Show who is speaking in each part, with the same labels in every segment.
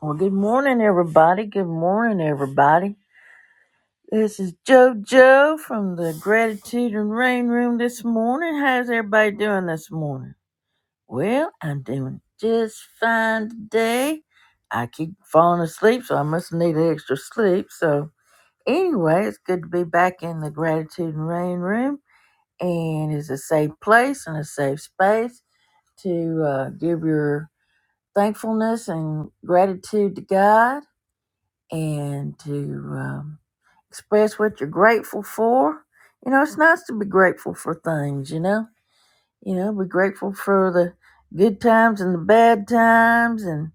Speaker 1: Well, good morning, everybody. Good morning, everybody. This is JoJo from the Gratitude and Rain Room this morning. How's everybody doing this morning? Well, I'm doing just fine today. I keep falling asleep, so I must need extra sleep. So, anyway, it's good to be back in the Gratitude and Rain Room, and it's a safe place and a safe space to uh, give your thankfulness and gratitude to God and to um, express what you're grateful for. You know, it's nice to be grateful for things, you know. You know, be grateful for the good times and the bad times and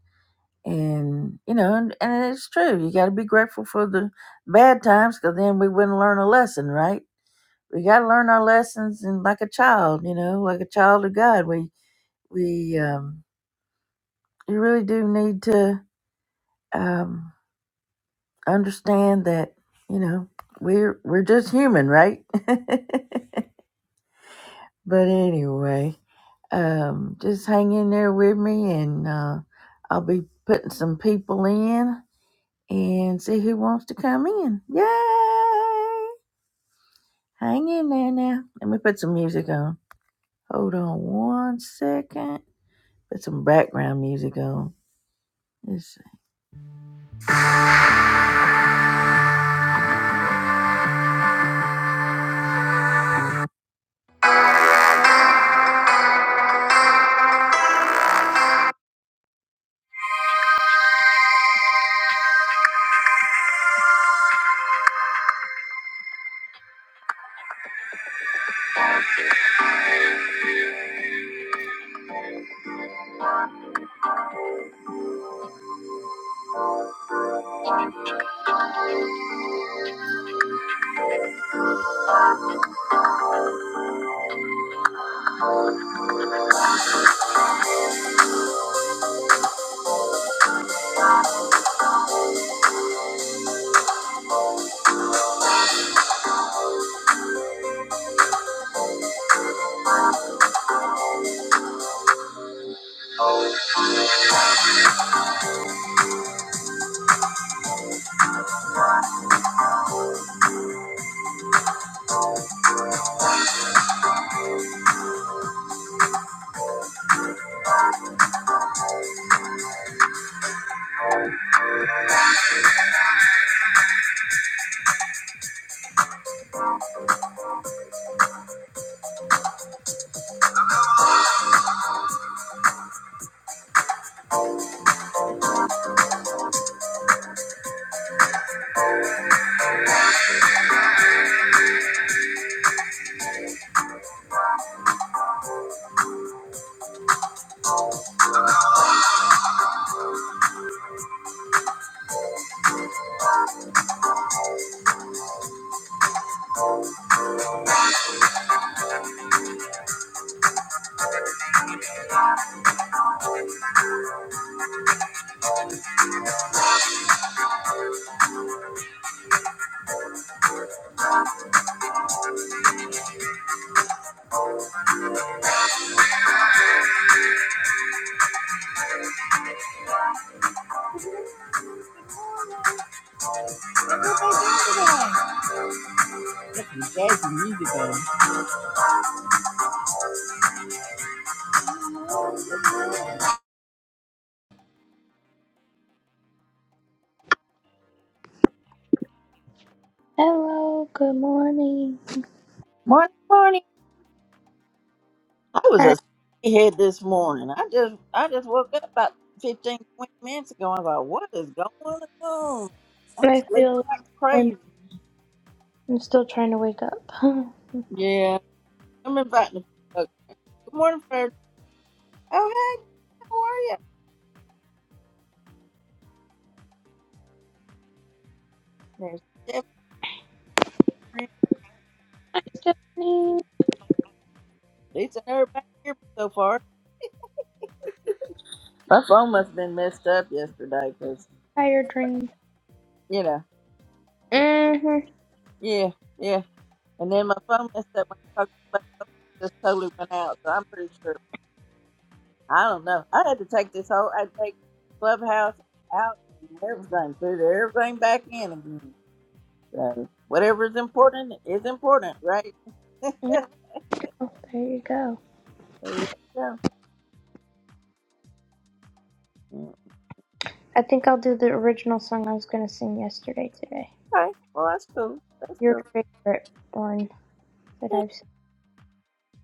Speaker 1: and you know, and, and it's true. You got to be grateful for the bad times cuz then we wouldn't learn a lesson, right? We got to learn our lessons and like a child, you know, like a child of God. We we um you really do need to um understand that you know we're we're just human, right? but anyway, um, just hang in there with me, and uh, I'll be putting some people in and see who wants to come in. Yay! Hang in there now. Let me put some music on. Hold on one second. Put some background music on. Let's see. Put some jazzy music on.
Speaker 2: Hello, good morning.
Speaker 1: Morning, morning. I was
Speaker 2: I,
Speaker 1: a head this morning. I just I just woke up about 15 20 minutes ago. I was like, what is going on? I'm
Speaker 2: I
Speaker 1: sleeping
Speaker 2: feel
Speaker 1: like
Speaker 2: I'm,
Speaker 1: crazy.
Speaker 2: I'm still trying to wake up.
Speaker 1: Yeah, I'm inviting the folks. Good morning, Fred. Oh, hey, how are you? There's Jeff, Green.
Speaker 2: Stephanie,
Speaker 1: Lisa, and everybody here so far. My phone must have been messed up yesterday because,
Speaker 2: tired dream.
Speaker 1: you know,
Speaker 2: Mm-hmm.
Speaker 1: yeah, yeah. And then my phone messed up when I talked about it just totally went out. So I'm pretty sure. I don't know. I had to take this whole, I take Clubhouse out and everything, put everything back in again. So whatever is important is important, right? there
Speaker 2: No, there you go.
Speaker 1: you go. Yeah.
Speaker 2: I think I'll do the original song I was going to sing yesterday today.
Speaker 1: Okay. Well, that's cool. That's
Speaker 2: Your
Speaker 1: cool.
Speaker 2: favorite one that
Speaker 1: Yeah.
Speaker 2: I've seen.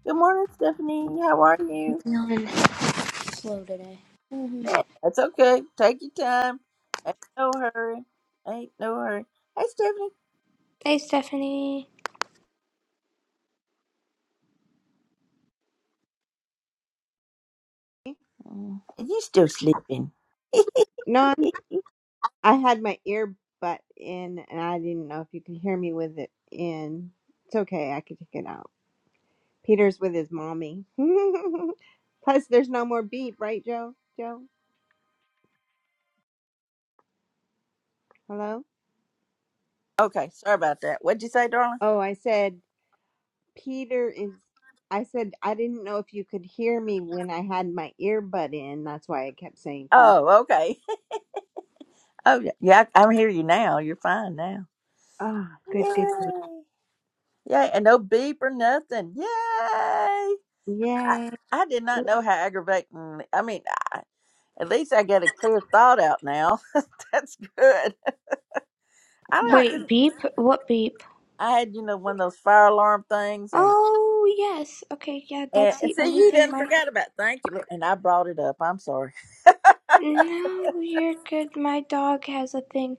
Speaker 1: Good morning, Stephanie. How are you?
Speaker 2: I'm feeling slow today. hmm
Speaker 1: Yeah, that's okay. Take your time. Ain't no hurry. Ain't no hurry. Hey, Stephanie.
Speaker 2: Hey, Stephanie.
Speaker 1: Oh, Is he still sleeping?
Speaker 3: No, I'm, I had my earbud in and I didn't know if you could hear me with it in. It's okay, I could take it out. Peter's with his mommy. Plus, there's no more beep, right, Joe? Joe? Hello?
Speaker 1: Okay, sorry about that. What'd you say, darling?
Speaker 3: Oh, I said, Peter is. I said, I didn't know if you could hear me when I had my earbud in. That's why I kept saying, can you?
Speaker 1: Oh, okay. Oh, yeah, yeah, I, I hear you now. You're fine now.
Speaker 3: Ah, good, good, good.
Speaker 1: Yay! Yay! And no beep or nothing. Yay! I,
Speaker 3: Yay.
Speaker 1: I did not know how aggravating. I mean, At least I got a clear thought out now. That's good. I don't.
Speaker 2: Wait,
Speaker 1: couldn't-
Speaker 2: beep? What beep?
Speaker 1: I had you know one of those fire alarm things, and
Speaker 2: Oh, yes. Okay, yeah,
Speaker 1: and,
Speaker 2: that's
Speaker 1: and
Speaker 2: the
Speaker 1: see
Speaker 2: only
Speaker 1: you
Speaker 2: thing
Speaker 1: didn't
Speaker 2: my.
Speaker 1: forget about. Thank you, Lord. and I brought it up. I'm sorry.
Speaker 2: No, you're good. My dog has a thing.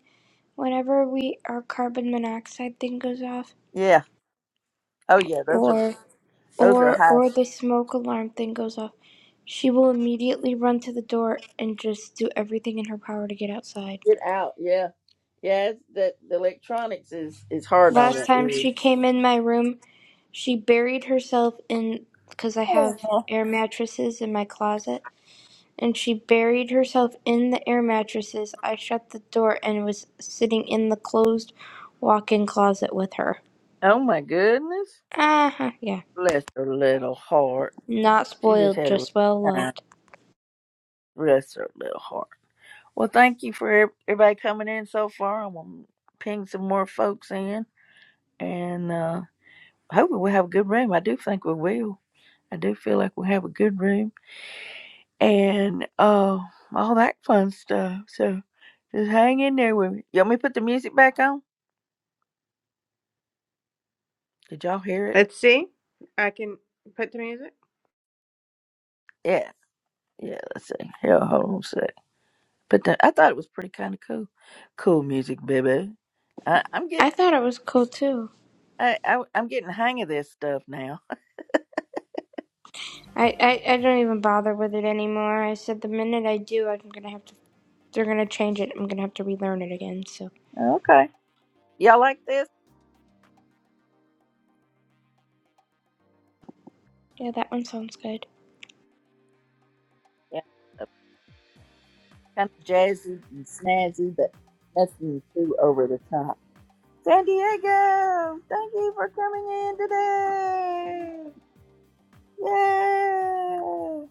Speaker 2: whenever we our carbon monoxide thing goes off
Speaker 1: Yeah. Oh yeah. Those are
Speaker 2: or
Speaker 1: those are
Speaker 2: or
Speaker 1: high.
Speaker 2: or the smoke alarm thing goes off she will immediately run to the door and just do everything in her power to get outside
Speaker 1: Get out. Yeah. Yeah. It's, the, the electronics is is hard on
Speaker 2: last
Speaker 1: the
Speaker 2: time
Speaker 1: ears.
Speaker 2: she came in my room she buried herself in because i have
Speaker 1: Aw.
Speaker 2: air mattresses in my closet and she buried herself in the air mattresses i shut the door and was sitting in the closed walk-in closet with her
Speaker 1: Oh my goodness.
Speaker 2: uh-huh yeah
Speaker 1: Bless her little heart.
Speaker 2: not
Speaker 1: She just
Speaker 2: spoiled
Speaker 1: had a rough
Speaker 2: just well loved
Speaker 1: time. Bless her little heart. Well, thank you for ev- everybody coming in so far. I'm gonna ping some more folks in, and uh, hopefully we'll have a good room. I do think we will. I do feel like we'll have a good room, and uh, all that fun stuff. So just hang in there with me. You want me to put the music back on? Did y'all hear it?
Speaker 3: Let's see. I can put the music.
Speaker 1: Yeah, yeah. Let's see. Yeah, hold on a sec. But the, I thought it was pretty kind of cool. Cool music, baby. I, I'm getting.
Speaker 2: I thought it was cool too.
Speaker 1: I, I, I'm getting the hang of this stuff now.
Speaker 2: I, I, I don't even bother with it anymore. I said the minute I do, I'm gonna have to. They're gonna change it. I'm gonna have to relearn it again. So
Speaker 1: Okay. Y'all like this?
Speaker 2: yeah, that one sounds good.
Speaker 1: Yeah. Kind of jazzy and snazzy, but nothing too over the top. San Diego, thank you for coming in today. Yay!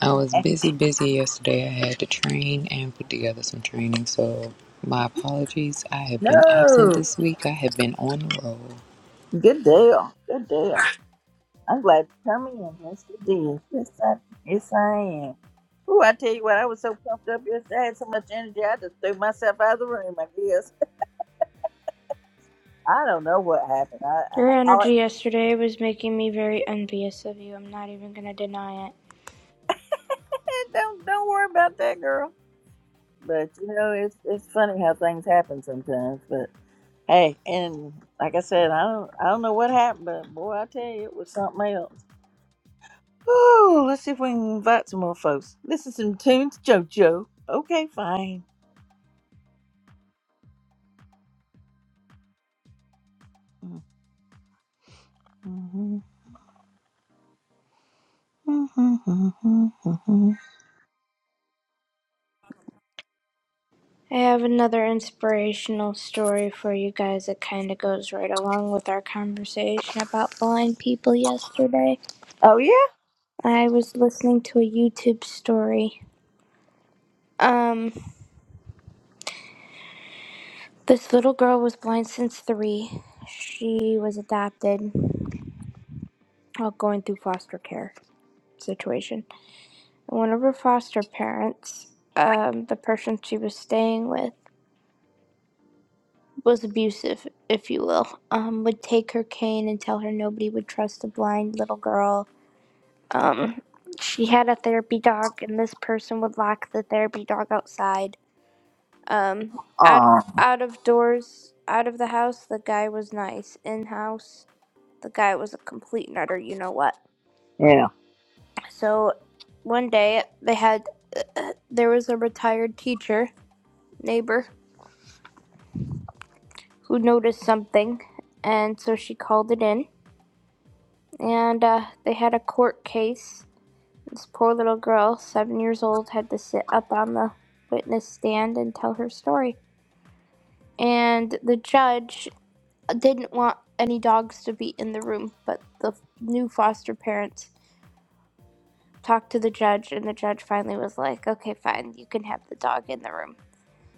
Speaker 4: I was
Speaker 1: Eh,
Speaker 4: busy, busy yesterday. I had to train and put together some training, so my apologies. I have been absent
Speaker 1: No,
Speaker 4: this week. I have been on the road.
Speaker 1: good deal. Good deal. I'm glad you're coming in. Yes, you did. Yes, I, yes, I am. Ooh, I tell you what, I was so pumped up yesterday. I had so much energy, I just threw myself out of the room. I guess I don't know what happened. I,
Speaker 2: Your
Speaker 1: I,
Speaker 2: energy
Speaker 1: I
Speaker 2: yesterday was making me very envious of you. I'm not even gonna deny it.
Speaker 1: don't don't worry about that, girl. But you know, it's it's funny how things happen sometimes. But hey, and like I said, I don't I don't know what happened, but boy, I tell you, it was something else. Oh, let's see if we can invite some more folks. This is some tunes, JoJo. Okay, fine.
Speaker 2: I have another inspirational story for you guys that kind of goes right along with our conversation about blind people yesterday.
Speaker 1: Oh yeah.
Speaker 2: I was listening to a YouTube story. Um, This little girl was blind since three. She was adopted while going through foster care situation. And one of her foster parents, um, the person she was staying with, was abusive, if you will. Um, would take her cane and tell her nobody would trust a blind little girl. Um, she had a therapy dog, and this person would lock the therapy dog outside. Um, out
Speaker 1: Oh
Speaker 2: out of doors, out of the house, the guy was nice. In house The guy was a complete nutter, you know what.
Speaker 1: yeah.
Speaker 2: So one day they had uh, there was a retired teacher neighbor who noticed something, and so she called it in. And uh, they had a court case. This poor little girl, seven years old, had to sit up on the witness stand and tell her story. And the judge didn't want any dogs to be in the room, but the new foster parents talked to the judge, and the judge finally was like, okay, fine, you can have the dog in the room.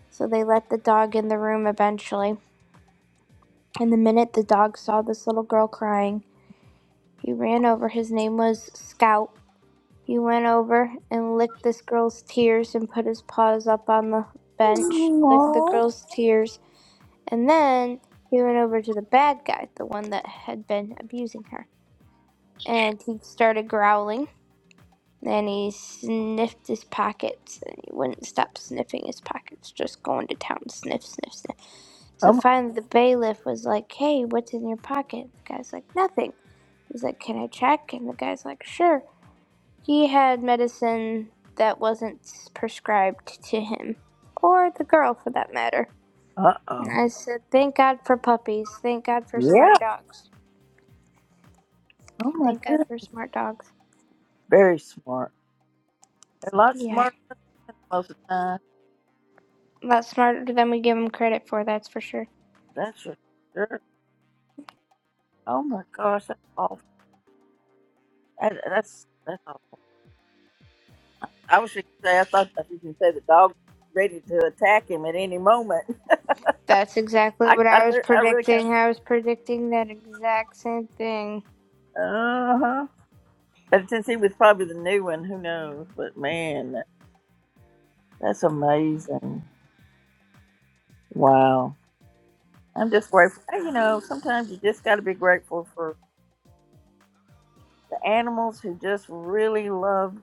Speaker 2: So they let the dog in the room eventually. And the minute the dog saw this little girl crying, he ran over. His name was Scout. He went over and licked this girl's tears and put his paws up on the bench, licked the
Speaker 1: Oh
Speaker 2: girl's tears, and then he went over to the bad guy, the one that had been abusing her. And he started growling Then he sniffed his pockets and he wouldn't stop sniffing his pockets, just going to town, sniff, sniff, sniff. So finally the bailiff was like, Hey, what's in your pocket? The guy's like, Nothing. He's like, Can I check? And the guy's like, Sure. He had medicine that wasn't prescribed to him, or the girl for that matter.
Speaker 1: uh
Speaker 2: And
Speaker 1: oh.
Speaker 2: I said, Thank God for puppies. Thank God for
Speaker 1: Yeah.
Speaker 2: smart dogs.
Speaker 1: Oh my
Speaker 2: Thank God
Speaker 1: goodness.
Speaker 2: for smart dogs.
Speaker 1: Very smart. A lot
Speaker 2: Yeah.
Speaker 1: smarter than most of the time.
Speaker 2: A lot smarter than we give them credit for, that's for sure.
Speaker 1: That's for sure. Oh my gosh. that's awful. I, that's that's awful. I was just gonna say I thought I was gonna say the dog ready to attack him at any moment.
Speaker 2: That's exactly
Speaker 1: I
Speaker 2: what
Speaker 1: I,
Speaker 2: I was
Speaker 1: th- I really kind of
Speaker 2: predicting. I was predicting that exact same thing.
Speaker 1: uh huh. But since he was probably the new one, who knows? But man, that- that's amazing. Wow. I'm just grateful. Hey, You know, sometimes you just got to be grateful for the animals who just really love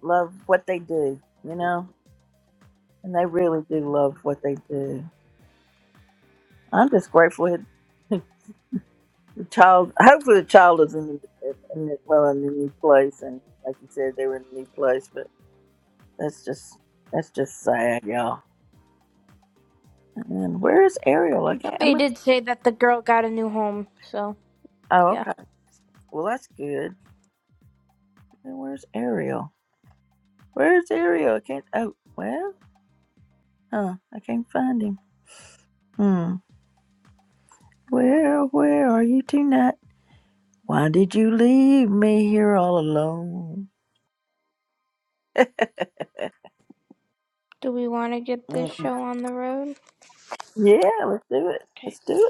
Speaker 1: love what they do. You know, and they really do love what they do. I'm just grateful. child, hopefully the child is in, in, well in a new place, and like you said, they were in a new place. But that's just that's just sad, y'all. And where's Ariel? I can't. I'm
Speaker 2: They
Speaker 1: going
Speaker 2: did say that the girl got a new home, so
Speaker 1: oh,
Speaker 2: yeah.
Speaker 1: okay. Well, that's good. And where's Ariel? Where's Ariel? I can't. Oh, well, huh? I can't find him. Hmm. Where, where are you tonight? Why did you leave me here all alone?
Speaker 2: Do we want to get this
Speaker 1: Mm.
Speaker 2: show on the road?
Speaker 1: yeah, let's do it. Let's
Speaker 2: Okay,
Speaker 1: do it.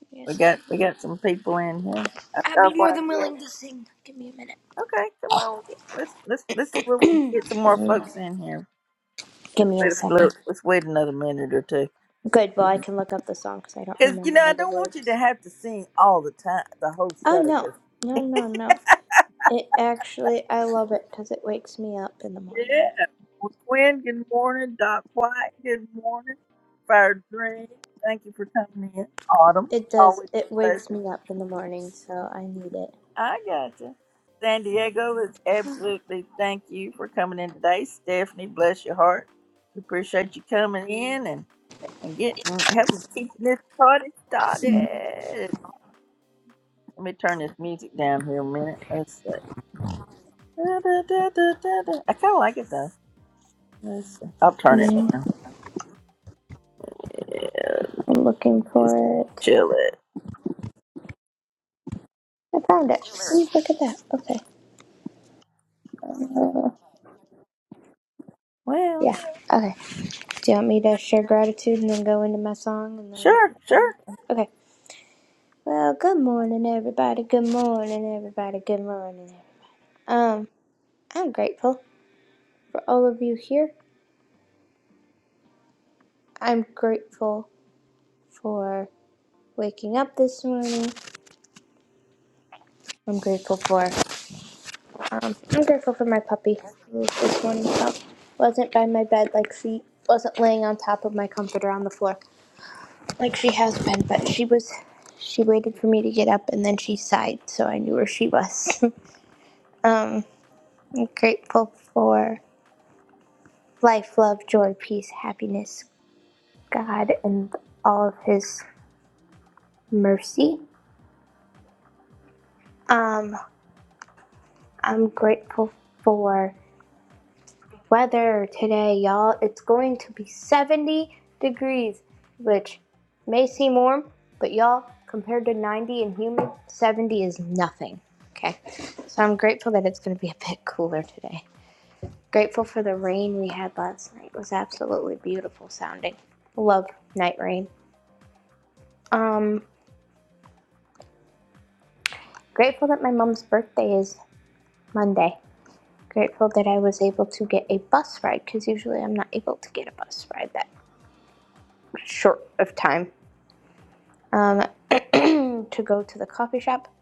Speaker 2: give me a
Speaker 1: We
Speaker 2: sec.
Speaker 1: got we got some people in here.
Speaker 2: I'd
Speaker 1: Uh, uh,
Speaker 2: be more
Speaker 1: what-
Speaker 2: than
Speaker 1: yeah.
Speaker 2: willing to sing. Give me a minute.
Speaker 1: Okay, come on. Let's let's let's see where we can get some more folks in here.
Speaker 2: Give
Speaker 1: Let's
Speaker 2: me a
Speaker 1: wait a little,
Speaker 2: second.
Speaker 1: let's wait another minute or two.
Speaker 2: Good, well, I can look up the song because I don't
Speaker 1: Cause you
Speaker 2: remember
Speaker 1: know I
Speaker 2: all the
Speaker 1: don't want you to
Speaker 2: words.
Speaker 1: have to sing all the time the whole
Speaker 2: Oh,
Speaker 1: show.
Speaker 2: no.
Speaker 1: 'cause-
Speaker 2: No, no, no. It actually, I love it because it wakes me up in the morning.
Speaker 1: yeah. Well, Quinn, good morning. Doc White, good morning. Fire Dream, thank you for coming in. Autumn,
Speaker 2: It does.
Speaker 1: always
Speaker 2: It
Speaker 1: a
Speaker 2: wakes
Speaker 1: pleasure.
Speaker 2: me up in the morning, so I need
Speaker 1: I gotcha. San Diego It's absolutely thank you for coming in today. Stephanie, bless your heart. We appreciate you coming in and, and getting helping keeping this party started. Let me turn this music down here a minute. Let's see. Da, da, da, da, da, da. I kinda like it though. Let's see. I'll turn it
Speaker 2: it.
Speaker 1: down.
Speaker 2: I'm looking
Speaker 1: Just
Speaker 2: for it.
Speaker 1: chill it.
Speaker 2: I found it. Ooh, look at that. Okay. Uh,
Speaker 1: Well,
Speaker 2: yeah. Okay. Do you want me to share gratitude and then go into my song and
Speaker 1: sure,
Speaker 2: then?
Speaker 1: sure.
Speaker 2: Okay. Well, good morning, everybody. Good morning, everybody. Good morning. everybody. Um, I'm grateful for all of you here. I'm grateful for waking up this morning. I'm grateful for um, I'm grateful for my puppy who this morning felt wasn't by my bed like she wasn't laying on top of my comforter on the floor. Like she has been, but she was she waited for me to get up and then she sighed, so I knew where she was. um I'm grateful for life, love, joy, peace, happiness, God and all of his mercy. Um I'm grateful for weather today, y'all. It's going to be 70 degrees, which may seem warm, but y'all, compared to 90 and humid, 70 is nothing. Okay. So I'm grateful that it's going to be a bit cooler today. Grateful for the rain we had last night. It was absolutely beautiful sounding. Love night rain. Um, grateful that my mom's birthday is Monday. Grateful that I was able to get a bus ride because usually I'm not able to get a bus ride that short of time um, to go to the coffee shop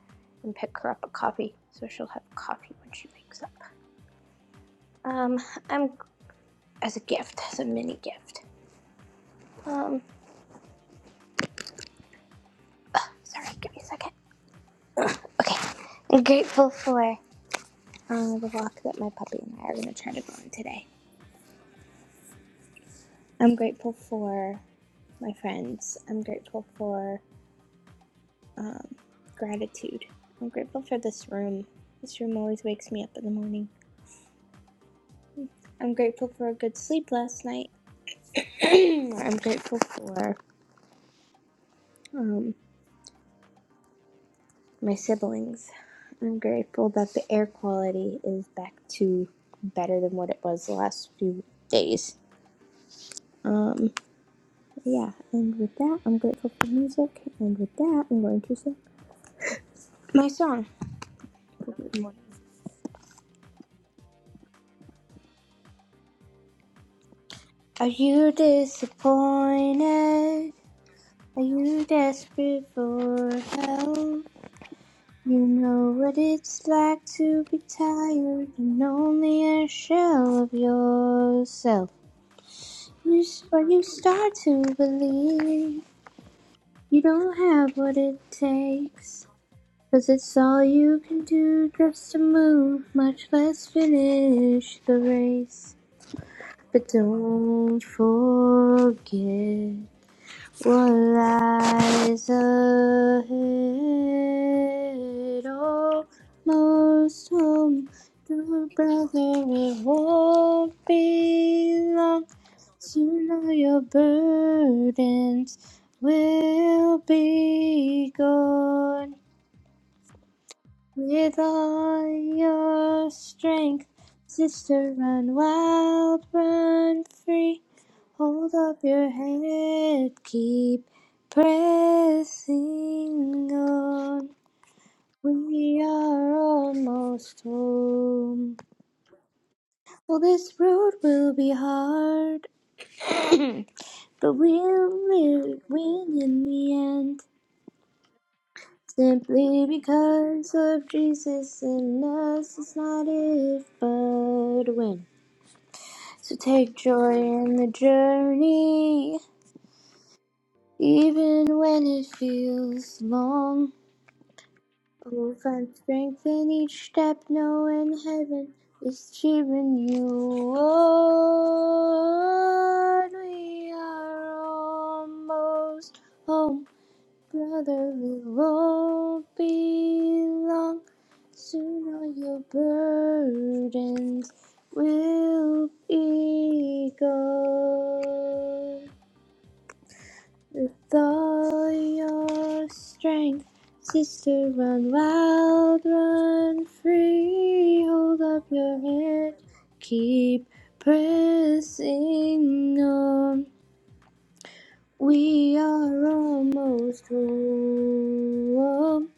Speaker 2: and pick her up a coffee. So she'll have coffee when she wakes up. Um, I'm as a gift, as a mini gift. Um, sorry, give me a second. Okay, I'm grateful for um, the walk that my puppy and I are going to try to go on today. I'm grateful for my friends. I'm grateful for um, gratitude. I'm grateful for this room. This room always wakes me up in the morning. I'm grateful for a good sleep last night. I'm grateful for um, my siblings. I'm grateful that the air quality is back to better than what it was the last few days. Um, yeah, and with that, I'm grateful for music, and with that, I'm going to sing my song. for Good morning. Are you disappointed? Are you desperate for help? You know what it's like to be tired and only a shell of yourself. You, s- or you start to believe you don't have what it takes, 'cause it's all you can do just to move, much less finish the race. But don't forget. What lies ahead? Oh, most home, dear brother, it won't be long. Soon all your burdens will be gone. With all your strength, sister, run wild, run free. Hold up your head, keep pressing on. We are almost home. Well, this road will be hard, but we'll live, win in the end. Simply because of Jesus in us, it's not if, but when. So take joy in the journey, even when it feels long. Oh, find strength in each step, knowing heaven is cheering you on. We are almost home. Brother, we won't be long. Soon all your burdens will be gone. With all your strength, sister, run wild, run free. Hold up your head, keep pressing on. We are almost home.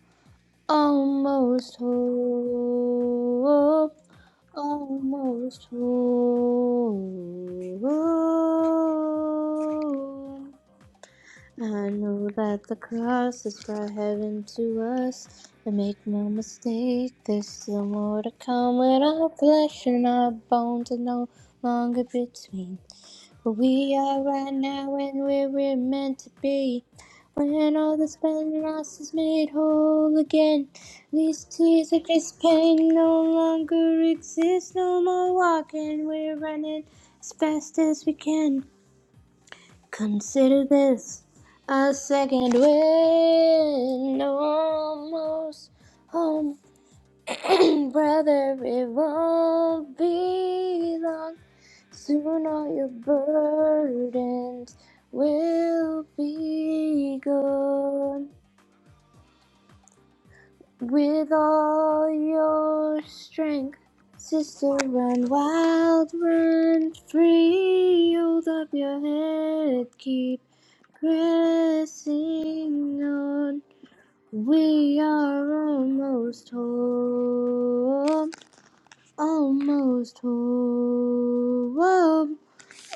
Speaker 2: Almost home, almost home. I know that the cross has brought heaven to us, but make no mistake, there's still more to come when our flesh and our bones are no longer between. But we are right now and where we're meant to be. When all the has been is made whole again. These tears of this pain no longer exist. No more walking, we're running as fast as we can. Consider this a second wind. Almost home. Brother, it won't be long. Soon all your burdens will be gone. With all your strength, sister, run wild, run free. Hold up your head, keep pressing on. We are almost home. Almost home, oh,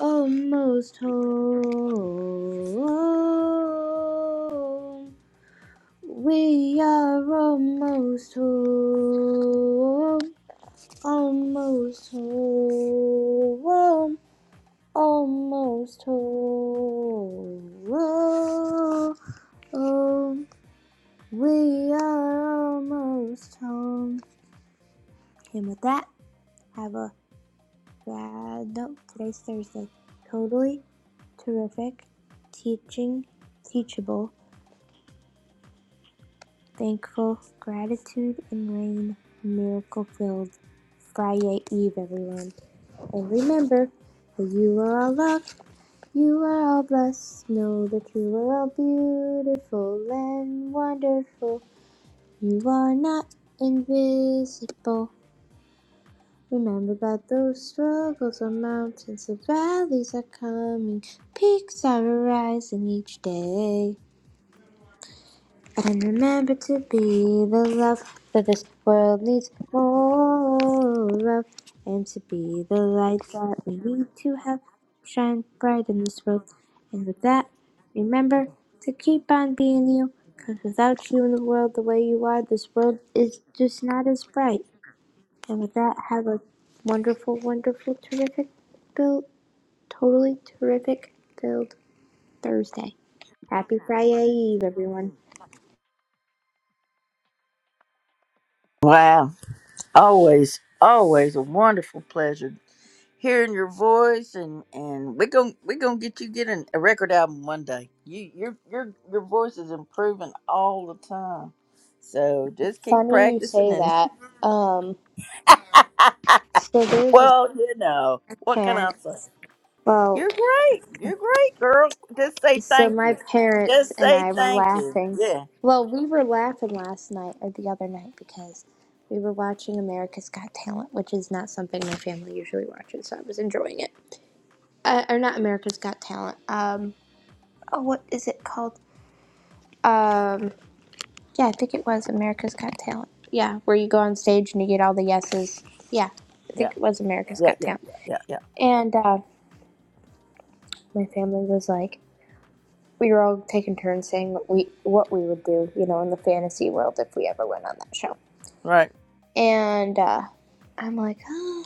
Speaker 2: almost home. We are almost home, almost home, almost home. We are almost home. And with that, have a bad. No, today's Thursday. Totally terrific, teaching, teachable, thankful, gratitude, and rain, miracle filled. Friday Eve, everyone. And remember that you are all loved, you are all blessed. Know that you are all beautiful and wonderful. You are not invisible. Remember that those struggles are mountains, the valleys are coming, peaks are arising each day. And remember to be the love that this world needs more of, and to be the light that we need to have shine bright in this world. And with that, remember to keep on being you, because without you in the world the way you are, this world is just not as bright. And with that, have a wonderful, wonderful, terrific, build, totally terrific, build Thursday. Happy Friday Eve, everyone.
Speaker 1: Wow. Always, always a wonderful pleasure hearing your voice and and we're gonna we're gonna get you getting a record album one day you your your your voice is improving all the time so just keep
Speaker 2: Funny you
Speaker 1: practicing
Speaker 2: say
Speaker 1: and
Speaker 2: that. Um, so there's a
Speaker 1: well you know what can i
Speaker 2: parent.
Speaker 1: say
Speaker 2: Well,
Speaker 1: you're great you're great girl just say
Speaker 2: so
Speaker 1: thank
Speaker 2: my
Speaker 1: you
Speaker 2: parents
Speaker 1: just
Speaker 2: and
Speaker 1: say
Speaker 2: I were
Speaker 1: thank you
Speaker 2: laughing.
Speaker 1: yeah
Speaker 2: Well, we were laughing last night or the other night because we were watching America's Got Talent, which is not something my family usually watches. So I was enjoying it. Uh, or not America's Got Talent. Um, oh, what is it called? Um, yeah, I think it was America's Got Talent. Yeah, where you go on stage and you get all the yeses. Yeah, I
Speaker 1: yeah
Speaker 2: think it was America's
Speaker 1: yeah
Speaker 2: Got
Speaker 1: yeah
Speaker 2: Talent.
Speaker 1: yeah yeah, yeah.
Speaker 2: And uh, my family was like, we were all taking turns saying what we what we would do, you know, in the fantasy world if we ever went on that show.
Speaker 1: right
Speaker 2: And uh, I'm like, oh,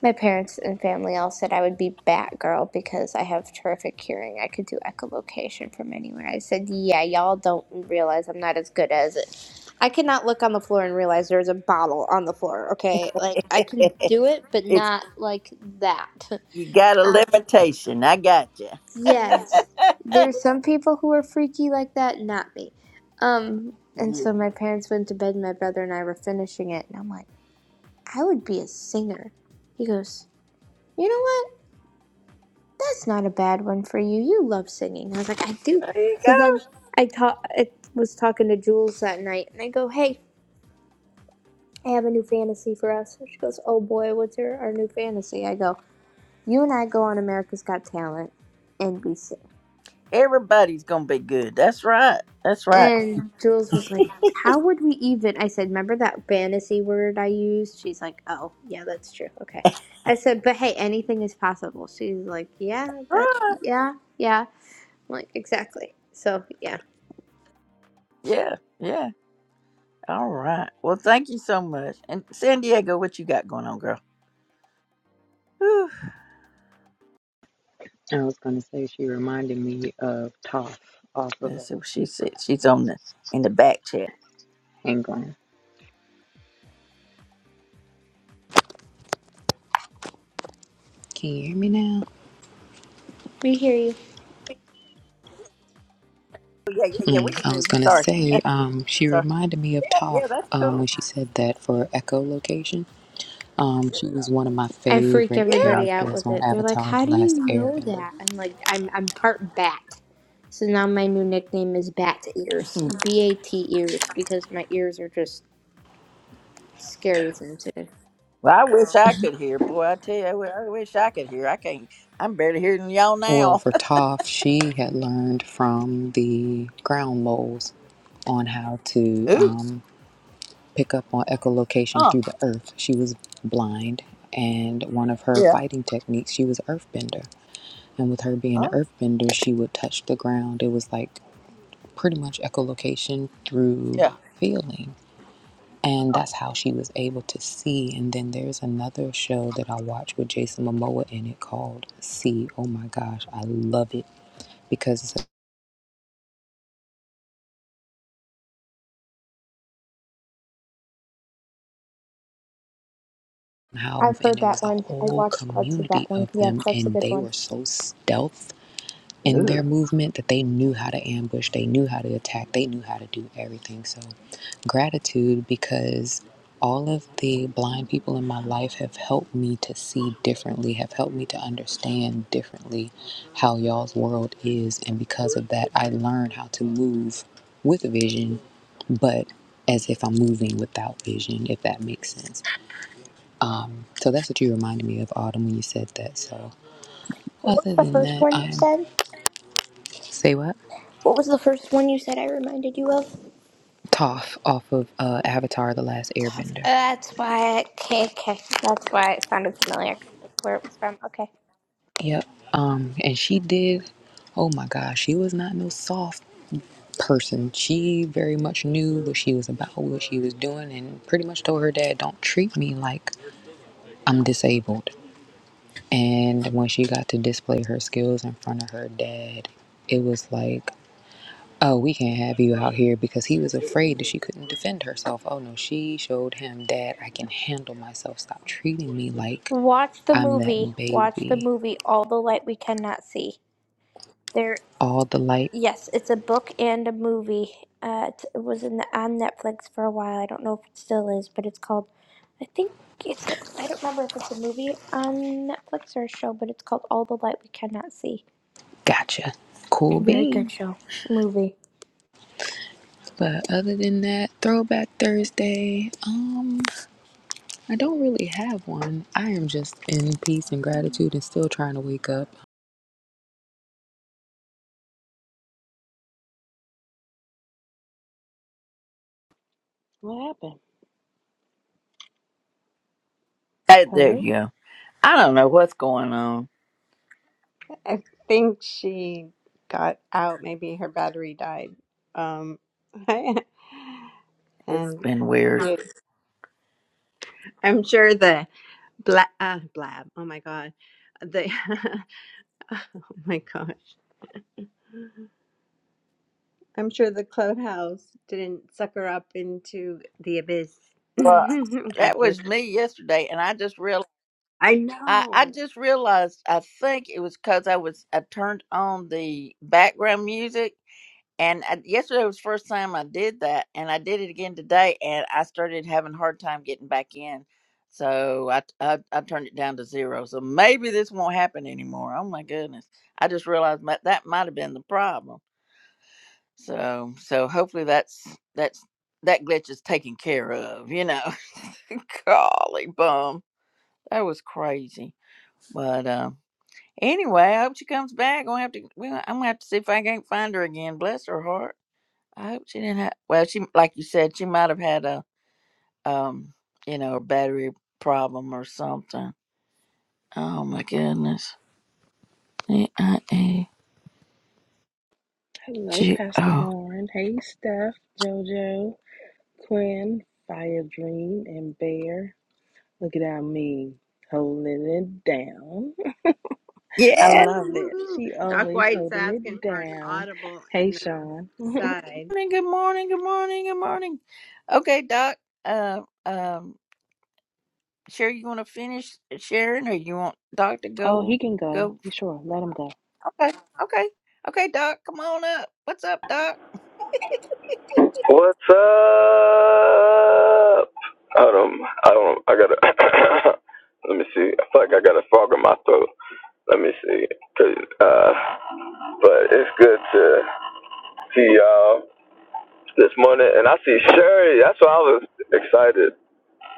Speaker 2: My parents and family all said I would be Batgirl because I have terrific hearing. I could do echolocation from anywhere. I said, Yeah, y'all don't realize I'm not as good as it. I cannot look on the floor and realize there's a bottle on the floor, okay? Like, I can do it, but
Speaker 1: it's
Speaker 2: not like that.
Speaker 1: you got a
Speaker 2: Um,
Speaker 1: limitation i got you
Speaker 2: yes. There's some people who are freaky like that, not me. Um, and
Speaker 1: yeah.
Speaker 2: so my parents went to bed, and my brother and I were finishing it, and I'm like, I would be a singer. He goes, You know what? that's not a bad one for you. You love singing. I was like, I do.
Speaker 1: there you
Speaker 2: So
Speaker 1: go
Speaker 2: then I ta- I was talking to Jules that night, and I go, Hey, I have a new fantasy for us. And she goes, Oh boy, what's your our new fantasy? I go, You and I go on America's Got Talent, and we sing.
Speaker 1: Everybody's gonna be good. That's right. That's right.
Speaker 2: And Jules was like, How would we even? I said, Remember that fantasy word I used? She's like, Oh, yeah, that's true. Okay. I said, But hey, anything is possible. She's like, Yeah, that,
Speaker 1: Right.
Speaker 2: yeah, yeah. I'm like, Exactly. So, yeah,
Speaker 1: Yeah. Yeah. All right. Well, thank you so much. And San Diego, what you got going on, girl? Whew.
Speaker 4: I was going to say she reminded me of Toph off of uh,
Speaker 1: Let's see what she said. She's on the in the back chat.
Speaker 4: England. Can you hear me now?
Speaker 2: we hear you.
Speaker 1: Oh, yeah. Yeah. Yeah.
Speaker 4: Mm,
Speaker 1: We can
Speaker 4: I
Speaker 1: hear
Speaker 4: was
Speaker 1: you.
Speaker 4: going to
Speaker 1: Sorry.
Speaker 4: say um, she
Speaker 1: Sorry.
Speaker 4: reminded me of
Speaker 1: Yeah. Yeah.
Speaker 4: Toph
Speaker 1: That's
Speaker 4: um, when
Speaker 1: cool.
Speaker 4: she said that for echolocation. Um, she was one of my
Speaker 2: I freak
Speaker 4: favorite
Speaker 1: Yeah.
Speaker 2: everybody out
Speaker 4: characters
Speaker 2: with
Speaker 4: on
Speaker 2: it. They're like,
Speaker 4: Avatar
Speaker 2: "How
Speaker 4: The
Speaker 2: do you
Speaker 4: Last
Speaker 2: know
Speaker 4: Airbender.
Speaker 2: that?" I'm like, "I'm I'm part bat." So now my new nickname is Bat Ears, B A T ears, because my ears are just scary sensitive.
Speaker 1: well, I wish I could hear. Boy, I tell you, I wi- I wish I could hear. I can't. I'm barely hearing y'all
Speaker 4: Well,
Speaker 1: now.
Speaker 4: for Toph, she had learned from the ground moles on how to
Speaker 1: Ooh.
Speaker 4: um, pick up on echolocation
Speaker 1: Oh.
Speaker 4: through the earth. She was blind, and one of her
Speaker 1: Yeah.
Speaker 4: fighting techniques, she was earthbender. And with her being an
Speaker 1: Oh.
Speaker 4: earthbender, she would touch the ground. It was like pretty much echolocation through
Speaker 1: Yeah.
Speaker 4: feeling. And that's how she was able to see. And then there's another show that I watched with Jason Momoa in it called See. Oh my gosh, I love it because it's how
Speaker 2: I've
Speaker 4: and
Speaker 2: heard
Speaker 4: it
Speaker 2: that
Speaker 4: was a
Speaker 2: one. I've
Speaker 4: whole
Speaker 2: watched parts of that
Speaker 4: community
Speaker 2: one.
Speaker 4: of
Speaker 2: Yes,
Speaker 4: them
Speaker 2: that's a
Speaker 4: and
Speaker 2: good
Speaker 4: they
Speaker 2: one.
Speaker 4: were so stealth in
Speaker 1: Ooh.
Speaker 4: their movement that they knew how to ambush they knew how to attack they knew how to do everything so gratitude because all of the blind people in my life have helped me to see differently have helped me to understand differently how y'all's world is and because of that i learned how to move with vision but as if i'm moving without vision if that makes sense so that's what you reminded me of, Autumn, when you said that. So
Speaker 2: What was
Speaker 4: other
Speaker 2: the
Speaker 4: than
Speaker 2: first
Speaker 4: that,
Speaker 2: one you
Speaker 4: I'm
Speaker 2: said?
Speaker 4: say what?
Speaker 2: What was the first one you said? I reminded you of.
Speaker 4: Toph off of uh, Avatar: The Last Airbender.
Speaker 2: That's why. Okay, okay. That's why it sounded familiar. I couldn't think of where it was from. Okay.
Speaker 4: Yep. Um, and she did. Oh my gosh, she was not no soft person. She very much knew what she was about, what she was doing, and pretty much told her dad, "Don't treat me like I'm disabled." And when she got to display her skills in front of her dad, it was like Oh, we can't have you out here because he was afraid that she couldn't defend herself. Oh no, she showed him that I can handle myself. Stop treating me like
Speaker 2: Watch the
Speaker 4: I'm
Speaker 2: movie.
Speaker 4: that
Speaker 2: Watch the
Speaker 4: baby.
Speaker 2: movie. All the light we cannot see. There.
Speaker 4: All the light,
Speaker 2: Yes, it's a book and a movie. Uh, it's- it was in on Netflix for a while. I don't know if it still is, but it's called. I think it's. I don't remember if it's a movie on Netflix or a show, but it's called All the Light We Cannot See.
Speaker 4: gotcha. Cool
Speaker 2: Very good
Speaker 4: beans.
Speaker 2: show, movie.
Speaker 4: But other than that, throwback Thursday. Um, I don't really have one. I am just in peace and gratitude and still trying to wake up.
Speaker 5: What happened?
Speaker 1: Hey, there
Speaker 5: Hello?
Speaker 1: you go. I don't know what's going on.
Speaker 3: I think she got out. Maybe her battery died. Um, and
Speaker 1: It's been weird.
Speaker 3: yes, I'm sure the bla- uh, blab. Oh my god, the oh my gosh. I'm sure the clubhouse didn't suck her up into the abyss.
Speaker 1: Well,
Speaker 3: God
Speaker 1: that
Speaker 3: bless.
Speaker 1: was me yesterday, and I just real
Speaker 3: I
Speaker 1: I, I
Speaker 3: know.
Speaker 1: just realized I think it was because I was I turned on the background music, and I, yesterday was the first time I did that, and I did it again today, and I started having a hard time getting back in, so I, I I turned it down to zero. So maybe this won't happen anymore. Oh my goodness! I just realized that that might have been the problem. So so hopefully that's that's that glitch is taken care of, you know. Golly bum. That was crazy. But um anyway, I hope she comes back. I'm gonna have to we I'm gonna have to see if I can't find her again. Bless her heart. I hope she didn't have well she like you said, she might have had a um you know, a battery problem or something. Oh my goodness. E I A
Speaker 5: Hello,
Speaker 1: G
Speaker 5: Pastor
Speaker 1: O.
Speaker 5: Lauren. Hey, Steph, JoJo, Quinn, Fire Dream, and Bear. Look at our me holding it down. I
Speaker 1: Yeah.
Speaker 5: love it.
Speaker 3: Woo-hoo-hoo-hoo.
Speaker 5: She
Speaker 3: Doc
Speaker 5: always
Speaker 3: White's
Speaker 5: holding
Speaker 3: asking
Speaker 5: it
Speaker 3: for an
Speaker 5: down.
Speaker 3: audible
Speaker 5: Hey,
Speaker 3: in the
Speaker 5: Sean.
Speaker 3: side.
Speaker 1: morning, good morning, good morning, good morning. Okay, Doc. Uh, um, Sherry, you want to finish sharing, or you want Doc to
Speaker 5: Oh,
Speaker 1: go?
Speaker 5: he can go.
Speaker 1: Go.
Speaker 5: You sure? Let him go.
Speaker 1: Okay, okay, okay, Doc. Come on up. What's up, Doc?
Speaker 6: What's up? I don't. I don't. I gotta. let me see. I feel like I got a fog in my throat. Let me see. 'Cause, uh, but it's good to see y'all this morning, and I see Sherry. That's why I was excited.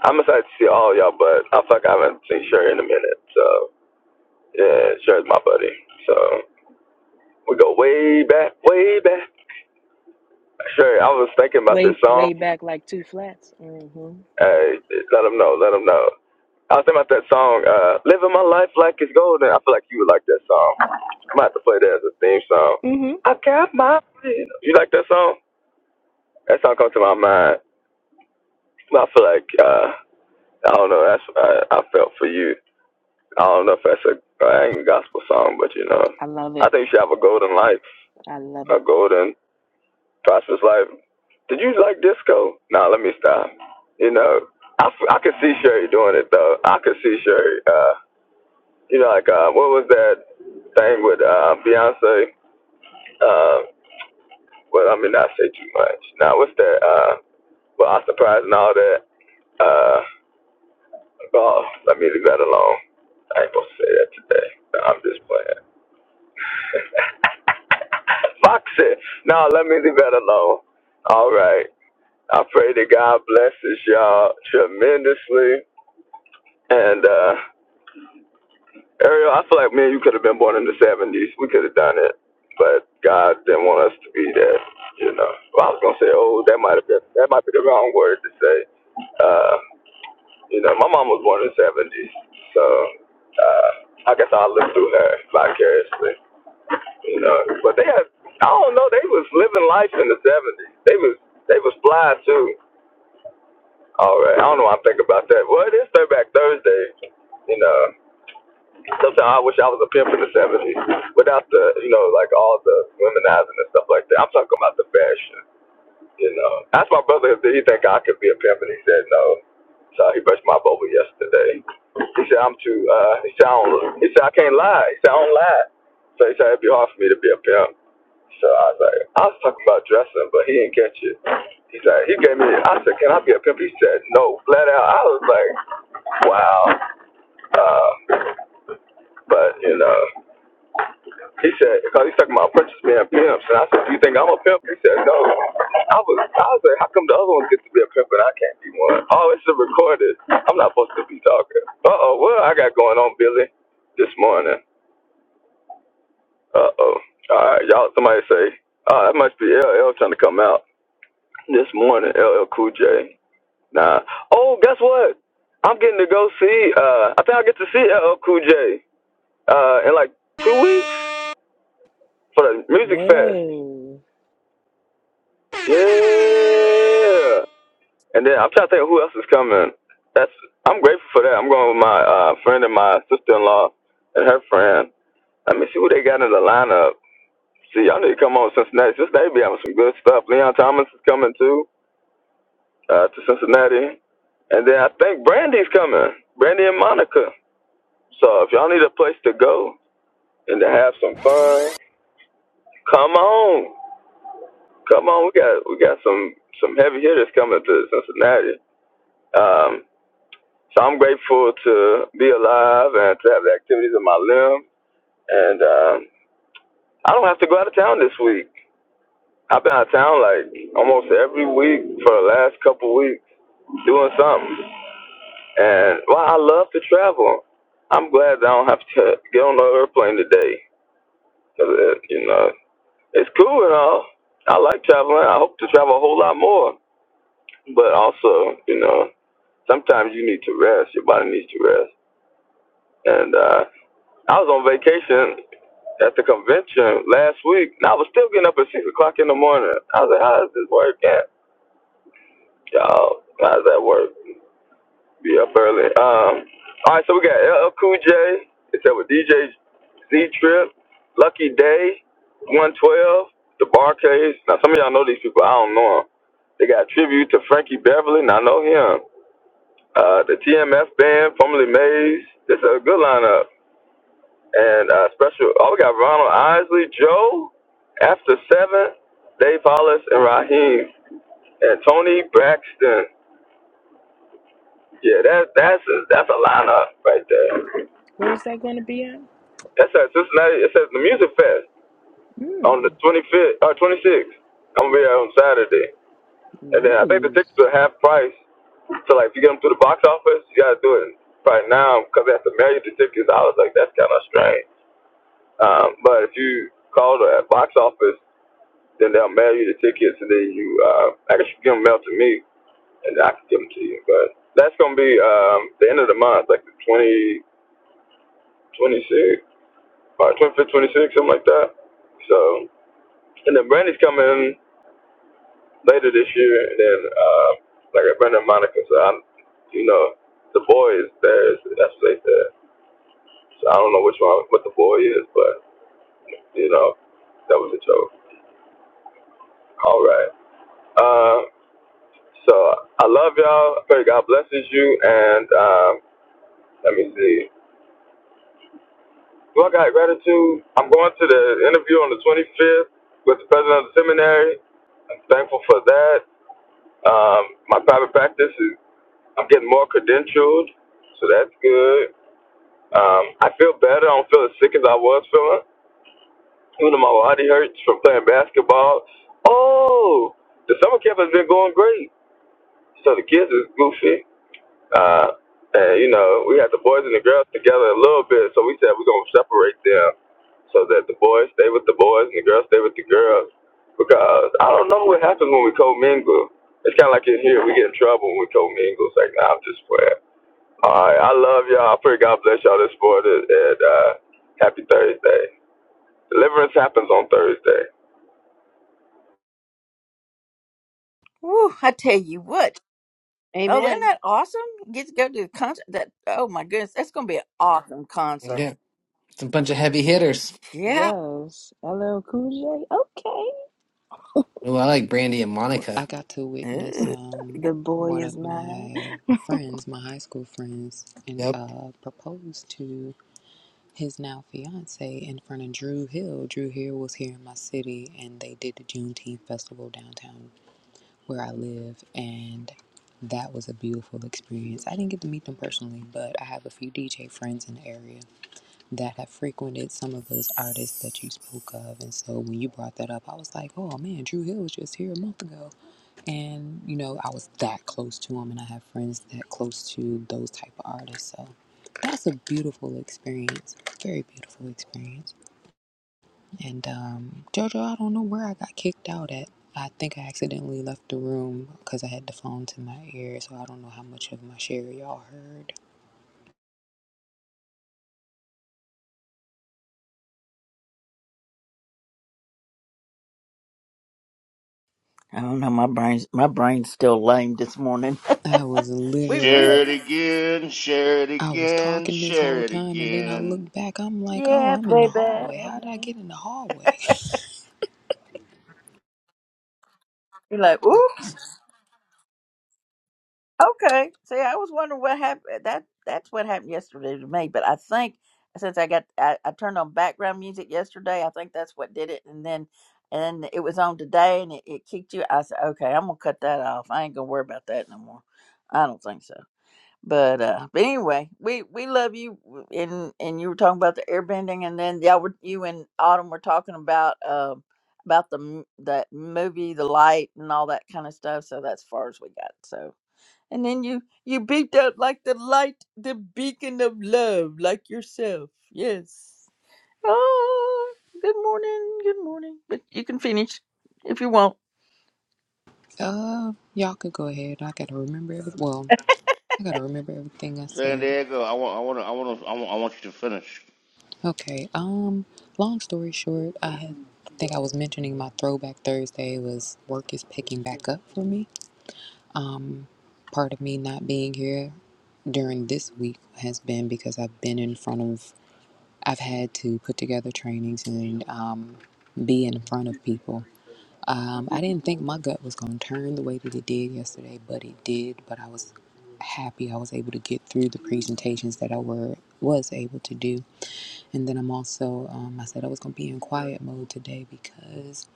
Speaker 6: I'm excited to see all y'all, but I feel like I haven't seen Sherry in a minute. So yeah, Sherry's my buddy. So we go way back, way back. Sherry, I was thinking about this
Speaker 5: Way,
Speaker 6: song.
Speaker 5: way back like two flats. Mm-hmm.
Speaker 6: Hey, let them know. Let them know. I was thinking about that song, uh, "Living My Life Like It's Golden." I feel like you would like that song. I'm about to play that as a theme song.
Speaker 5: Mm-hmm.
Speaker 6: I got my. freedom. You like that song? That song comes to my mind. I feel like uh, I don't know. That's what I, I felt for you. I don't know if that's a, uh, ain't a gospel song, but you know,
Speaker 5: I love
Speaker 6: I
Speaker 5: it.
Speaker 6: think you should have a golden life,
Speaker 5: I love it.
Speaker 6: a golden Prosper's like, did you like disco? Nah, let me stop. You know, I I could see Sherry doing it though. I could see Sherry. Uh, you know, like uh, what was that thing with uh, Beyonce? Uh, well, I mean, not say too much. Now, what's that? Uh, well, I surprised and all that. Uh, oh, let me leave that alone. I ain't supposed to say that today. No, I'm just playing. Fox it. No, let me leave that alone. All right. I pray that God blesses y'all tremendously. And uh, Ariel, I feel like me and you could have been born in the 70s. We could have done it. But God didn't want us to be that, you know. Well, I was gonna say, oh, that might have been that might be the wrong word to say. Uh, you know, my mom was born in the seventies, so uh, I guess I'll live through her vicariously, you know. But they had, I don't know, they was living life in the seventies. They was they was fly too. All right. I don't know. what I'm thinking about that. Well, it is Throwback Thursday. You know, sometimes I wish I was a pimp in the '70s without the, you know, like all the womenizing and stuff like that. I'm talking about the fashion. You know, I asked my brother if he think I could be a pimp, and he said no. So he brushed my bubble yesterday. He said I'm too. Uh, he said I don't, he said I can't lie. He said I don't lie. So he said it'd be hard for me to be a pimp. So I was like, I was talking about dressing, but he didn't catch it. He said he gave me. I said, can I be a pimp? He said no, flat out. I was like, wow. Uh, but you know. He said, because he's talking about apprentices being pimps. And I said, Do you think I'm a pimp? He said, No. I was, I was like, How come the other ones get to be a pimp and I can't be one? Oh, it's a recorded. I'm not supposed to be talking. Uh oh, what I got going on, Billy, this morning? Uh oh. All right, y'all, somebody say, Oh, that must be LL trying to come out this morning, LL Cool J. Nah. Oh, guess what? I'm getting to go see, uh, I think I'll get to see LL Cool J uh, in like two weeks for the music fest.
Speaker 5: Whoa.
Speaker 6: Yeah. And then I'm trying to think of who else is coming. That's I'm grateful for that. I'm going with my uh, friend and my sister in law and her friend. Let me see who they got in the lineup. See, y'all need to come on to Cincinnati. Cincinnati be having some good stuff. Leon Thomas is coming too uh, to Cincinnati. And then I think Brandy's coming. Brandy and Monica. So if y'all need a place to go and to have some fun, come on. Come on, we got we got some some heavy hitters coming to Cincinnati. Um, So I'm grateful to be alive and to have the activities of my limb. And um, I don't have to go out of town this week. I've been out of town like almost every week for the last couple weeks doing something. And well, I love to travel. I'm glad that I don't have to get on the airplane today. 'Cause it, you know, it's cool and all. I like traveling. I hope to travel a whole lot more. But also, you know, sometimes you need to rest. Your body needs to rest. And uh, I was on vacation at the convention last week, and I was still getting up at six o'clock in the morning. I was like, "How is this work at, y'all? How's that work? Be up early." Um, all right, so we got LL Cool J. It's up with DJ Z Trip, Lucky Day, One Twelve, The Bar Now some of y'all know these people. I don't know them. They got a tribute to Frankie Beverly, and I know him. Uh, the TMF Band, formerly Maze. This is a good lineup. And uh, special, oh, we got Ronald Isley, Joe, After Seven, Dave Hollis, and Raheem, and Tony Braxton. Yeah, that, that's a, that's a lineup right there.
Speaker 5: Where's that going to be at?
Speaker 6: That's at Cincinnati. It says the Music Fest on the
Speaker 5: Hmm.
Speaker 6: 25th or 26th. I'm gonna be there on Saturday, and then I think the tickets
Speaker 5: Nice.
Speaker 6: are half price. So like, if you get them through the box office, you gotta do it right now because they have to mail you the tickets. I was like, that's kind of strange. Um, but if you call the box office Then they'll mail you the tickets, and then you, uh, I can get them mail to me, and I can give them to you. But that's gonna be um, the end of the month, like the 20, twenty-sixth, or 25, 26, something like that. So, and then Brandy's coming later this year, and then uh, like Brandon and Monica. So I'm, you know, the boy is there. is- That's what they said. So I don't know which one, what the boy is, but you know, that was a joke. All right. Uh, So I love y'all. Pray God blesses you. And um, let me see. Do I got gratitude? I'm going to the interview on the 25th with the president of the seminary. I'm thankful for that. Um, my private practice is I'm getting more credentialed, so that's good. Um, I feel better. I don't feel as sick as I was feeling. Even though my body hurts from playing basketball. Oh, the summer camp has been going great. So the kids is goofy. Uh, and you know, we had the boys and the girls together a little bit, so we said we're gonna separate them so that the boys stay with the boys and the girls stay with the girls. Because I don't know what happens when we co mingle. It's kind of like in here, we get in trouble when we commingle. It's like, nah, I'm just playing. All right, I love y'all. I pray God bless y'all this morning, and uh, happy Thursday. Deliverance happens on Thursday.
Speaker 1: Woo! I tell you what. Oh, isn't
Speaker 3: Amen.
Speaker 1: that awesome? Get to go to the concert. That. Oh my goodness, that's gonna be an awesome concert.
Speaker 7: Yeah, it's a bunch of heavy hitters.
Speaker 1: Yeah.
Speaker 5: Yes, L. L. Cool J. Okay,
Speaker 7: Oh, I like Brandy and
Speaker 4: Well, I
Speaker 7: Monica.
Speaker 4: got to witness
Speaker 1: Ooh.
Speaker 4: um
Speaker 5: the boy
Speaker 4: one of
Speaker 5: is mine.
Speaker 4: my friends, my high school friends, and
Speaker 7: Yep.
Speaker 4: uh proposed to his now fiance in front of Drew Hill. Drew Hill was here in my city, and they did the Juneteenth festival downtown where I live, and that was a beautiful experience. I didn't get to meet them personally, but I have a few DJ friends in the area that have frequented some of those artists that you spoke of, and so when you brought that up, I was like, oh man, Drew Hill was just here a month ago and you know i was that close to him and i have friends that close to those type of artists so that's a beautiful experience very beautiful experience and um, jojo i don't know where i got kicked out at i think i accidentally left the room because i had the phone to my ear so i don't know how much of my share y'all heard
Speaker 1: I don't know. My brain's my brain's still lame this morning.
Speaker 4: i was
Speaker 1: We we.
Speaker 8: Share
Speaker 4: literally
Speaker 8: it again, share it
Speaker 4: i was
Speaker 8: again,
Speaker 4: talking this whole
Speaker 8: share it
Speaker 4: time and then i
Speaker 8: again.
Speaker 4: look back i'm like oh
Speaker 1: Yeah,
Speaker 4: i'm in the hallway how did i
Speaker 1: baby.
Speaker 4: get in the hallway
Speaker 1: You're like, ooh. Okay. See, I was wondering what happened. That that's what happened yesterday to me. But I think since I got I, I turned on background music yesterday, I think that's what did it. And then and it was on today, and it, it kicked you. I said, okay, I'm gonna cut that off. I ain't gonna worry about that no more. I don't think so. But uh, but anyway, we we love you. And and you were talking about the airbending, and then y'all were you and Autumn were talking about um about the m- that movie, the light, and all that kind of stuff. So that's far as we got. So and then you you beamed out like the light, the beacon of love, like yourself. Yes. Oh, good morning, good morning. But you can finish if you want.
Speaker 4: uh y'all could go ahead i gotta remember everything Well, I gotta remember everything I
Speaker 8: San
Speaker 4: said.
Speaker 8: Diego, I want, I want, to, I want, to, I want, I want you to finish.
Speaker 4: Okay. Um. Long story short, I had, I think I was mentioning my throwback Thursday was work is picking back up for me. Part of me not being here during this week has been because I've been in front of. I've had to put together trainings and um, be in front of people. Um, I didn't think my gut was gonna turn the way that it did yesterday, but it did. But I was happy I was able to get through the presentations that I were was able to do. And then I'm also, um, I said I was going to be in quiet mode today because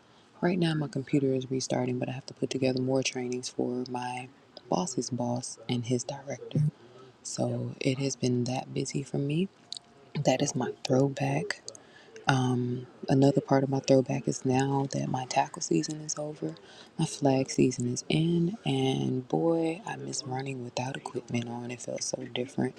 Speaker 4: right now my computer is restarting, but I have to put together more trainings for my boss's boss and his director. So it has been that busy for me. That is my throwback. Another part of my throwback is now that my tackle season is over, my flag season is in, and boy, I miss running without equipment on. It felt so different.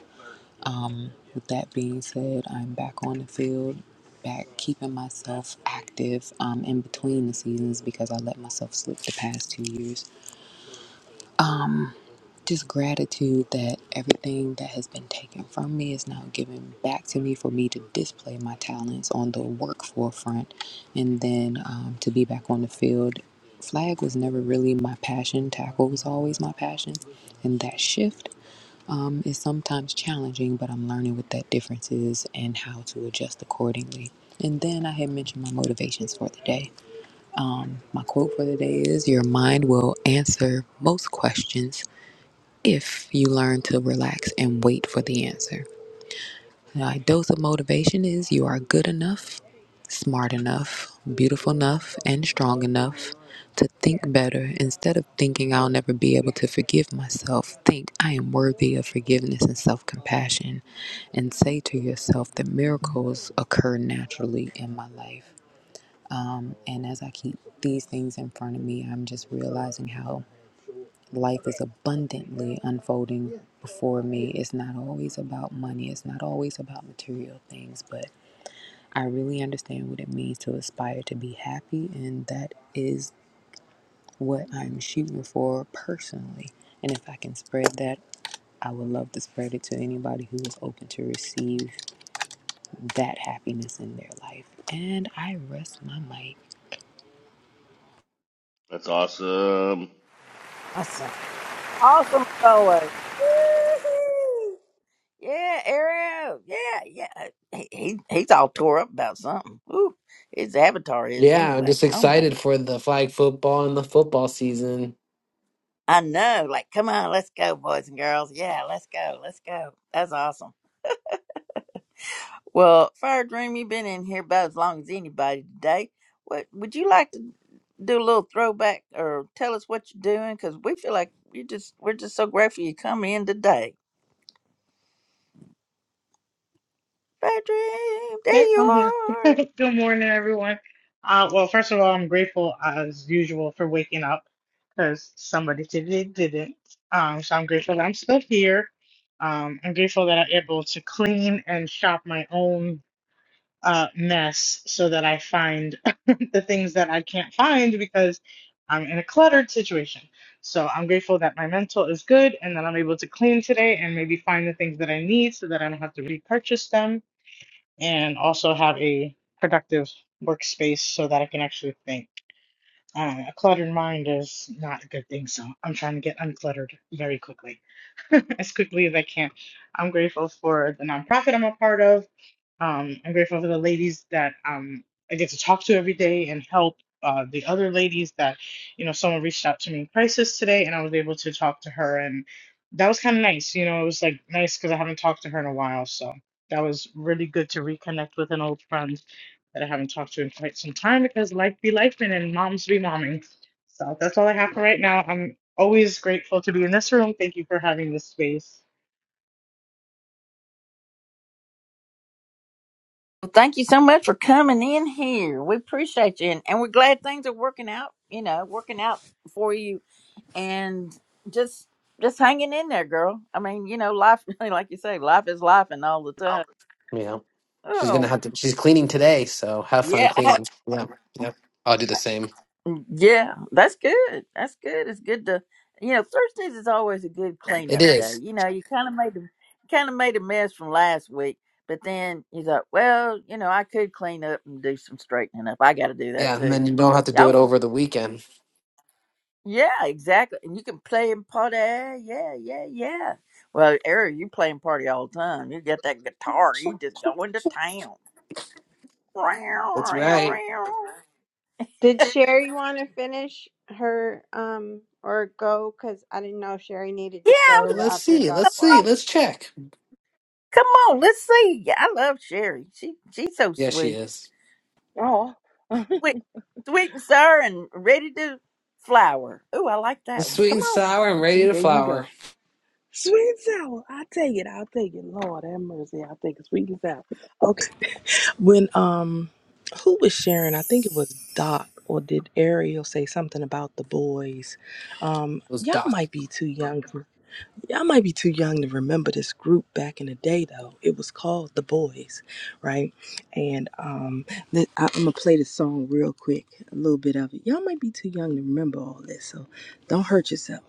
Speaker 4: Um, with that being said, I'm back on the field, back keeping myself active um, in between the seasons because I let myself slip the past two years just gratitude that everything that has been taken from me is now given back to me for me to display my talents on the work forefront and then um, to be back on the field. Flag was never really my passion, tackle was always my passion. And that shift um, is sometimes challenging, but I'm learning what that difference is and how to adjust accordingly. And then I had mentioned my motivations for the day. Um, my quote for the day is Your mind will answer most questions if you learn to relax and wait for the answer. A dose of motivation is you are good enough, smart enough, beautiful enough, and strong enough to think better. Instead of thinking I'll never be able to forgive myself, think I am worthy of forgiveness and self compassion. And say to yourself that miracles occur naturally in my life. And as I keep these things in front of me, I'm just realizing how life is abundantly unfolding before me. It's not always about money, it's not always about material things, but I really understand what it means to aspire to be happy, and that is what I'm shooting for personally. And if I can spread that, I would love to spread it to anybody who is open to receive that happiness in their life. And I rest my mic.
Speaker 8: That's awesome.
Speaker 1: Awesome. Awesome as always. Woo-hoo. Yeah, Arrow. Yeah, yeah. He, he he's all tore up about something. Ooh, his avatar is
Speaker 7: Yeah, I'm
Speaker 1: anyway.
Speaker 7: just
Speaker 1: Oh my!
Speaker 7: excited
Speaker 1: g-
Speaker 7: for the flag football and the football season.
Speaker 1: I know. Like, come on, let's go, boys and girls. Yeah, let's go, let's go. That's awesome. Well, Fire Dream, you've been in here about as long as anybody today. What would you like to do a little throwback or tell us what you're doing? Because we feel like you just we're just so grateful you come in today. Fire Dream,
Speaker 9: Okay.
Speaker 1: there you
Speaker 9: I'm here.
Speaker 1: are.
Speaker 9: Good morning, everyone. Uh, well, first of all, I'm grateful as usual for waking up because somebody today didn't. Um, so I'm grateful that I'm still here. Um, I'm grateful that I'm able to clean and shop my own uh, mess so that I find the things that I can't find because I'm in a cluttered situation. So I'm grateful that my mental is good and that I'm able to clean today and maybe find the things that I need so that I don't have to repurchase them and also have a productive workspace so that I can actually think. Uh, a cluttered mind is not a good thing, so I'm trying to get uncluttered very quickly, as quickly as I can. I'm grateful for the nonprofit I'm a part of um, I'm grateful for the ladies that um, I get to talk to every day and help uh, the other ladies that, you know, someone reached out to me in crisis today and I was able to talk to her. And that was kind of nice. You know, it was like nice because I haven't talked to her in a while. So that was really good to reconnect with an old friend that I haven't talked to in quite some time because life be life and moms be momming. So that's all I have for right now. I'm always grateful to be in this room. Thank you for having this space.
Speaker 1: Well, thank you so much for coming in here. We appreciate you, and, and we're glad things are working out. You know, working out for you, and just just hanging in there, girl. I mean, you know, life like you say, life is life, and all the time.
Speaker 7: You know, she's
Speaker 1: Oh,
Speaker 7: gonna have to. She's cleaning today, so have fun
Speaker 1: yeah.
Speaker 7: cleaning. Yeah, yeah. I'll do the same.
Speaker 1: Yeah, that's good. That's good. It's good to you know, Thursdays is always a good
Speaker 7: It
Speaker 1: cleanup day.
Speaker 7: is.
Speaker 1: You know, you kinda made the kinda made a mess from last week, but then you thought, Well, you know, I could clean up and do some straightening up. I gotta do that
Speaker 7: Yeah, and
Speaker 1: too.
Speaker 7: then you don't have to do
Speaker 1: Y'all
Speaker 7: it
Speaker 1: were-
Speaker 7: over the weekend.
Speaker 1: yeah, exactly. And you can play in party. Yeah, yeah, yeah. Well, Eric, you playing party all the time. You get that guitar, you just go into town.
Speaker 7: That's right.
Speaker 3: Did Sherry want to finish her um or go? Because I didn't know if Sherry needed
Speaker 1: Yeah,
Speaker 3: to
Speaker 7: Well,
Speaker 3: go
Speaker 7: let's
Speaker 3: after
Speaker 7: see.
Speaker 3: Doc
Speaker 7: Let's see.
Speaker 3: White.
Speaker 7: Let's check.
Speaker 1: Come on, let's see. Yeah, I love Sherry. She she's so
Speaker 7: Yeah, she
Speaker 1: sweet.
Speaker 7: is.
Speaker 5: Oh,
Speaker 1: Sweet sweet and sour and ready to flower. Ooh, I like that
Speaker 7: It's
Speaker 1: one.
Speaker 7: sweet
Speaker 1: Come
Speaker 7: and
Speaker 1: on.
Speaker 7: sour and ready
Speaker 5: see,
Speaker 7: to
Speaker 5: there you
Speaker 7: flower.
Speaker 5: go.
Speaker 7: It
Speaker 5: Sweet and sour. I take it. I'll take it. Lord have mercy. I'll take it. Sweet and sour. Okay. When um, who was sharing? I think it was Doc, or did Ariel say something about the boys? Um,
Speaker 7: was
Speaker 5: y'all
Speaker 7: Doc.
Speaker 5: might be too young. Y'all might be too young to remember this group back in the day, though. It was called The Boys, right? And um, let- I, I'm gonna play the song real quick, a little bit of it. Y'all might be too young to remember all this, so don't hurt yourself.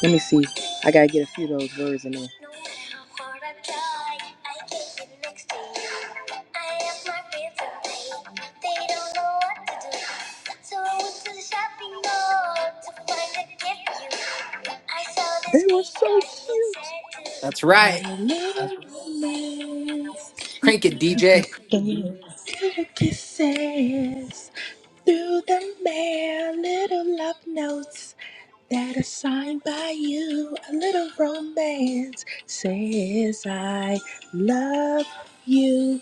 Speaker 5: Let me see. I gotta get a few of those words in there. They were so
Speaker 7: That's
Speaker 5: cute.
Speaker 7: right.
Speaker 5: What a little romance.
Speaker 7: Crank it, DJ.
Speaker 5: Before little kisses through the mail, little love notes that is signed by you. A little romance says I love you.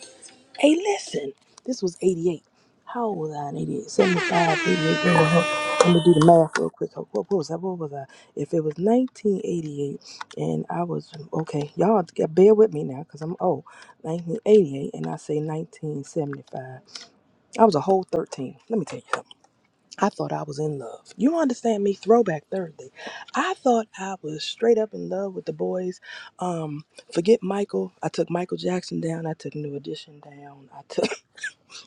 Speaker 5: Hey, listen, this was 88. How old was I in 88? 75, 88. Wait, wait, I'm gonna do the math real quick. What, what was I? What was I? If it was 1988 and I was, okay, y'all bear with me now because I'm old. 1988 and I say 1975. I was a whole 13. Let me tell you. I thought I was in love. You understand me? Throwback Thursday. I thought I was straight up in love with the boys. Um, forget Michael. I took Michael Jackson down. I took New Edition down. I took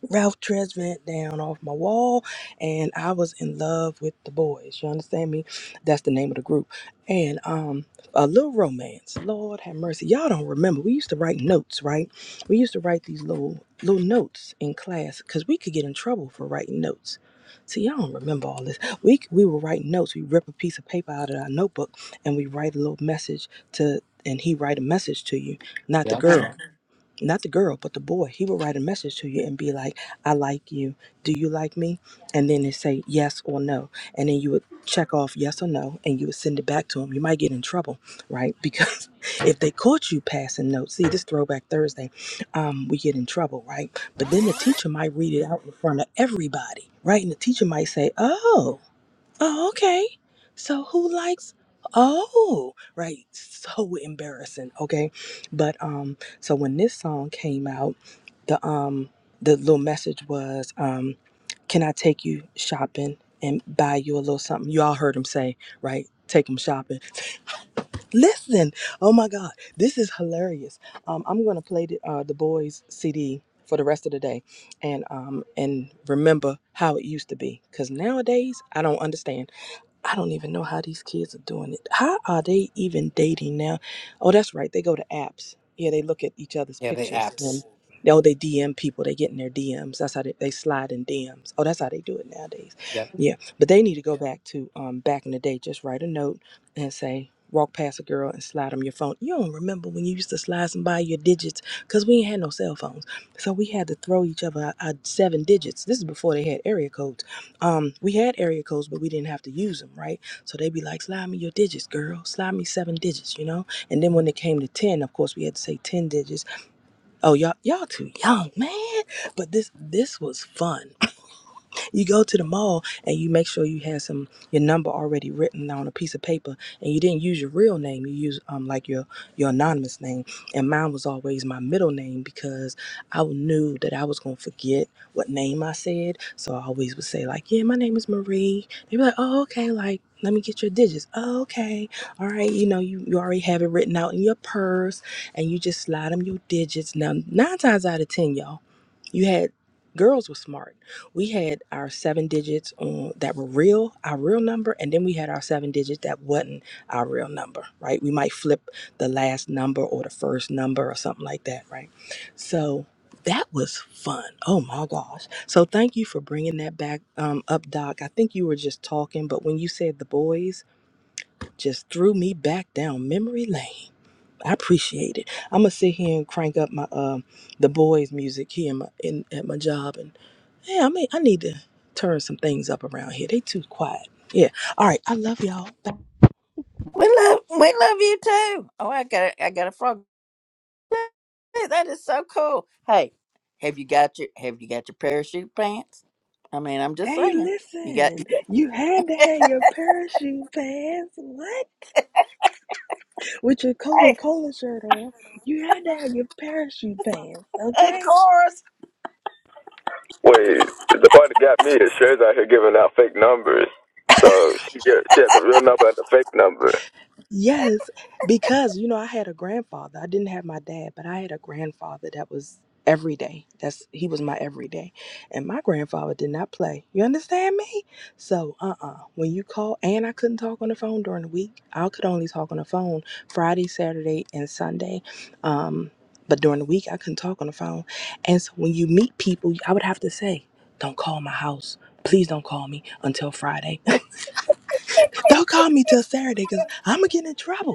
Speaker 5: Ralph Tresvant down off my wall, and I was in love with the boys. You understand me? That's the name of the group. And um, a little romance. Lord have mercy. Y'all don't remember. We used to write notes, right? We used to write these little little notes in class because we could get in trouble for writing notes. See, y'all don't remember all this. We we were writing notes. We rip a piece of paper out of our notebook and we write a little message to, and he write a message to you, not the
Speaker 7: Yeah.
Speaker 5: girl not the girl, but the boy, he would write a message to you and be like, I like you. Do you like me? And then it say yes or no. And then you would check off yes or no and you would send it back to him. You might get in trouble, right? Because if they caught you passing notes, see this throwback Thursday, um, we get in trouble, right? But then the teacher might read it out in front of everybody, right? And the teacher might say, Oh, Oh, okay. So who likes Oh, right. So embarrassing, okay? But um so when this song came out, the um the little message was um can I take you shopping and buy you a little something? You all heard him say, right? Take him shopping. Listen, oh my God, this is hilarious. Um, I'm gonna play the, uh, the boys' CD for the rest of the day, and um, and remember how it used to be. Cause nowadays I don't understand. I don't even know how these kids are doing it. How are they even dating now? Oh, that's right. They go to apps. Yeah, they look at each other's
Speaker 7: Yeah, the
Speaker 5: pictures
Speaker 7: apps.
Speaker 5: and oh, they DM people. They get in their DMs. That's how they, they slide in DMs. Oh, that's how they do it nowadays.
Speaker 7: Yep.
Speaker 5: Yeah, but they need to go back to um back in the day. Just write a note and say. Walk past a girl and slide them your phone. You don't remember when you used to slide somebody your digits because we ain't had no cell phones. So we had to throw each other our, our seven digits. This is before they had area codes um, we had area codes, but we didn't have to use them, right? So they'd be like, slide me your digits, girl. Slide me seven digits, you know? And then when it came to 10, of course, we had to say 10 digits. Oh, y'all, y'all too young, man. But this, this was fun. You go to the mall and you make sure you have some your number already written on a piece of paper, and you didn't use your real name. You use um like your your anonymous name, and mine was always my middle name because I knew that I was gonna forget what name I said, so I always would say like, "Yeah, my name is Marie." They would be like, "Oh, okay," like. Let me get your digits. Oh, okay. All right. You know, you, you already have it written out in your purse and you just slide them your digits. Now, nine times out of 10, y'all you had girls were smart. We had our seven digits on that were real, our real number, and then we had our seven digits that wasn't our real number, right? We might flip the last number or the first number or something like that, right? So that was fun. Oh my gosh. So thank you for bringing that back um, up, Doc. I think you were just talking, but when you said the boys, just threw me back down memory lane. I appreciate it. I'm gonna sit here and crank up my um the boys' music here in my in at my job, and yeah, I mean I need to turn some things up around here. They too quiet. Yeah. All right. I love y'all. Bye.
Speaker 1: We love we love you too. Oh, I got a, I got a frog. Hey, That is so cool. Hey, have you got your have you got your parachute pants? I mean, I'm just
Speaker 5: Hey,
Speaker 1: saying. You got
Speaker 5: listen, you had to have your parachute pants. What? With your Coca
Speaker 1: Hey,
Speaker 5: Cola shirt on, you had to have your parachute pants,
Speaker 1: of
Speaker 5: okay?
Speaker 1: course.
Speaker 6: Wait, the part that got me is Sherry's out here giving out fake numbers. So she get, she had the real number and the fake number.
Speaker 5: Yes, because you know, I had a grandfather. I didn't have my dad, but I had a grandfather that was every day. That's he was my everyday. And my grandfather did not play. You understand me? So, uh-uh. When you call, and I couldn't talk on the phone during the week. I could only talk on the phone Friday, Saturday, and Sunday. Um, but during the week I couldn't talk on the phone. And so when you meet people, I would have to say, "Don't call my house." Please don't call me until Friday. Don't call me till Saturday because I'm going to get in trouble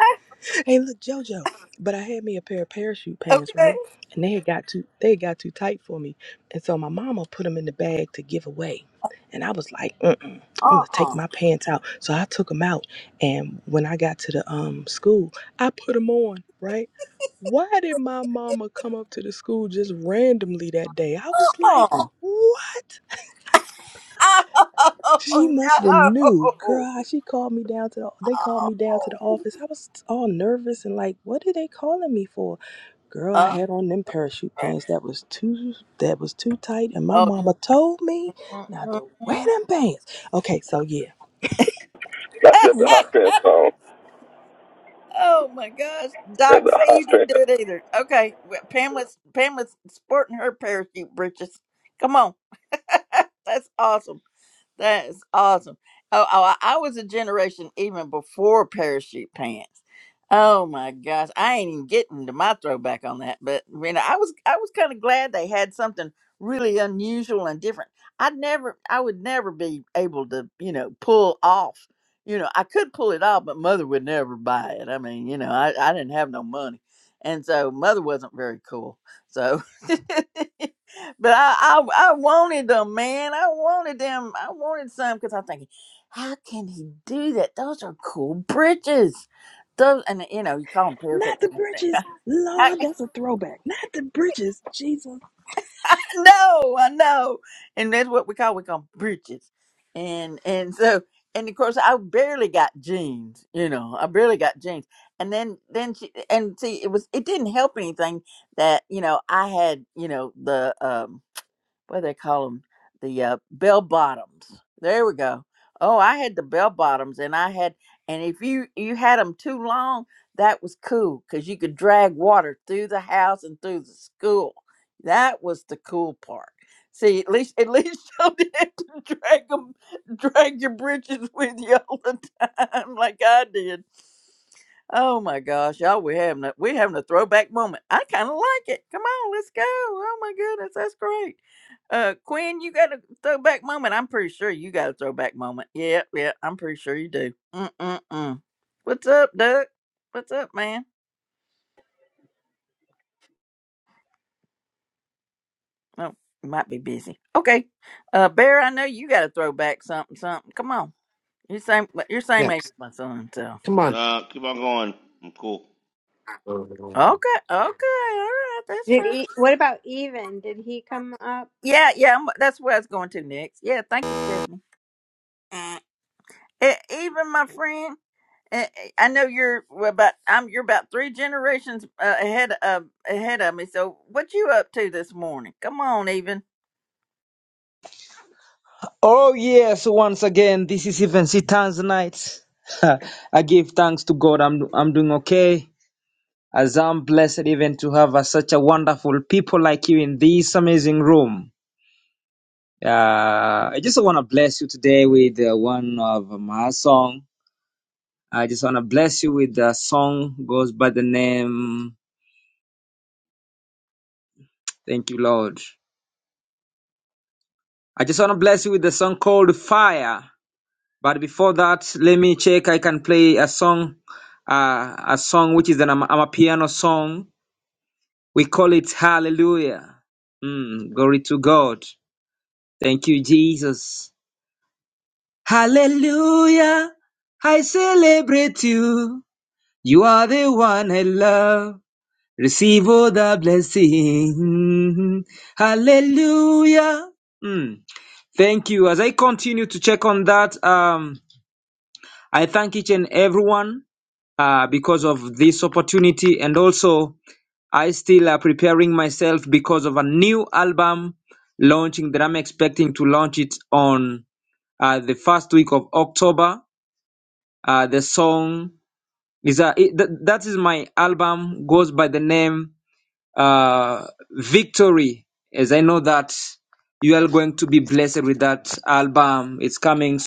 Speaker 5: hey, look, JoJo. But I had me a pair of parachute pants,
Speaker 1: Okay.
Speaker 5: right? And they had got too they had got too tight for me, and so my mama put them in the bag to give away. And I was like, Mm-mm, I'm gonna take
Speaker 1: Uh-uh.
Speaker 5: my pants out. So I took them out, and when I got to the um school, I put them on, right? Why did my mama come up to the school just randomly that day? I was like,
Speaker 1: Uh-uh.
Speaker 5: what? She
Speaker 1: Oh
Speaker 5: must have knew, girl.
Speaker 1: no.
Speaker 5: how She called me down to the. They called me down to the office. I was all nervous and like, what are they calling me for? Girl, I
Speaker 1: Oh.
Speaker 5: had on them parachute pants that was too that was too tight, and my
Speaker 1: Oh,
Speaker 5: mama told me not to wear
Speaker 1: Mhm.
Speaker 5: them pants. Okay, so yeah,
Speaker 6: Got you at the hot pants on.
Speaker 1: oh my gosh, Doc,
Speaker 6: At
Speaker 1: say
Speaker 6: the hot
Speaker 1: you didn't
Speaker 6: pants.
Speaker 1: do it either. Okay, well, Pamela's Pamela's sporting her parachute breeches. Come on, that's awesome. That is awesome. Oh, oh, I I was a generation even before parachute pants. Oh my gosh, I ain't even getting to my throwback on that. But you know, I was I was kind of glad they had something really unusual and different. I'd never, I would never be able to, you know, pull off. You know, I could pull it off, but mother would never buy it. I mean, you know, I, I didn't have no money, and so mother wasn't very cool. So But I, I, I wanted them, man. I wanted them. I wanted some because I'm thinking, how can he do that? Those are cool bridges. Those, and you know, you call them parasitic.
Speaker 5: not the
Speaker 1: plants.
Speaker 5: britches.
Speaker 1: I,
Speaker 5: Lord, that's a throwback. Not the britches. Jesus.
Speaker 1: I know, I know, and that's what we call we call 'em bridges. And and so and of course I barely got jeans. You know, I barely got jeans. And then then she and see it was it didn't help anything that you know I had you know the um what do they call them the uh, bell bottoms there we go oh i had the bell bottoms and i had and if you you had them too long that was cool because you could drag water through the house and through the school that was the cool part see at least at least you didn't have to drag them, drag your britches with you all the time like i did Oh my gosh, y'all, we having a we having a throwback moment. I kind of like it. Come on, let's go. Oh my goodness, that's great. Uh, Quinn, you got a throwback moment. I'm pretty sure you got a throwback moment. Yeah, yeah, I'm pretty sure you do. Mm mm mm. What's up, Doug? What's up, man? Oh, you might be busy. Okay. Uh, Bear, I know you got a throwback something something. Come on, you are same you're same
Speaker 7: Yep.
Speaker 1: age as my son. So
Speaker 7: Come on.
Speaker 8: Nah, keep on going. I'm cool.
Speaker 1: okay,
Speaker 7: Mm-hmm.
Speaker 1: okay, all right, that's
Speaker 3: Did
Speaker 1: fine.
Speaker 3: he, what about Even? Did he come up?
Speaker 1: Yeah, yeah, I'm, that's where I was going to next. Yeah, thank you, Stephanie. Eh, even my friend. Eh, eh, I know you're well, about I'm you're about three generations uh, ahead of ahead of me. So what you up to this morning? Come on, even.
Speaker 10: Oh, yes, once again, this is Even Sitan's night. I give thanks to God, I'm, I'm doing okay. As I'm blessed even to have uh, such a wonderful people like you in this amazing room. Uh, I just want to bless you today with uh, one of my song. I just want to bless you with the song goes by the name, thank you, Lord. I just want to bless you with the song called Fire. But before that, let me check. I can play a song, uh, a song which is an I'm, I'm a piano song. We call it Hallelujah. Mm, glory to God. Thank you, Jesus. Hallelujah. I celebrate you. You are the one I love. Receive all the blessing. Hallelujah. Mm. Thank you. As I continue to check on that, um, I thank each and everyone. uh, because of this opportunity. And also, I still are preparing myself because of a new album launching that I'm expecting to launch it on uh, the first week of October. Uh, the song is a, it, th- that is my album goes by the name uh, Victory, as I know that you are going to be blessed with that album. It's coming.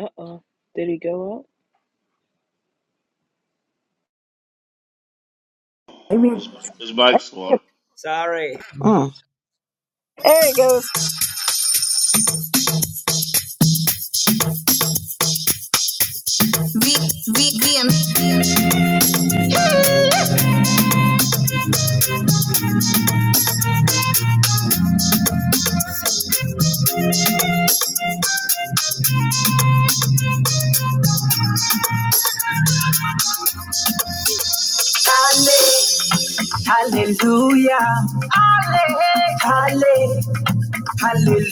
Speaker 5: Uh oh. Did he go up?
Speaker 1: Amen.
Speaker 8: It's, it's Mike's one.
Speaker 10: Sorry.
Speaker 1: Mm. There he goes.
Speaker 10: V V V M. Hallelujah. Halle- Hallelujah. Halle-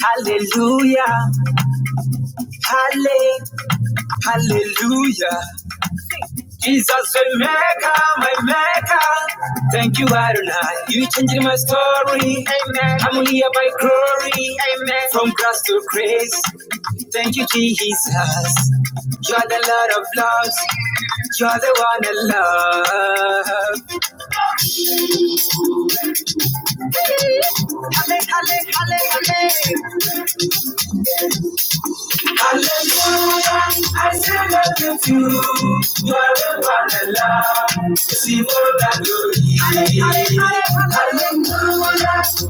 Speaker 10: Hallelujah. Halle- Hallelujah. Jesus, my maker, my maker. Thank you, Adonai. You changed my story. Amen. I'm here by glory. Amen. From grass to grace. Thank you, Jesus. You're the Lord of loves. You're the one I love. Hallelujah, I say nothing to Hallelujah, see all that glory. Hallelujah,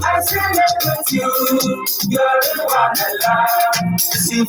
Speaker 10: I say nothing you. You're the one I love, see all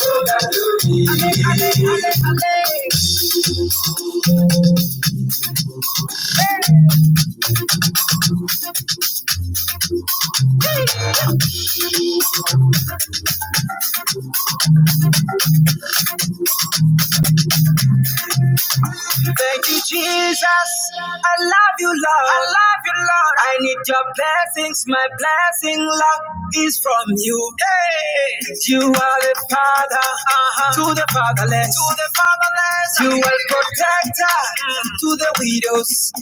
Speaker 10: Thank you, Jesus. I love you, Lord. I love you, Lord. I need your blessings. My blessing, Lord, is from you. Hey, you are the father uh-huh. to the fatherless. To the fatherless. You are protector Mm. to the widows.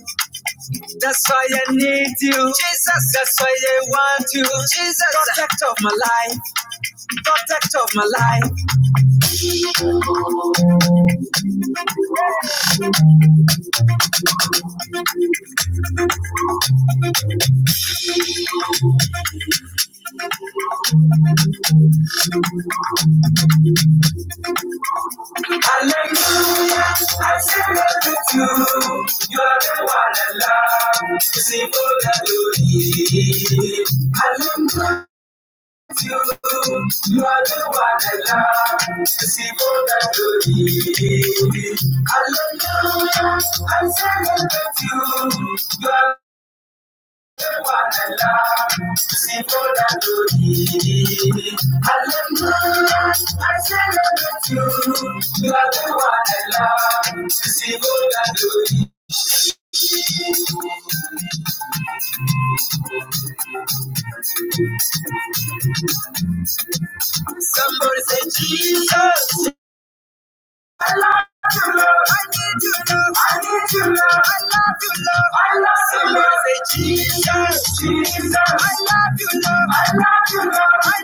Speaker 10: That's why I need you, Jesus. That's why I want you, Jesus. Protect of my life. Protect of my life. You are good. You are the one I love. See what I do need. Hallelujah. I celebrate you. You are the one I love. See what I do need. Hallelujah. I celebrate you. You are the one I love. See what I do Somebody say Jesus. I love you, Lord. I need you, Lord. I need you, Lord. I love you, Lord. I love you, Lord. Say, Jesus, Jesus. I love you, Lord. I love you, Lord. I-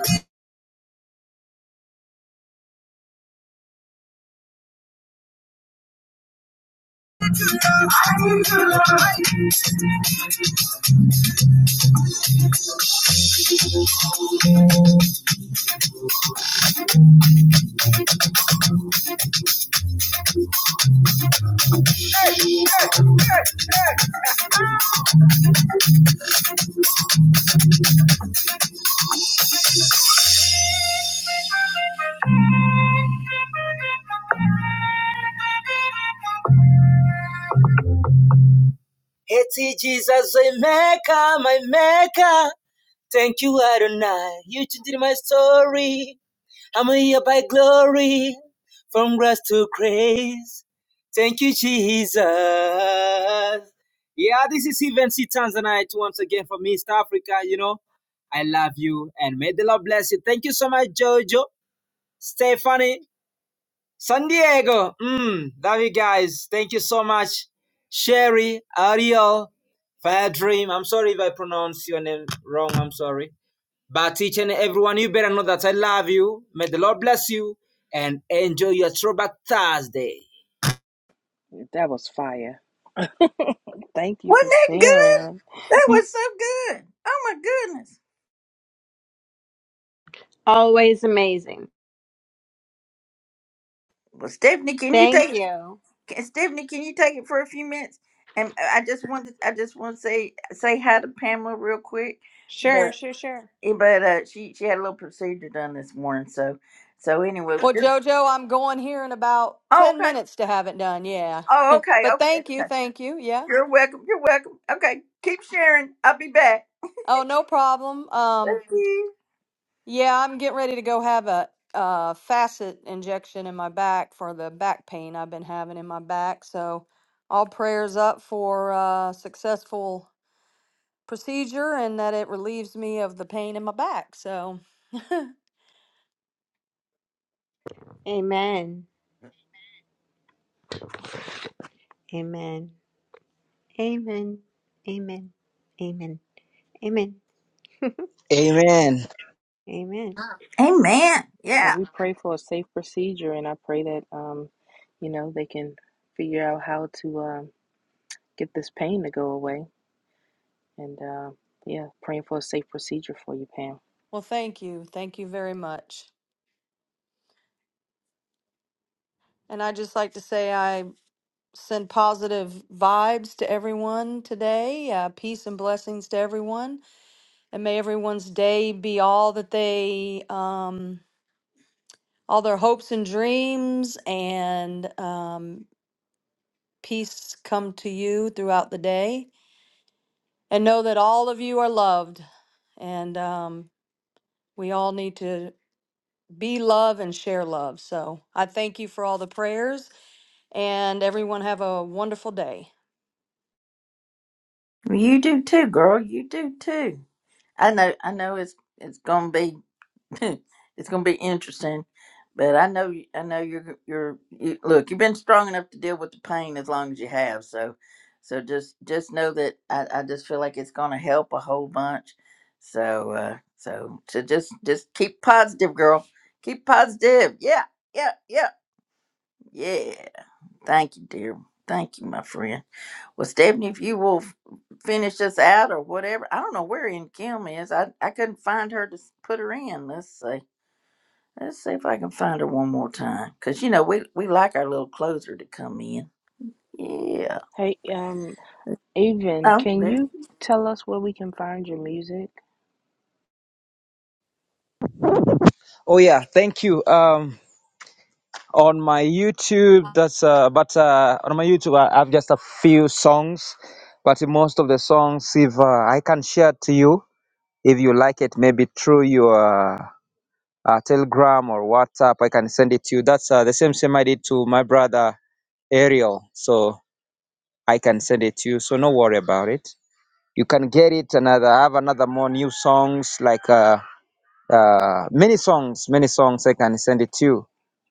Speaker 10: Eti Jesus, my maker, my maker. Thank you, Adonai. You changed my story. I'm here by glory, from grace to grace. Thank you, Jesus. Yeah, this is Event C Tanzanite once again from East Africa. You know, I love you and may the Lord bless you. Thank you so much, Jojo, Stephanie, San Diego. Mm, love you guys. Thank you so much, Sherry, Ariel, Fire Dream. I'm sorry if I pronounce your name wrong. I'm sorry. But each and everyone, you better know that I love you. May the Lord bless you and enjoy your throwback Thursday.
Speaker 5: That was fire. Thank you for
Speaker 1: Wasn't that good?
Speaker 5: sharing.
Speaker 1: That was so good. Oh my goodness.
Speaker 3: Always amazing.
Speaker 1: Well, Stephanie, can you take
Speaker 3: Thank you.
Speaker 1: Can, Stephanie, can you take it for a few minutes? And uh, I just wanted, I just want to say say hi to Pamela real quick,
Speaker 3: Sure,
Speaker 1: but
Speaker 3: sure, sure.
Speaker 1: eh, but uh, she she had a little procedure done this morning, so so anyway.
Speaker 11: Well,
Speaker 1: just-
Speaker 11: Jojo, I'm going here in about
Speaker 1: oh
Speaker 11: 10
Speaker 1: okay.
Speaker 11: minutes to have it done. Yeah.
Speaker 1: Oh okay,
Speaker 11: But
Speaker 1: okay.
Speaker 11: thank
Speaker 1: Okay.
Speaker 11: you. Thank you. Yeah.
Speaker 1: You're welcome. You're welcome. Okay, keep sharing. I'll be back.
Speaker 11: Oh, no problem. Um,
Speaker 1: Thank you.
Speaker 11: yeah, I'm getting ready to go have a, uh facet injection in my back for the back pain I've been having in my back. So, all prayers up for uh successful procedure and that it relieves me of the pain in my back. So,
Speaker 3: Amen. Amen. Amen. Amen. Amen. Amen.
Speaker 10: Amen.
Speaker 3: Amen.
Speaker 1: Amen.
Speaker 5: Well,
Speaker 1: Yeah,
Speaker 5: we pray for a safe procedure, and I pray that, um, you know, they can figure out how to um, get this pain to go away. And uh, yeah, praying for a safe procedure for you, Pam.
Speaker 11: well, thank you. Thank you very much. And I just like to say I send positive vibes to everyone today. Uh, peace and blessings to everyone, and may everyone's day be all that they, um, all their hopes and dreams, and um, peace come to you throughout the day. And know that all of you are loved, and um, we all need to be love and share love. So I thank you for all the prayers, and everyone have a wonderful day.
Speaker 1: Well, you do too, girl. You do too. I know. I know. It's it's gonna be it's gonna be interesting, but I know. you- I know you're you're you, look. You've been strong enough to deal with the pain as long as you have. So, so just just know that I, I just feel like it's gonna help a whole bunch. So uh so so just just keep positive, girl. Keep positive. Yeah. Yeah. Yeah. Yeah. Thank you, dear. Thank you, my friend. Well, Stephanie, if you will finish us out or whatever. I don't know where in Kim is. I, I couldn't find her to s- put her in. Let's see. Let's see if I can find her one more time. Because, you know, we, we like our little closer to come in. Yeah.
Speaker 5: Hey, um, Avon,
Speaker 1: Oh,
Speaker 5: can
Speaker 1: there.
Speaker 5: you tell us where we can find your music?
Speaker 10: Oh yeah, thank you. Um, on my YouTube, that's uh, but uh, on my YouTube, I have just a few songs, but most of the songs, if uh, I can share to you, if you like it, maybe through your uh, uh, Telegram or WhatsApp, I can send it to you. That's uh, the same same I did to my brother Ariel, so I can send it to you. So no worry about it. You can get it another have another more new songs like uh, uh, many songs, many songs. I can send it to you.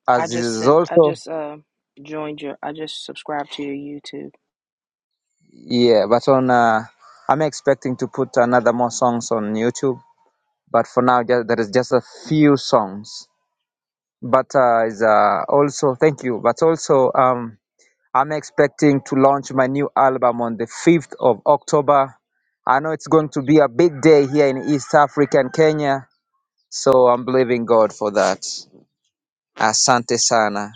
Speaker 10: As
Speaker 5: I just
Speaker 10: is
Speaker 5: sent, I
Speaker 10: also
Speaker 5: just uh, joined your, I just subscribed to your YouTube.
Speaker 10: yeah, but on uh, I'm expecting to put another more songs on YouTube. But for now, just, there is just a few songs. But uh, is uh, also thank you. But also um, I'm expecting to launch my new album on the 5th of October. I know it's going to be a big day here in East Africa and Kenya. So I'm believing God for that. Asante sana.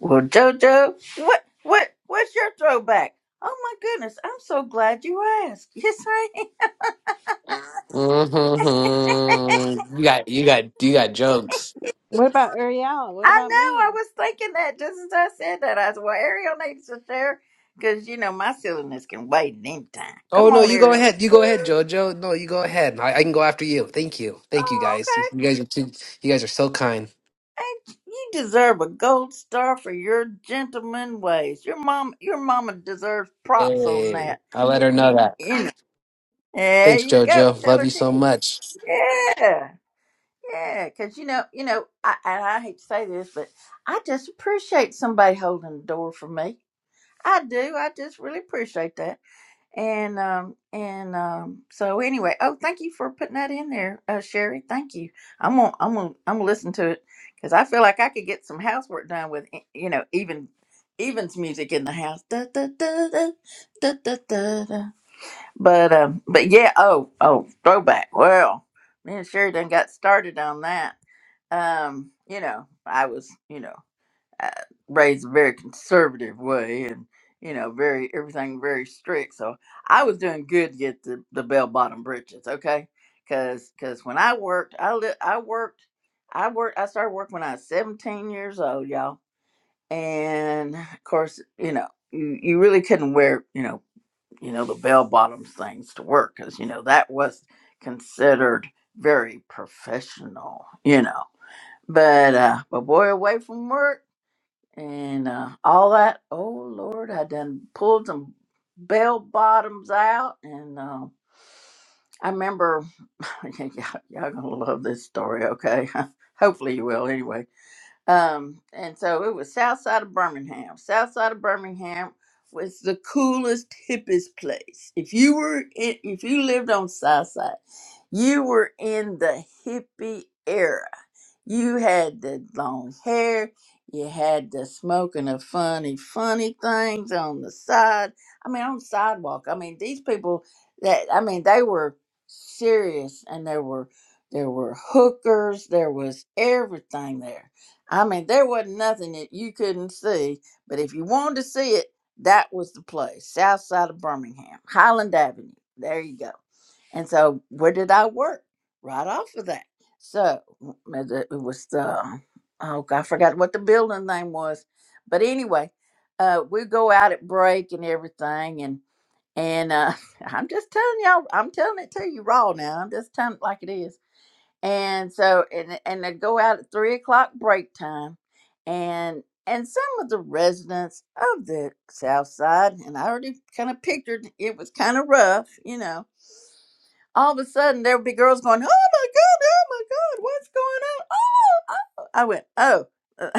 Speaker 1: Well, JoJo, what, what, what's your throwback? Oh, my goodness. I'm so glad you asked. Yes, I am.
Speaker 7: You got you got you got jokes.
Speaker 3: What about Uriel? What
Speaker 1: I
Speaker 3: about
Speaker 1: know. I
Speaker 3: me?
Speaker 1: was thinking that just as I said that. I said, "Well, Ariel needs to share because you know my silliness can wait at any time."
Speaker 7: Oh
Speaker 1: Come
Speaker 7: no,
Speaker 1: on,
Speaker 7: you go
Speaker 1: Ariel.
Speaker 7: ahead. You go ahead,
Speaker 1: Mm,
Speaker 7: Jojo. No, you go ahead. I, I can go after you. Thank you. Thank you
Speaker 1: Oh,
Speaker 7: guys. You,
Speaker 1: okay.
Speaker 7: you guys are too you guys are so kind.
Speaker 1: And you deserve a gold star for your gentleman ways. Your mom, your mama deserves props on
Speaker 7: Hey.
Speaker 1: that.
Speaker 7: I let her know
Speaker 1: You,
Speaker 7: that.
Speaker 1: you know. There
Speaker 7: Thanks,
Speaker 1: you go.
Speaker 7: Jojo.
Speaker 1: Tell
Speaker 7: Love
Speaker 1: her
Speaker 7: you
Speaker 1: she.
Speaker 7: so much.
Speaker 1: Yeah, yeah. Because you know, you know. I, and I hate to say this, but I just appreciate somebody holding the door for me. I do. I just really appreciate that. And um and um so anyway, oh thank you for putting that in there, uh, Sherry. Thank you. I'm gonna I'm gonna I'm gonna listen to it because I feel like I could get some housework done with eh, you know even Evans music in the house. Da, da, da, da, da, da, da, da. But um but yeah oh oh throwback. Well, me and Sherry done got started on that. Um you know I was you know uh, raised a very conservative way and you know very everything very strict so i was doing good to get the, the bell bottom britches okay because because when i worked i li- i worked i worked i started working when i was 17 years old y'all and of course you know you, you really couldn't wear you know you know the bell bottoms things to work because you know that was considered very professional you know but uh but boy away from work and uh, all that. Oh Lord, I done pulled some bell bottoms out, and uh, I remember y'all, y'all gonna love this story. Okay, hopefully you will. Anyway, um, and so it was south side of Birmingham. South side of Birmingham was the coolest, hippest place. If you were in, if you lived on south side, you were in the hippie era. You had the long hair. You had the smoking of funny, funny things on the side. I mean, on the sidewalk. I mean, these people that I mean, they were serious, and there were there were hookers. There was everything there I mean, there wasn't nothing that you couldn't see, but if you wanted to see it, that was the place, south side of Birmingham, Highland Avenue. There you go. And so, where did I work? Right off of that. So, m- it was the, oh, God, I forgot what the building name was. But anyway, uh, we go out at break and everything. And, and uh, I'm just telling y'all, I'm telling it to you raw now. I'm just telling it like it is and so and and they go out at three o'clock break time and and some of the residents of the south side and i already kind of pictured it was kind of rough you know all of a sudden there would be girls going oh my god oh my god what's going on oh, oh. i went oh uh,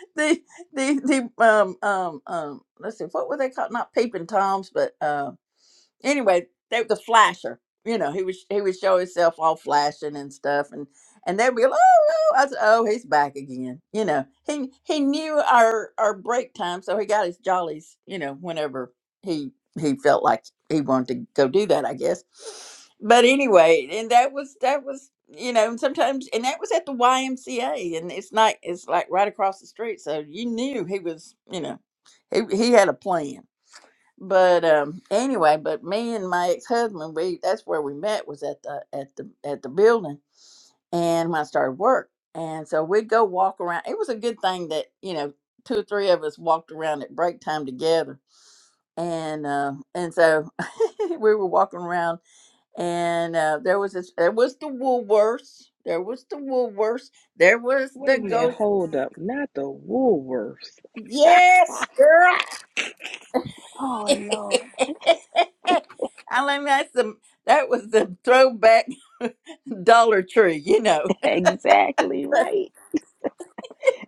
Speaker 1: the the the um um um let's see what were they called not peeping toms but um." anyway, they the flasher. You know, he was he would show himself all flashing and stuff, and and they'd be like, oh, oh, I said, oh, he's back again. You know, he he knew our our break time, so he got his jollies. You know, whenever he he felt like he wanted to go do that, I guess. But anyway, and that was that was you know, and sometimes and that was at the YMCA, and it's not it's like right across the street, so you knew he was you know he he had a plan but um anyway but me and my ex-husband we that's where we met was at the at the at the building and when i started work and so we'd go walk around it was a good thing that you know two or three of us walked around at break time together and uh and so we were walking around and uh there was this there was the woolworths there was the woolworths there was the
Speaker 5: Wait a
Speaker 1: Wait a
Speaker 5: minute,
Speaker 1: ghost
Speaker 5: hold up. Not the Woolworths.
Speaker 1: minute. yes girl
Speaker 5: Oh, Lord.
Speaker 1: I mean, that's the that was the throwback Dollar Tree, you know.
Speaker 5: Exactly right.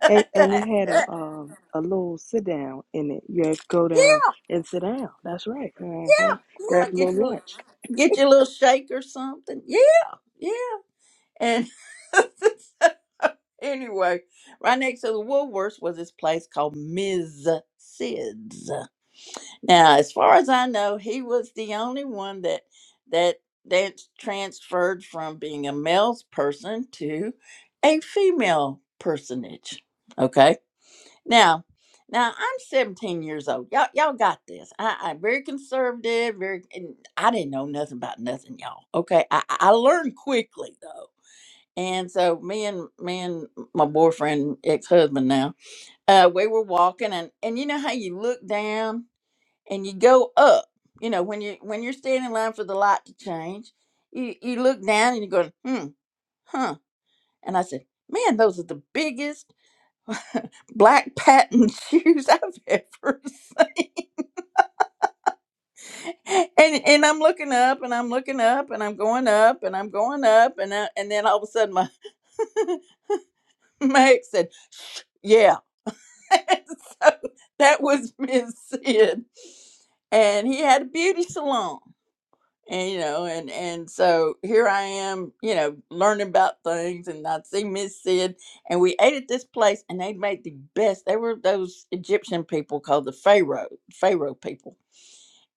Speaker 1: yeah,
Speaker 5: And, and it had a um, a little sit down in it. You had to go
Speaker 1: yeah,
Speaker 5: down and sit down. That's right. Uh-huh. Grab a
Speaker 1: get
Speaker 5: little
Speaker 1: your
Speaker 5: lunch.
Speaker 1: get your little shake or something. Yeah, yeah. And anyway, right next to the Woolworths was this place called Ms. Sid's. Now, as far as I know, he was the only one that that that transferred from being a male person to a female personage. Okay. Now, now I'm 17 years old. Y'all, y'all got this. I, I'm very conservative. Very. And I didn't know nothing about nothing, y'all. Okay. I, I I learned quickly though. And so me and me and my boyfriend, ex-husband now, uh, we were walking and and you know how you look down and you go up. You know, when you when you're standing in line for the light to change, you you look down and you're going, hmm, huh. And I said, man, those are the biggest black patent shoes I've ever seen. And and I'm looking up and I'm looking up and I'm going up and I'm going up and I, and then all of a sudden my my ex said, yeah. so that was Miss Sid, and he had a beauty salon and you know and and so here i am you know learning about things and i see miss sid and we ate at this place and they made the best they were those egyptian people called the pharaoh pharaoh people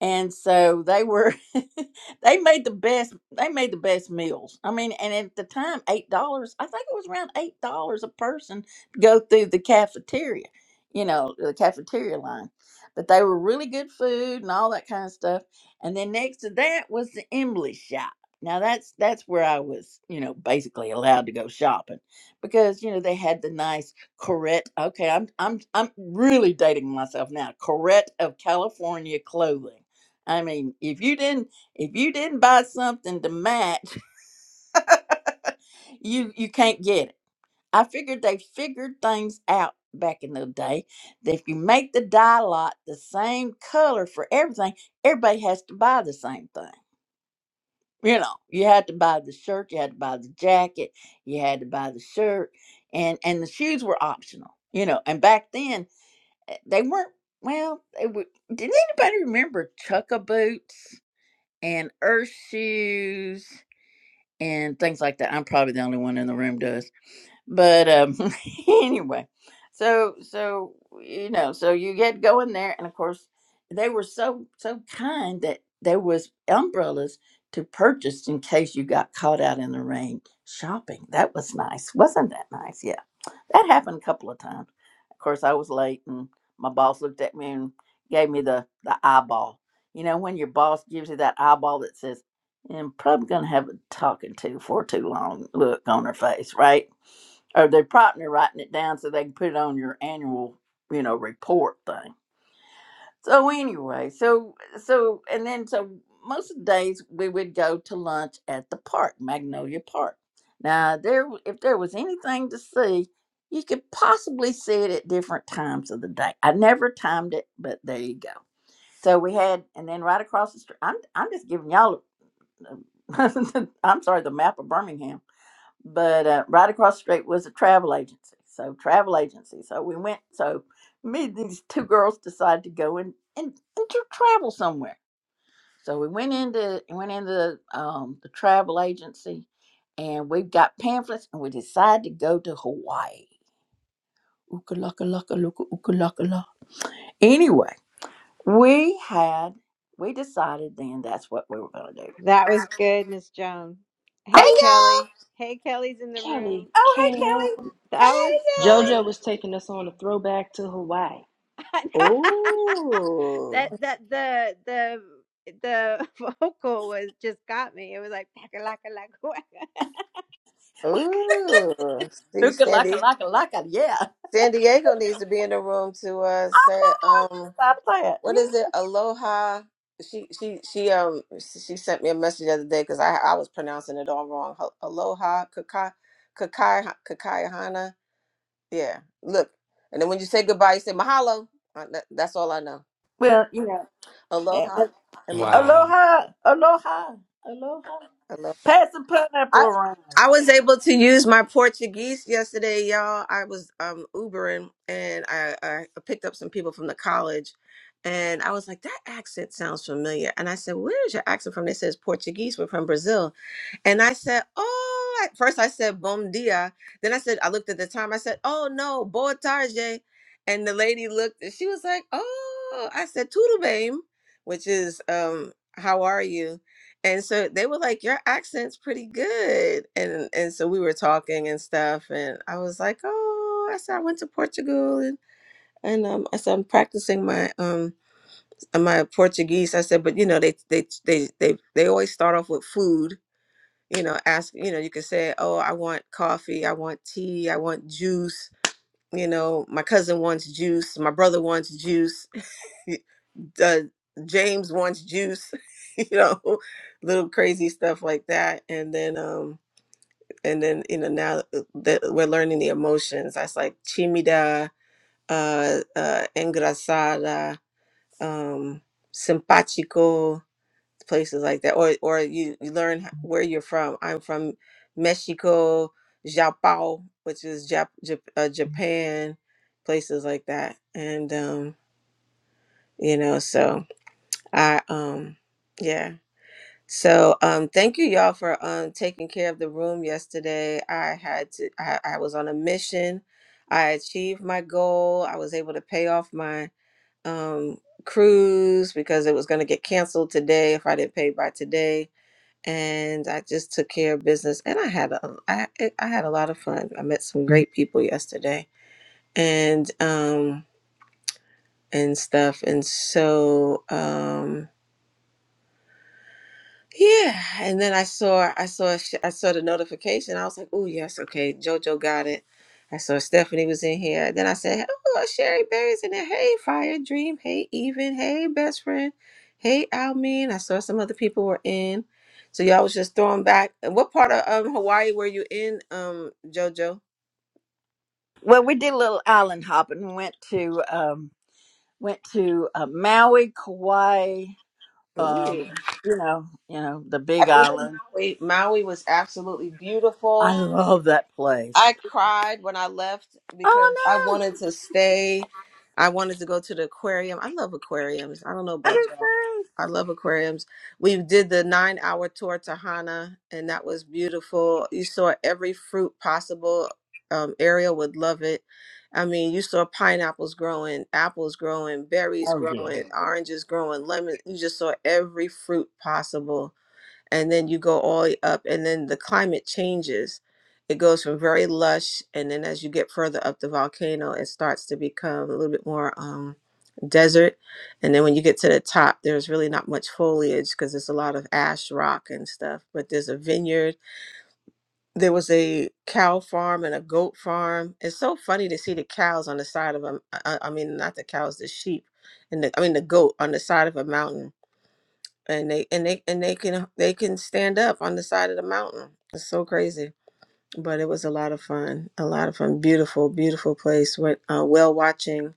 Speaker 1: and so they were they made the best they made the best meals i mean and at the time eight dollars i think it was around eight dollars a person to go through the cafeteria you know the cafeteria line but they were really good food and all that kind of stuff and then next to that was the embley shop now that's that's where i was you know basically allowed to go shopping because you know they had the nice corette okay i'm i'm i'm really dating myself now corette of california clothing I mean, if you didn't if you didn't buy something to match, you you can't get it. I figured they figured things out back in the day that if you make the dye lot the same color for everything, everybody has to buy the same thing. You know, you had to buy the shirt, you had to buy the jacket, you had to buy the shirt, and and the shoes were optional. You know, and back then eh, they weren't. Well, they were, did anybody remember Chukka boots and Earth shoes? and things like that. I'm probably the only one in the room does. But um, anyway, so so you know, so you get going there, and of course they were so so kind that there was umbrellas to purchase in case you got caught out in the rain shopping. That was nice, wasn't that nice? Yeah. That happened a couple of times. Of course, I was late, and my boss looked at me and gave me the the eyeball. You know, when your boss gives you that eyeball that says, "I'm probably gonna have a talking to for too long," look on her face, right? Or they're probably writing it down so they can put it on your annual, you know, report thing so anyway, so so and then so most of the days we would go to lunch at the park, Magnolia Park. Now there w- if there was anything to see, you could possibly see it at different times of the day. I never timed it, but there you go. So we had and then right across the street I'm I'm just giving y'all uh, I'm sorry, the map of Birmingham but uh, right across the street was a travel agency. So travel agency. So we went. So me and these two girls decided to go and and, and to travel somewhere. So we went into went into um, the travel agency, and we got pamphlets, and we decided to go to Hawaii. Ooka-laka-laka-laka-ooka-laka-la. Anyway, we had we decided then that's what we were going to do.
Speaker 3: That was good, Miss Joan.
Speaker 1: I
Speaker 12: Hey
Speaker 3: Hey,
Speaker 1: love,
Speaker 12: y'all!
Speaker 3: Kelly. Hey, Kelly's in the
Speaker 5: Kelly,
Speaker 3: room.
Speaker 1: oh hey
Speaker 5: Kel.
Speaker 1: Kelly,
Speaker 3: That
Speaker 1: hey,
Speaker 3: was
Speaker 12: Hey
Speaker 5: JoJo
Speaker 3: funny.
Speaker 5: was taking us on a throwback to Hawaii.
Speaker 12: y'all!
Speaker 3: that
Speaker 12: Ooh,
Speaker 3: that the the the vocal was just got me. It was like "Paka laka laka waka."
Speaker 12: ooh! See,
Speaker 1: ooka laka
Speaker 12: Sandy,
Speaker 1: laka laka yeah.
Speaker 12: San Diego needs to be in the room to uh say um
Speaker 1: I play
Speaker 12: what is
Speaker 1: it.
Speaker 12: it? Aloha. She she she um she sent me a message the other day because I I was pronouncing it all wrong. Ho- Aloha kakai kakai kakai hana. Yeah, look, and then when you say goodbye, you say mahalo. Uh, that- That's all I know.
Speaker 1: Well, you know, eh,
Speaker 12: Aloha and
Speaker 1: eh,
Speaker 7: Wow.
Speaker 1: aloha, aloha, aloha.
Speaker 12: mahalo.
Speaker 1: Pass the pineapple
Speaker 12: I
Speaker 1: around.
Speaker 12: I was able to use my Portuguese yesterday, y'all. I was um Ubering and I, I picked up some people from the college and I was like, that accent sounds familiar. And I said, Where is your accent from? They says Portuguese, we're from Brazil. And I said, Oh, at first I said bom dia. Then I said, I looked at the time, I said, Oh no, boa tarde. And the lady looked and she was like, Oh, I said, Tudo bem, which is um, how are you? and so they were like your accent's pretty good and and so we were talking and stuff and i was like oh i said i went to portugal and and um, i said i'm practicing my um my portuguese i said but you know they they they they, they always start off with food you know ask you know you can say oh i want coffee i want tea i want juice you know my cousin wants juice my brother wants juice uh, James wants juice, you know, little crazy stuff like that. And then, um, and then you know now that we're learning the emotions, that's like chimida, uh, uh, engrasada, um, simpático, places like that. Or or you, you learn where you're from. I'm from Mexico, Japão, which is Jap- Jap- uh, Japan, places like that. And um, you know, so I um, yeah So um thank you y'all for um taking care of the room yesterday. I had to I, I was on a mission. I achieved my goal. I was able to pay off my um cruise because it was going to get canceled today if I didn't pay by today. And I just took care of business and I had a I I had a lot of fun. I met some great people yesterday and um and stuff and so um Yeah, and then I saw I saw sh- I saw the notification. I was like, "Oh yes, okay, JoJo got it." I saw Stephanie was in here. Then I said, "Oh, Sherry Berry's in there. Hey, Fire Dream. Hey, Even. Hey, best friend. Hey, Almin." I saw some other people were in. So y'all was just throwing back. And what part of um, Hawaii were you in, um, JoJo?
Speaker 1: Well, we did a little island hopping. We Went to um, went to uh, Maui, Kauai. Um,
Speaker 12: Ooh.
Speaker 1: you know, you know the Big
Speaker 12: I've been to
Speaker 1: Island.
Speaker 12: Maui. Maui was absolutely
Speaker 1: I
Speaker 12: beautiful.
Speaker 1: love that place.
Speaker 12: I cried when I left because I
Speaker 1: Oh no,
Speaker 12: wanted to stay. I wanted to go to the aquarium. I love aquariums. I don't know
Speaker 1: I
Speaker 12: about
Speaker 1: didn't
Speaker 12: y'all.
Speaker 1: say.
Speaker 12: I love aquariums. We did the nine hour tour to Hana, and that was beautiful. You saw every fruit possible. Um, Ariel would love it. I mean, you saw pineapples growing, apples growing, berries
Speaker 1: Oh yeah.
Speaker 12: growing, oranges growing, lemon. You just saw every fruit possible and then you go all the way up and then the climate changes it goes from very lush and then as you get further up the volcano it starts to become a little bit more um, desert and then when you get to the top there's really not much foliage because there's a lot of ash rock and stuff but there's a vineyard there was a cow farm and a goat farm it's so funny to see the cows on the side of a i, I mean not the cows the sheep and the, i mean the goat on the side of a mountain and they and they and they can they can stand up on the side of the mountain. It's so crazy, but it was a lot of fun. A lot of fun. Beautiful, beautiful place. Went uh, whale watching.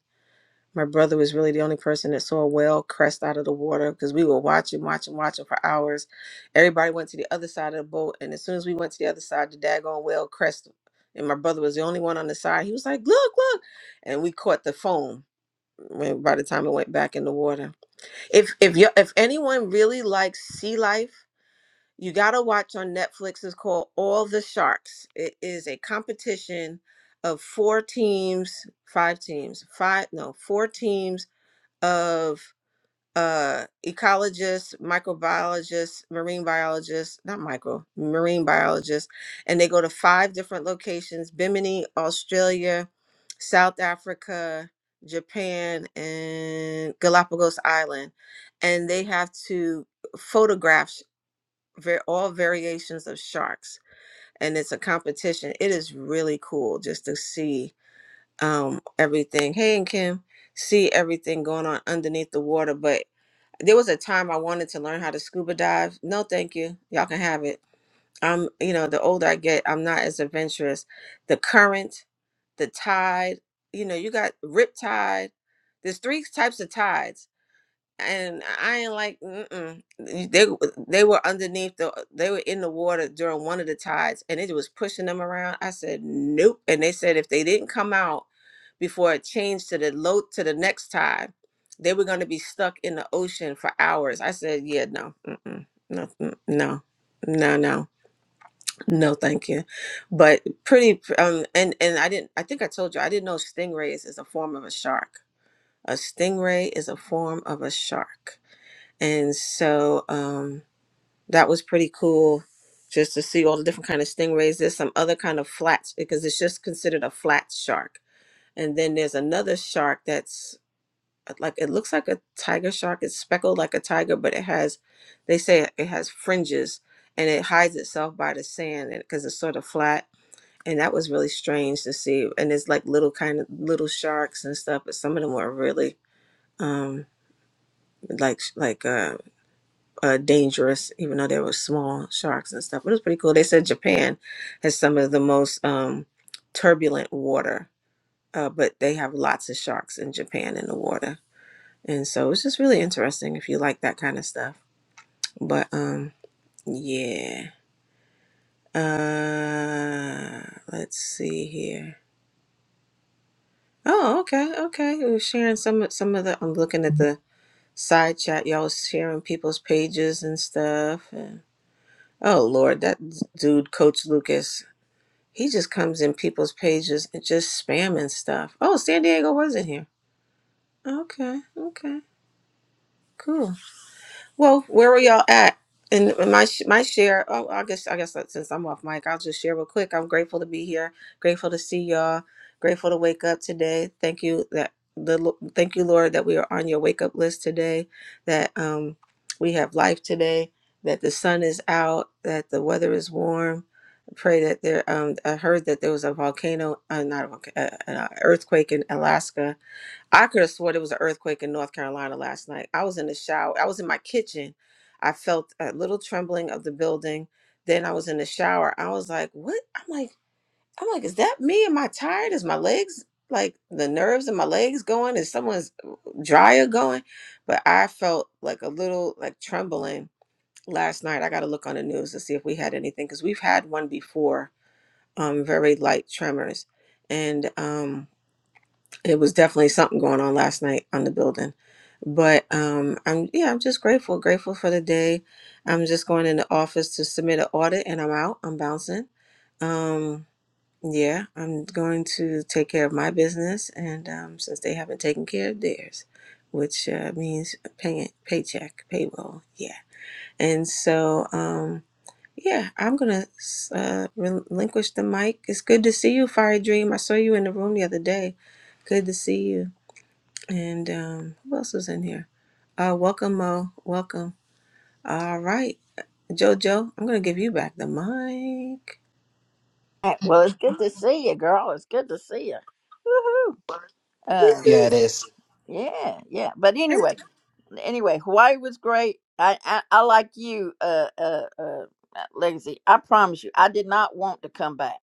Speaker 12: My brother was really the only person that saw a whale crest out of the water because we were watching, watching, watching for hours. Everybody went to the other side of the boat, and as soon as we went to the other side, the daggone whale crest. And my brother was the only one on the side. He was like, "Look, look!" And we caught the foam when by the time it went back in the water if if you if anyone really likes sea life you got to watch on Netflix. It's called All the Sharks. It is a competition of four teams, five teams, five, no, four teams of uh, ecologists, microbiologists, marine biologists, not micro, marine biologists. And they go to five different locations Bimini, Australia, South Africa, Japan, and Galapagos Island. And they have to photograph ver- all variations of sharks and it's a competition it is really cool just to see um everything hey and kim see everything going on underneath the water but there was a time i wanted to learn how to scuba dive no thank you y'all can have it i'm you know the older i get i'm not as adventurous the current the tide you know you got rip tide there's three types of tides and I ain't like mm-mm. they they were underneath the they were in the water during one of the tides and it was pushing them around. I said nope, and they said if they didn't come out before it changed to the low to the next tide, they were going to be stuck in the ocean for hours. I said yeah no mm-mm, no mm, no no no no thank you but pretty um and and i didn't i think i told you i didn't know stingrays is a form of a shark a stingray is a form of a shark and so um, that was pretty cool just to see all the different kind of stingrays there's some other kind of flats because it's just considered a flat shark and then there's another shark that's uh, like it looks like a tiger shark it's speckled like a tiger but it has they say it it has fringes and it hides itself by the sand because it's sort of flat and that was really strange to see and it's like little kind of little sharks and stuff but some of them were really um like like uh, uh, dangerous, even though there were small sharks and stuff. But it was pretty cool. They said Japan has some of the most um, turbulent water, uh, but they have lots of sharks in Japan in the water. And so it's just really interesting if you like that kind of stuff. But um, yeah. Uh, let's see here. Oh, okay, okay. We were sharing some of some of the. I'm looking at the side chat. Y'all was sharing people's pages and stuff. And, oh Lord, that dude, Coach Lucas. He just comes in people's pages and just spamming stuff. Oh, San Diego wasn't here. Okay, okay, cool. Well, where were y'all at? And my sh- my share. Oh, I guess I guess that since I'm off mic, I'll just share real quick. I'm grateful to be here. Grateful to see y'all. Grateful to wake up today. Thank you that the Lo- thank you Lord that we are on your wake up list today. That um we have life today. That the sun is out. That the weather is warm. Pray that there. Um, I heard that there was a volcano, uh, not a volcano, uh, an uh, earthquake in Alaska I could have swore there was an earthquake in North Carolina last night. I was in the shower. I was in my kitchen. I felt a little trembling of the building. Then I was in the shower. I was like, "What?" I'm like, "I'm like, is that me? Am I tired? Is my legs like the nerves in my legs going? Is someone's uh, dryer going?" But I felt like a little like trembling last night. I got to look on the news to see if we had anything because we've had one before, um, very light tremors, and um it was definitely something going on last night on the building but um i'm yeah i'm just grateful grateful for the day i'm just going in the office to submit an audit and i'm out i'm bouncing um yeah i'm going to take care of my business and um since they haven't taken care of theirs which uh, means pay, paycheck payroll yeah and so um yeah i'm gonna uh, relinquish the mic it's good to see you fire dream i saw you in the room the other day good to see you and um, who else is in here? Uh, welcome, Mo. Welcome. All right, Jojo, I'm gonna give you back the mic.
Speaker 1: All right, Well, it's good to see you, girl. It's good to see you. Uh,
Speaker 7: Yeah, it
Speaker 12: Woohoo.
Speaker 7: is.
Speaker 1: yeah, yeah. But
Speaker 12: Thank
Speaker 1: anyway.
Speaker 12: you.
Speaker 1: anyway, Hawaii was great. I I, I like you, uh, uh, uh, Legacy. I promise you, I did not want to come back.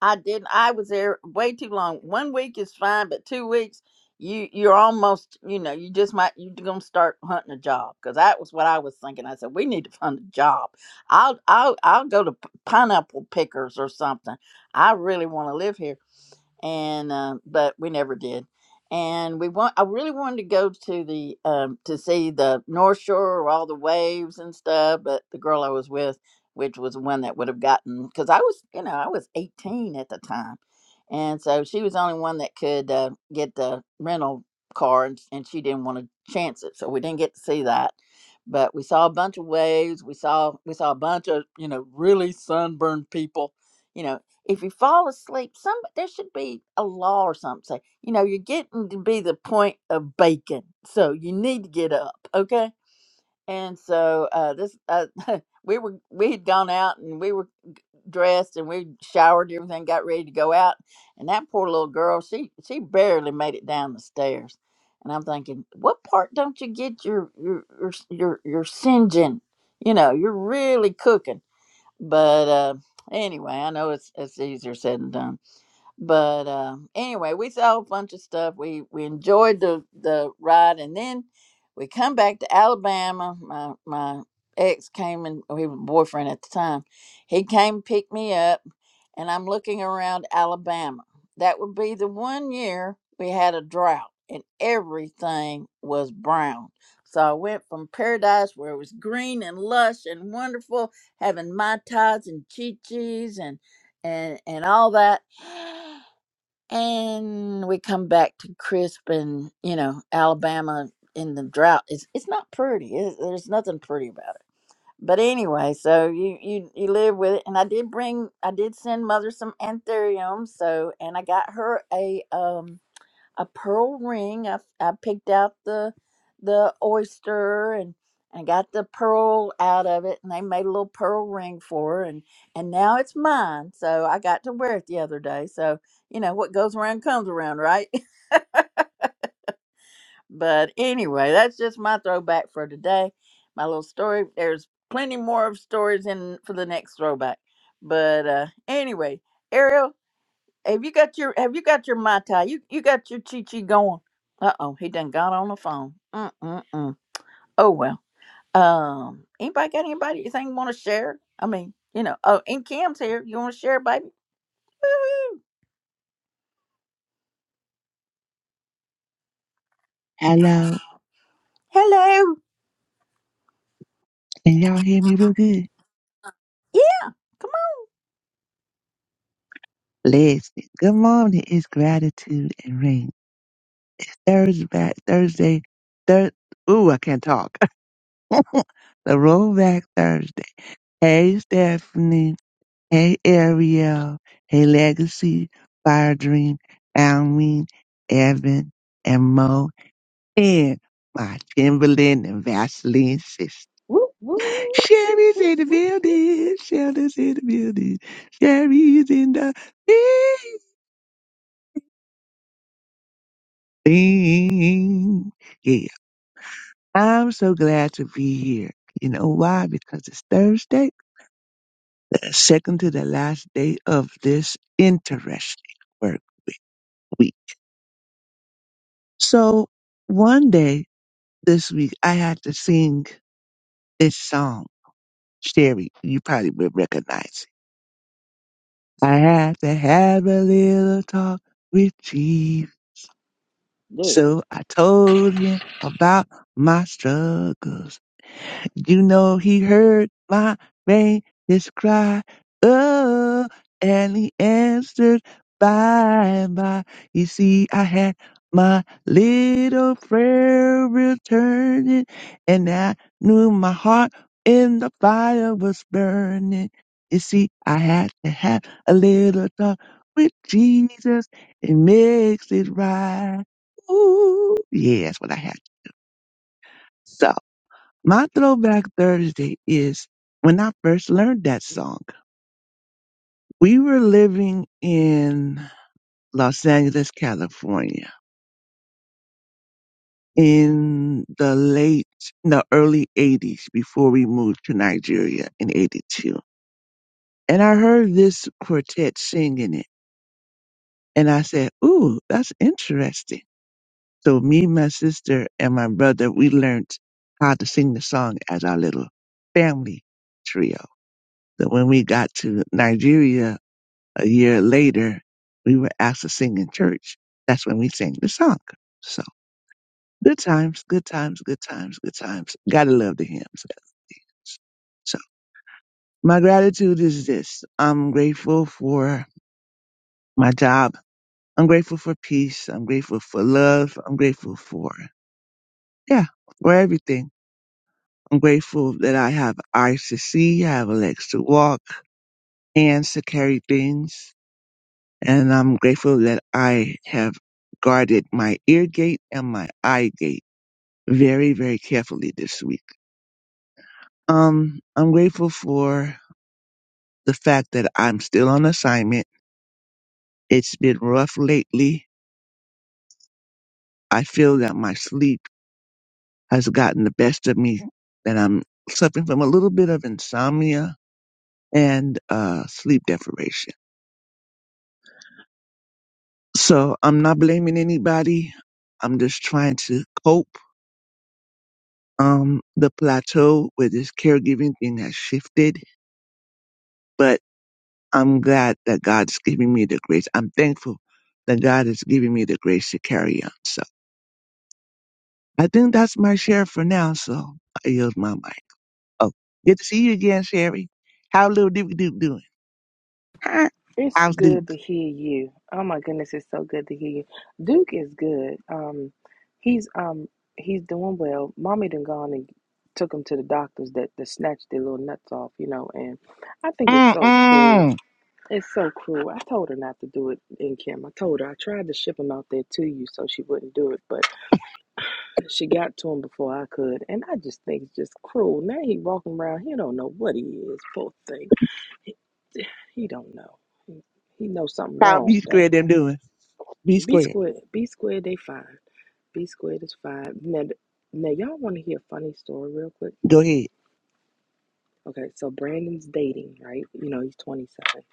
Speaker 1: I didn't. I was there way too long. One week is fine, but two weeks, you you're almost, you know, you just might you're gonna start hunting a job because that was what I was thinking. I said we need to find a job. I'll I'll I'll go to p- pineapple pickers or something. I really want to live here and um, but we never did. And we want I really wanted to go to the um, to see the North Shore, all the waves and stuff, but the girl I was with, which was the one that would have gotten, because I was you know I was 18 at the time, and so she was the only one that could uh, get the rental car, and, and she didn't want to chance it, so we didn't get to see that. But we saw a bunch of waves. We saw we saw a bunch of you know really sunburned people, you know, if you fall asleep, some there should be a law or something. Say, you know, you're getting to be the point of bacon, so you need to get up, okay? And so uh, this, uh, we were we had gone out and we were dressed and we showered everything, got ready to go out, and that poor little girl, she she barely made it down the stairs. And I'm thinking, what part don't you get your your your your, your singeing? You know, you're really cooking. But uh, anyway, I know it's it's easier said than done but uh, anyway, we saw a bunch of stuff. We we enjoyed the the ride, and then we come back to Alabama. My my ex came and well, he was boyfriend at the time. He came picked me up, and I'm looking around Alabama. That would be the one year we had a drought, and everything was brown. So I went from paradise where it was green and lush and wonderful, having mai tais and chi chis and and and all that and we come back to crisp and you know alabama in the drought it's, it's not pretty it's, there's nothing pretty about it but anyway so you, you you live with it and i did bring i did send mother some anthurium so and i got her a um a pearl ring. I I picked out the the oyster and and got the pearl out of it, and they made a little pearl ring for her, and and now it's mine. So I got to wear it the other day. So you know what goes around comes around, right? but anyway, that's just my throwback for today. My little story. There's plenty more of stories in for the next throwback. But uh, anyway, Ariel, have you got your Have you got your mai tai? You you got your chi chi going? Uh oh, he done got on the phone. Mm mm mm. Oh well. Um, anybody got anybody you think want to share? I mean, you know. Oh, and Kim's here. You want to share, baby? Woo-hoo.
Speaker 13: Hello.
Speaker 1: Hello.
Speaker 13: Can y'all hear me real good?
Speaker 1: Yeah. Come on.
Speaker 13: Listen. Good morning. It's gratitude and rain. Thursday, Thursday, thir- Ooh, I can't talk. the rollback Thursday. Hey, Stephanie. Hey, Ariel. Hey, Legacy, Fire Dream, Alwin, Evan, and Mo, and my Timberland and Vaseline sister.
Speaker 5: Woo, woo, woo,
Speaker 13: Sherry's
Speaker 5: woo,
Speaker 13: in the
Speaker 5: woo.
Speaker 13: building. Sheldon's in the building. Sherry's in the thing. Yeah, I'm so glad to be here. You know why? Because it's Thursday, second to the last day of this interesting work week. So one day this week, I had to sing this song. Sherry, you probably would recognize it. I had to have a little talk with Chief.
Speaker 5: Yeah.
Speaker 13: So I told him about my struggles. You know he heard my faintest cry. Oh, and he answered by and by. You see, I had my little prayer returning, and I knew my heart in the fire was burning. You see, I had to have a little talk with Jesus. It makes it right. Ooh, yeah, that's what I had. So. My throwback Thursday is when I first learned that song. We were living in Los Angeles, California in the late, the early 80s before we moved to Nigeria in 82. And I heard this quartet singing it. And I said, Ooh, that's interesting. So me, my sister, and my brother, we learned how to sing the song as our little family trio. So when we got to Nigeria, a year later, we were asked to sing in church. That's when we sang the song. So good times, good times, good times, good times. Gotta love the hymns. So my gratitude is this. I'm grateful for my job. I'm grateful for peace. I'm grateful for love. I'm grateful for, yeah, for everything. I'm grateful that I have eyes to see. I have legs to walk, hands to carry things. and I'm grateful that I have guarded my ear gate and my eye gate very, very carefully this week. Um, I'm grateful for the fact that I'm still on assignment. It's been rough lately. I feel that my sleep has gotten the best of me, that I'm suffering from a little bit of insomnia and uh, sleep deprivation. So I'm not blaming anybody. I'm just trying to cope um the plateau with this caregiving thing has shifted, but I'm glad that God's giving me the grace. I'm thankful that God is giving me the grace to carry on. So I think that's my share for now. So I yield my mic. Oh, good to see you again, Sherry. How little Duke Duke doing? Huh?
Speaker 5: It's
Speaker 13: How's Duke?
Speaker 5: good to hear you. Oh my goodness, it's so good to hear you. Duke is good. Um, he's um he's doing well. Mommy done gone and took him to the doctors that, that snatched their little nuts off, you know, and I think it's so cruel
Speaker 13: Mm-mm.
Speaker 5: It's so cruel. I told her not to do it in Kim. I told her I tried to ship him out there to you so she wouldn't do it, but she got to him before I could. And I just think it's just cruel. Now he walking around, he don't know what he is. Poor thing. He, he don't know. He, he knows something
Speaker 13: How
Speaker 5: wrong
Speaker 13: B
Speaker 5: though.
Speaker 13: squared them doing? B
Speaker 5: B
Speaker 13: squared.
Speaker 5: squared, B squared, they five. B squared is five. Now, now y'all want to hear a funny story real quick?
Speaker 13: Go ahead.
Speaker 5: Okay, so Brandon's dating, right? You know he's twenty seven.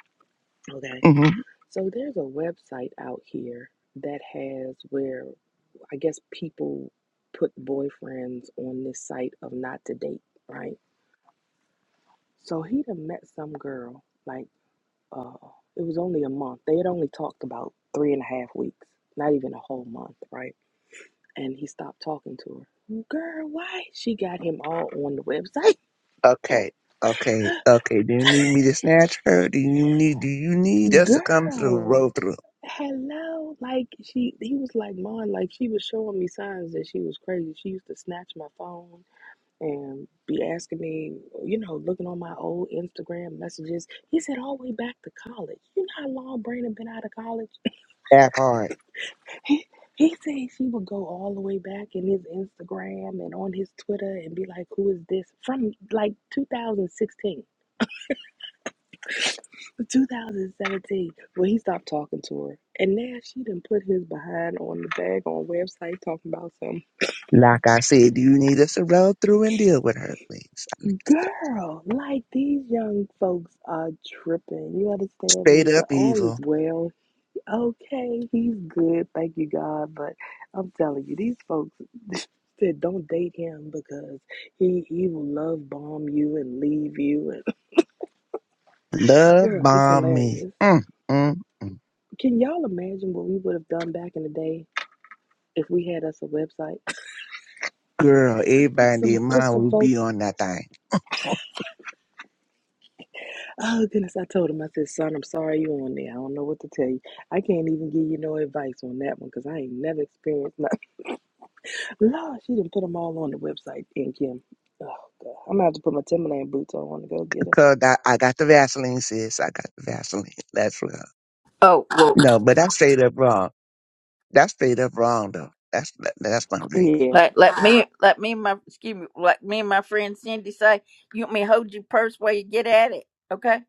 Speaker 5: Okay,
Speaker 13: hmm
Speaker 5: so there's a website out here that has where I guess people put boyfriends on this site of not to date, right? So he'd have met some girl, like, uh, it was only a month. They had only talked about three and a half weeks, not even a whole month, right? And he stopped talking to her. Girl, why? She got him all on the website.
Speaker 13: Okay. Okay. Okay. Do you need me to snatch her? Do you need? Do you need us to come through? Roll
Speaker 5: Girl,
Speaker 13: through.
Speaker 5: hello. Like, she, he was like, Mom, like, she was showing me signs that she was crazy. She used to snatch my phone and be asking me, you know, looking on my old Instagram messages. He said all the way back to college. You know how long Brandon been out of college?
Speaker 13: That part.
Speaker 5: He he said she would go all the way back in his Instagram and on his Twitter and be like, "Who is this?" From like 2016, 2017, when he stopped talking to her, and now she done put his behind on the bag on website talking about some
Speaker 13: Like I said, do you need us to roll through and deal with her, please?
Speaker 5: girl. Like these young folks are tripping. You understand me?
Speaker 13: Straight up
Speaker 5: But all is
Speaker 13: evil.
Speaker 5: well Okay, he's good. Thank you, God. But I'm telling you, these folks said don't date him because he he will love bomb you and leave you. And
Speaker 13: Love
Speaker 5: girl, it's
Speaker 13: bomb me.
Speaker 5: hilarious.
Speaker 13: Mm, mm, mm.
Speaker 5: Can y'all imagine what we would have done back in the day if we had us a website?
Speaker 13: Girl, everybody
Speaker 5: Put
Speaker 13: in
Speaker 5: some
Speaker 13: their
Speaker 5: put
Speaker 13: mind
Speaker 5: some
Speaker 13: will
Speaker 5: folks.
Speaker 13: be on that thing.
Speaker 5: Oh goodness, I told him. I said, son, I'm sorry you on there. I don't know what to tell you. I can't even give you no advice on that one because I ain't never experienced nothing. Lord, she didn't put them all on the website, and Kim. Oh, God. I'm going to have to put my Timberland boots on to go get her.
Speaker 13: Because I, I got the Vaseline, sis. I got the Vaseline. That's real.
Speaker 1: Oh well.
Speaker 13: No, but that's straight up wrong. That's straight up wrong, though. That's that- that's not right.
Speaker 5: Yeah,
Speaker 1: Let let me let me and my excuse me. Let me and my friend Cindy say. You want me to hold your purse while you get at it? Okay.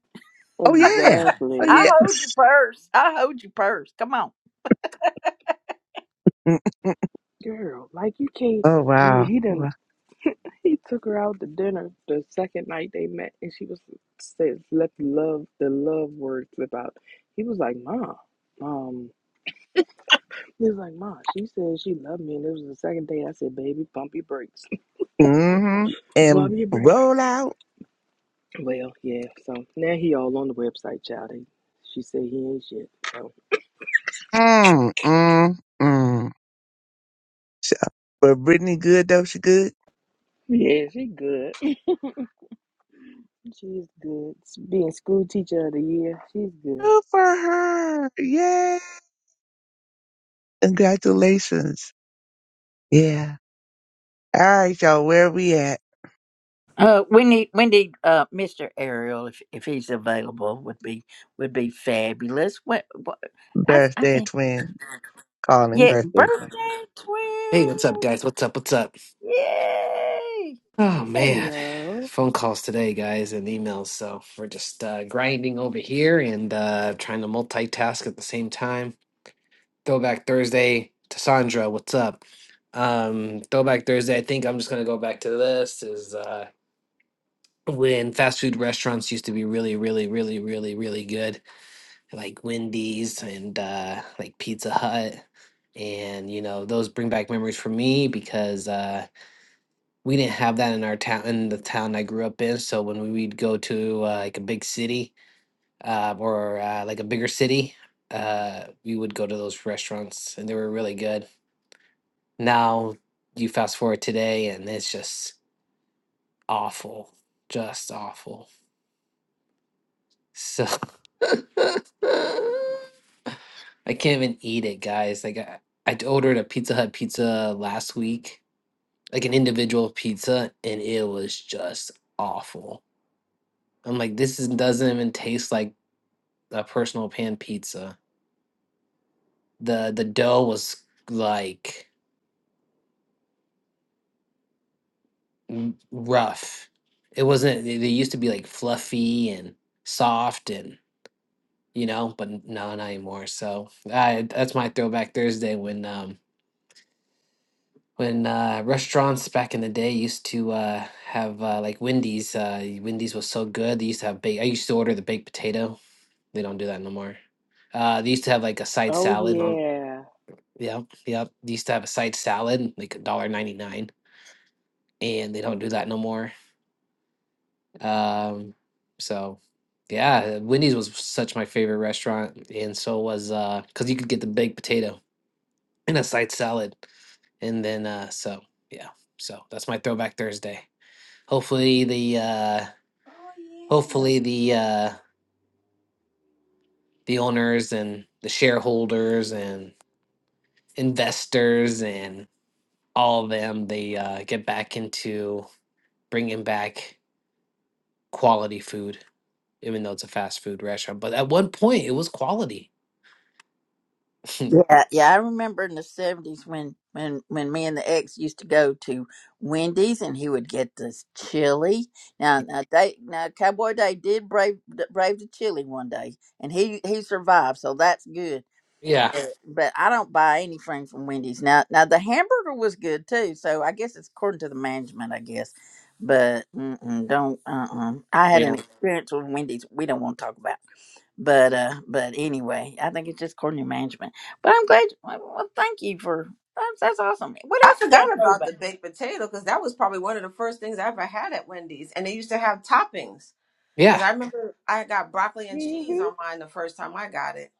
Speaker 13: Oh yeah. Oh
Speaker 5: exactly.
Speaker 1: I
Speaker 13: yeah.
Speaker 1: hold your purse. I hold your purse. Come on.
Speaker 13: Mm, mm.
Speaker 5: Girl, like you can't.
Speaker 13: oh
Speaker 5: He,
Speaker 13: wow.
Speaker 5: he didn't.
Speaker 13: Wow.
Speaker 5: He took her out to dinner the second night they met, and she was says let the love the love word slip out. He was like, "Ma, um," he was like, "Ma." She said she loved me, and it was the second day. I said, "Baby, pump your brakes,
Speaker 13: Mm-hmm.
Speaker 5: pump
Speaker 13: And
Speaker 5: your brakes."
Speaker 13: roll out.
Speaker 5: Well, yeah. So now he all on the website, child. He, she said he ain't shit. So
Speaker 13: Mm, mm, mm. So, but Brittany good though. She good.
Speaker 5: Yeah, she good. She's good. Being school teacher of the year, she's good.
Speaker 13: Good for her. Yeah. Congratulations. Yeah. All right, y'all. Where we at?
Speaker 1: Uh, we need we need uh Mr. Ariel if if he's available would be would be fabulous. What, what I s- I
Speaker 13: Birthday
Speaker 1: think
Speaker 13: twin. Calling
Speaker 1: yeah,
Speaker 13: birthday twin.
Speaker 1: birthday
Speaker 7: Hey,
Speaker 1: twin,
Speaker 7: what's up guys? What's up? What's up?
Speaker 1: yay!
Speaker 7: Oh man,
Speaker 5: Ariel.
Speaker 7: phone calls today, guys, and emails. So we're just uh, grinding over here and uh, trying to multitask at the same time. Throwback Thursday to Sandra, what's up? Um, Throwback Thursday. I think I'm just gonna go back to this. Is uh, when fast food restaurants used to be really, really, really, really, really good, like Wendy's and uh, like Pizza Hut, and you know those bring back memories for me because. Uh, we didn't have that in our town in the town I grew up in. So when we, we'd go to uh, like a big city uh, or uh, like a bigger city, uh, we would go to those restaurants, and they were really good. Now you fast forward today, and it's just awful, just awful. So I can't even eat it, guys. Like I, I ordered a Pizza Hut pizza last week, like an individual pizza, and it was just awful I'm like, this is, doesn't even taste like a personal pan pizza. The the dough was like m- rough. It wasn't. They they used to be like fluffy and soft and you know, but n- no, not anymore. So I, that's my throwback Thursday when um when uh, restaurants back in the day used to uh, have uh, like Wendy's. Uh, Wendy's was so good. They used to have baked. I used to order the baked potato. They don't do that no more. Uh, they used to have like a side
Speaker 5: Oh
Speaker 7: salad on
Speaker 5: yeah.
Speaker 7: Yep, yep. They used to have a side salad, like a dollar ninety nine, and they don't do that no more. Um, so yeah, Wendy's was such my favorite restaurant, and so was uh, because you could get the baked potato and a side salad, and then uh, so yeah, so that's my throwback Thursday. Hopefully the uh,
Speaker 12: Oh yeah.
Speaker 7: hopefully the uh, the owners and the shareholders and investors and all of them they uh, get back into bringing back quality food, even though it's a fast food restaurant. But at one point, it was quality.
Speaker 1: Yeah, yeah. I remember in the seventies when when when me and the ex used to go to Wendy's and he would get this chili. Now now they now Cowboy Day did brave brave the chili one day and he he survived, so that's good.
Speaker 7: yeah,
Speaker 1: but I don't buy anything from Wendy's now. Now the hamburger was good too, so I guess it's according to the management, I guess. But mm-mm, don't. Uh-uh. I had an
Speaker 7: yeah,
Speaker 1: experience with Wendy's. We don't want to talk about. But uh, but anyway, I think it's just according to management. But I'm glad. Well, well, thank you for that's, that's awesome. What
Speaker 12: I
Speaker 1: else you
Speaker 12: forgot
Speaker 1: got to
Speaker 12: about
Speaker 1: about?
Speaker 12: the baked potato because that was probably one of the first things I ever had at Wendy's, and they used to have toppings. Because
Speaker 7: yeah,
Speaker 12: I remember I got broccoli and cheese
Speaker 5: hmm
Speaker 12: on mine the first time I got it.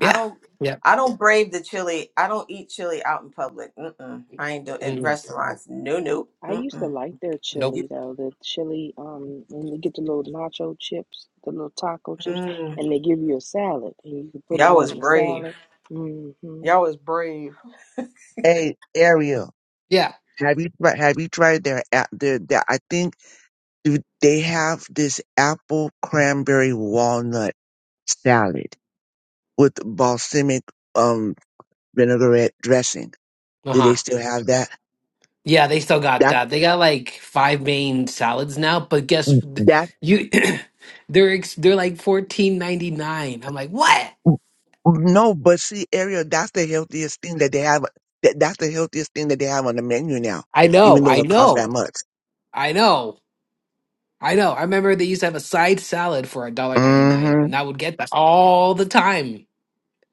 Speaker 12: I don't,
Speaker 7: yeah.
Speaker 12: I don't brave the chili. I don't eat chili out in public. Mm-mm. I ain't doing in
Speaker 7: Mm,
Speaker 12: restaurants. No, no.
Speaker 5: I used to
Speaker 12: Mm-mm.
Speaker 5: like their
Speaker 7: nope.
Speaker 5: chili
Speaker 12: You,
Speaker 5: though. The chili, um, and you get the little nacho chips, the little taco chips,
Speaker 12: mm.
Speaker 5: and they give you a salad, and you can put it
Speaker 12: Y'all was
Speaker 5: on the
Speaker 12: brave.
Speaker 5: salad. hmm
Speaker 12: Y'all was brave.
Speaker 13: Hey, Ariel.
Speaker 7: Yeah.
Speaker 13: Have you tried, have you tried their app? Their, their, I think they have this apple cranberry walnut salad with balsamic um vinaigrette dressing.
Speaker 7: Uh
Speaker 13: Do they
Speaker 7: huh.
Speaker 13: still have that?
Speaker 7: Yeah, they still got
Speaker 13: That
Speaker 7: that. They got like five main salads now, but guess th-
Speaker 13: that
Speaker 7: you, they're ex- they're like fourteen ninety nine. I'm like, what?
Speaker 13: no, but see, Ariel, that's the healthiest thing that they have. That that's the healthiest thing that they have on the menu now,
Speaker 7: I
Speaker 13: even
Speaker 7: know,
Speaker 13: though
Speaker 7: I
Speaker 13: it costs that
Speaker 7: know,
Speaker 13: much.
Speaker 7: I know, I know. I remember they used to have a side salad for a dollar ninety nine,
Speaker 13: hmm
Speaker 7: and I would get that all the time.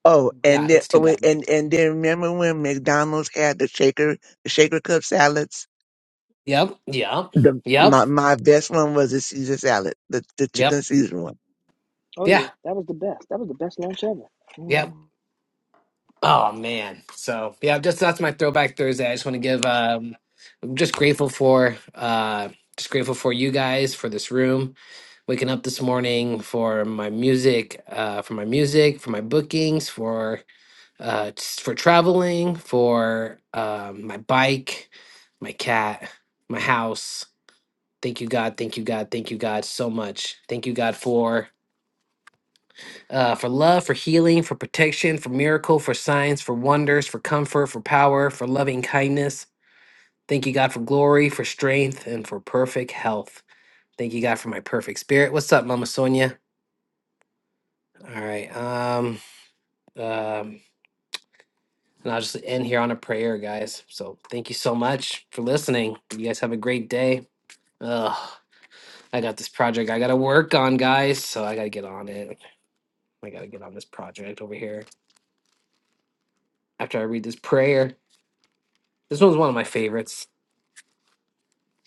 Speaker 13: Oh, and
Speaker 7: Yeah,
Speaker 13: then
Speaker 7: it's
Speaker 13: oh,
Speaker 7: too
Speaker 13: wait,
Speaker 7: bad.
Speaker 13: and and then remember when McDonald's had the shaker the shaker cup salads?
Speaker 7: Yep, yep,
Speaker 13: The
Speaker 7: yep.
Speaker 13: my my best one was the Caesar salad, the the chicken
Speaker 7: Yep.
Speaker 13: Caesar one.
Speaker 5: Oh
Speaker 7: Yeah.
Speaker 5: yeah, that was the best. That was the best lunch ever.
Speaker 7: Yep.
Speaker 5: Mm-hmm.
Speaker 7: Oh man. So yeah, just that's my throwback Thursday. I just want to give um I'm just grateful for uh just grateful for you guys, for this room, waking up this morning, for my music, uh for my music, for my bookings, for uh just for traveling, for um my bike, my cat, my house. Thank you God, thank you God, thank you God so much. Thank you God for uh, for love, for healing, for protection, for miracle, for signs, for wonders, for comfort, for power, for loving kindness. Thank you, God, for glory, for strength, and for perfect health. Thank you, God, for my perfect spirit. What's up, Mama Sonia? All right. Um, um, and I'll just end here on a prayer, guys. So thank you so much for listening. You guys have a great day. Ugh, I got this project I got to work on, guys. So I got to get on it. I got to get on this project over here after I read this prayer. This one's one of my favorites.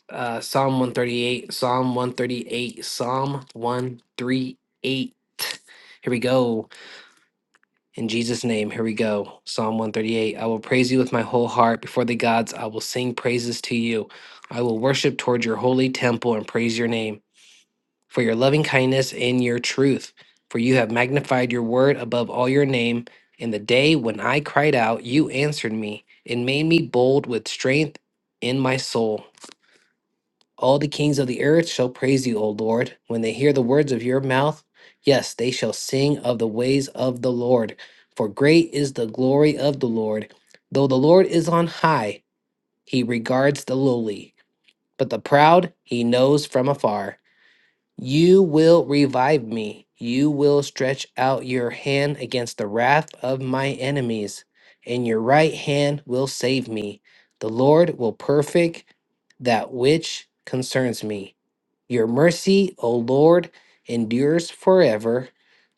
Speaker 7: uh, Psalm 138, Psalm 138, Psalm 138. Here we go. In Jesus' name, here we go. Psalm 138. I will praise you with my whole heart. Before the gods, I will sing praises to you. I will worship toward your holy temple and praise your name for your loving kindness and your truth. For you have magnified your word above all your name. In the day when I cried out, you answered me and made me bold with strength in my soul. All the kings of the earth shall praise you, O Lord, when they hear the words of your mouth. Yes, they shall sing of the ways of the Lord, for great is the glory of the Lord. Though the Lord is on high, he regards the lowly, but the proud he knows from afar. You will revive me. You will stretch out your hand against the wrath of my enemies, and your right hand will save me. The Lord will perfect that which concerns me. Your mercy, O Lord, endures forever.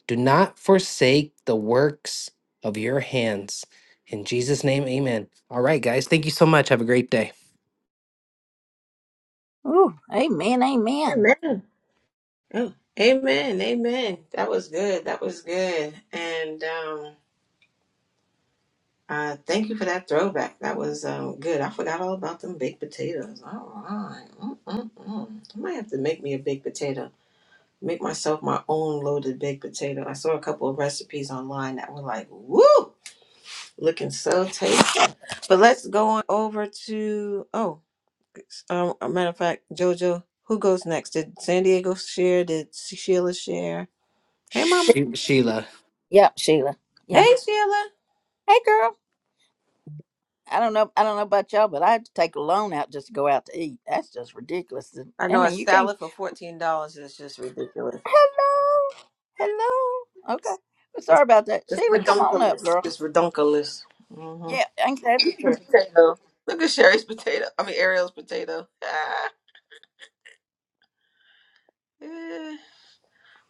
Speaker 7: Do not forsake the works of your hands. In Jesus' name, amen. All right, guys. Thank you so much. Have a great day.
Speaker 1: Ooh, amen, amen.
Speaker 12: Amen. Oh, amen. Amen. That was good. That was good. And um, uh, thank you for that throwback. That was um, good. I forgot all about them baked potatoes. All right. Mm-mm-mm. I might have to make me a baked potato. Make myself my own loaded baked potato. I saw a couple of recipes online that were like, woo, looking so tasty. But let's go on over to. oh. Um, a matter of fact, JoJo, who goes next? Did San Diego share? Did Sheila share? Hey, Mama.
Speaker 7: She- Sheila.
Speaker 1: Yep, Sheila. Yep.
Speaker 12: Hey, Sheila.
Speaker 1: Hey, girl. I don't know. I don't know about y'all, but I had to take a loan out just to go out to eat. That's just ridiculous.
Speaker 12: I
Speaker 1: I
Speaker 12: know a
Speaker 1: mean, you can't.
Speaker 12: salad for fourteen dollars is just ridiculous.
Speaker 1: Hello. Hello. Okay. Well,
Speaker 12: It's,
Speaker 1: sorry about that.
Speaker 12: it's
Speaker 1: Sheila, come on up,
Speaker 12: redonkulous.
Speaker 1: girl.
Speaker 12: It's redonkulous.
Speaker 1: Yeah,
Speaker 12: Mm-hmm.
Speaker 1: ain't that the
Speaker 12: The
Speaker 1: truth?
Speaker 12: potato. Look at Sherry's potato. I mean Ariel's potato. Ah, eh.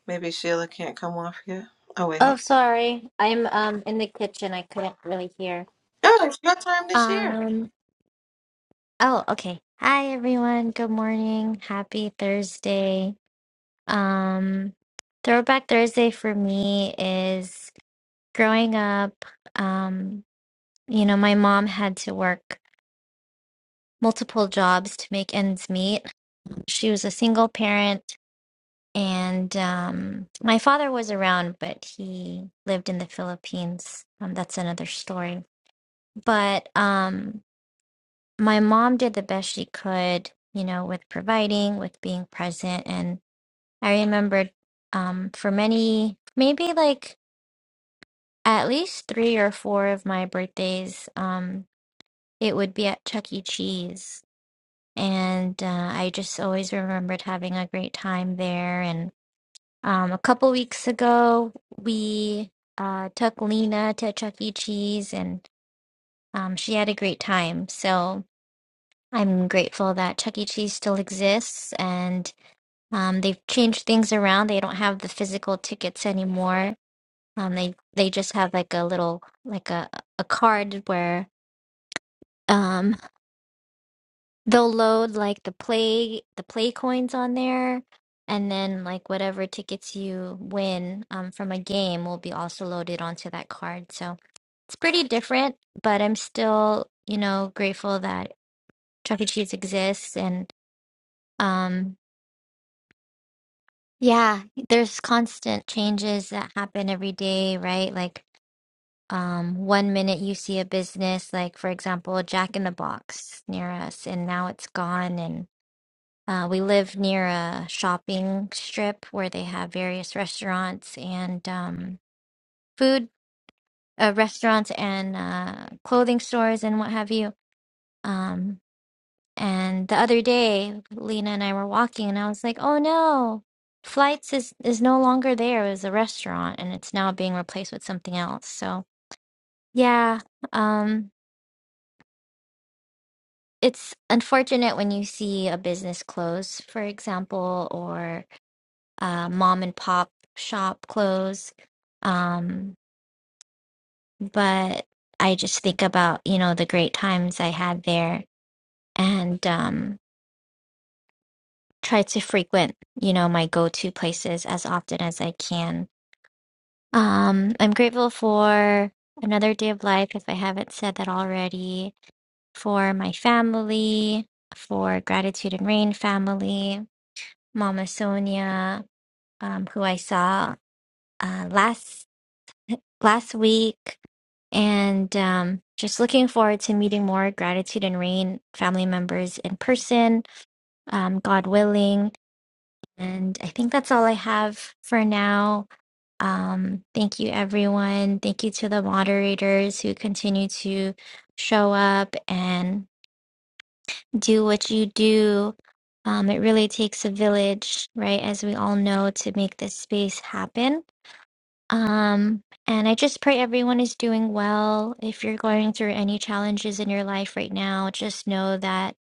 Speaker 12: Maybe Sheila can't come off yet. Oh wait,
Speaker 14: Oh,
Speaker 12: hold.
Speaker 14: sorry. I'm um in the kitchen. I couldn't really hear.
Speaker 12: on. No, it's your time this year.
Speaker 14: Um, oh, okay. Hi everyone. Good morning. Happy Thursday. Um, Throwback Thursday for me is growing up, um, you know, my mom had to work multiple jobs to make ends meet. She was a single parent and um my father was around, but he lived in the Philippines. Um, that's another story. But um my mom did the best she could, you know, with providing, with being present. And I remembered um, for many, maybe like at least three or four of my birthdays, um, it would be at Chuck E. Cheese. And uh, I just always remembered having a great time there. And um, a couple weeks ago, we uh, took Lena to Chuck E. Cheese and um, she had a great time. So, I'm grateful that Chuck E. Cheese still exists and um, they've changed things around. They don't have the physical tickets anymore. Um, they they just have like a little like a a card where um they'll load like the play the play coins on there and then like whatever tickets you win um from a game will be also loaded onto that card. So it's pretty different, but I'm still, you know, grateful that Chuck E. Cheese exists and um Yeah, there's constant changes that happen every day, right? Like, um, one minute you see a business, like for example, Jack in the Box near us, and now it's gone. And uh, we live near a shopping strip where they have various restaurants and um, food uh, restaurants and uh, clothing stores and what have you. Um, And the other day, Lena and I were walking, and I was like, "Oh no, Flights is is no longer there. It was a restaurant, and it's now being replaced with something else." So yeah, um, it's unfortunate when you see a business close, for example, or a mom and pop shop close. Um, but I just think about, you know, the great times I had there, and um, try to frequent, you know, my go-to places as often as I can. Um, I'm grateful for another day of life, if I haven't said that already, for my family, for Gratitude and Rain family, Mama Sonia, um, who I saw uh, last last week, and um, just looking forward to meeting more Gratitude and Rain family members in person, um, God willing And I think that's all I have for now. Um, thank you, everyone. Thank you to the moderators who continue to show up and do what you do. Um, it really takes a village, right? As we all know, to make this space happen. Um, and I just pray everyone is doing well. If you're going through any challenges in your life right now, just know that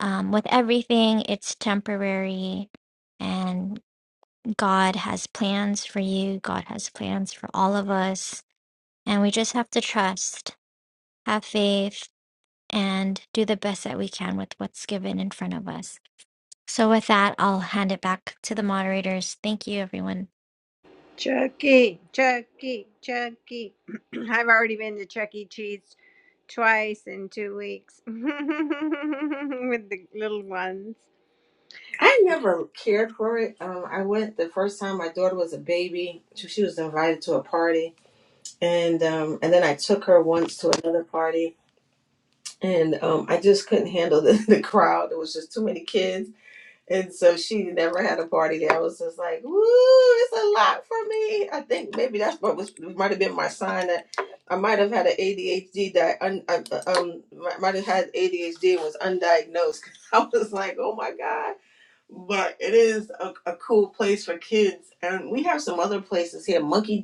Speaker 14: um, with everything, it's temporary. And God has plans for you, God has plans for all of us, and we just have to trust, have faith, and do the best that we can with what's given in front of us. So, with that, I'll hand it back to the moderators. Thank you, everyone.
Speaker 3: Chucky, Chucky, Chucky. I've already been to Chuck E. Cheese twice in two weeks with the little ones.
Speaker 12: I never cared for it. Um, I went the first time my daughter was a baby. She, she was invited to a party, and um, and then I took her once to another party, and um, I just couldn't handle the, the crowd. There was just too many kids, and so she never had a party there. I was just like, "Woo, it's a lot for me." I think maybe that's what was might have been my sign that I might have had an ADHD that un, I, um might have had ADHD and was undiagnosed. I was like, "Oh my god." But it is a, a cool place for kids, and we have some other places here. Monkey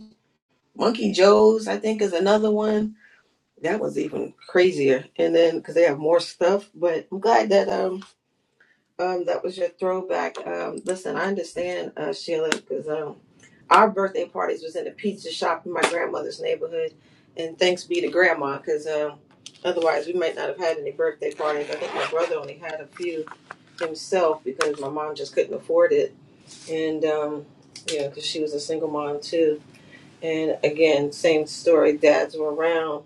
Speaker 12: Monkey Joe's, I think, is another one that was even crazier. And then because they have more stuff, but I'm glad that um um that was your throwback. Um, listen, I understand uh, Sheila because um our birthday parties was in a pizza shop in my grandmother's neighborhood, and thanks be to grandma because um otherwise we might not have had any birthday parties. I think my brother only had a few himself because my mom just couldn't afford it, and um you know because she was a single mom too. And again, same story. Dads were around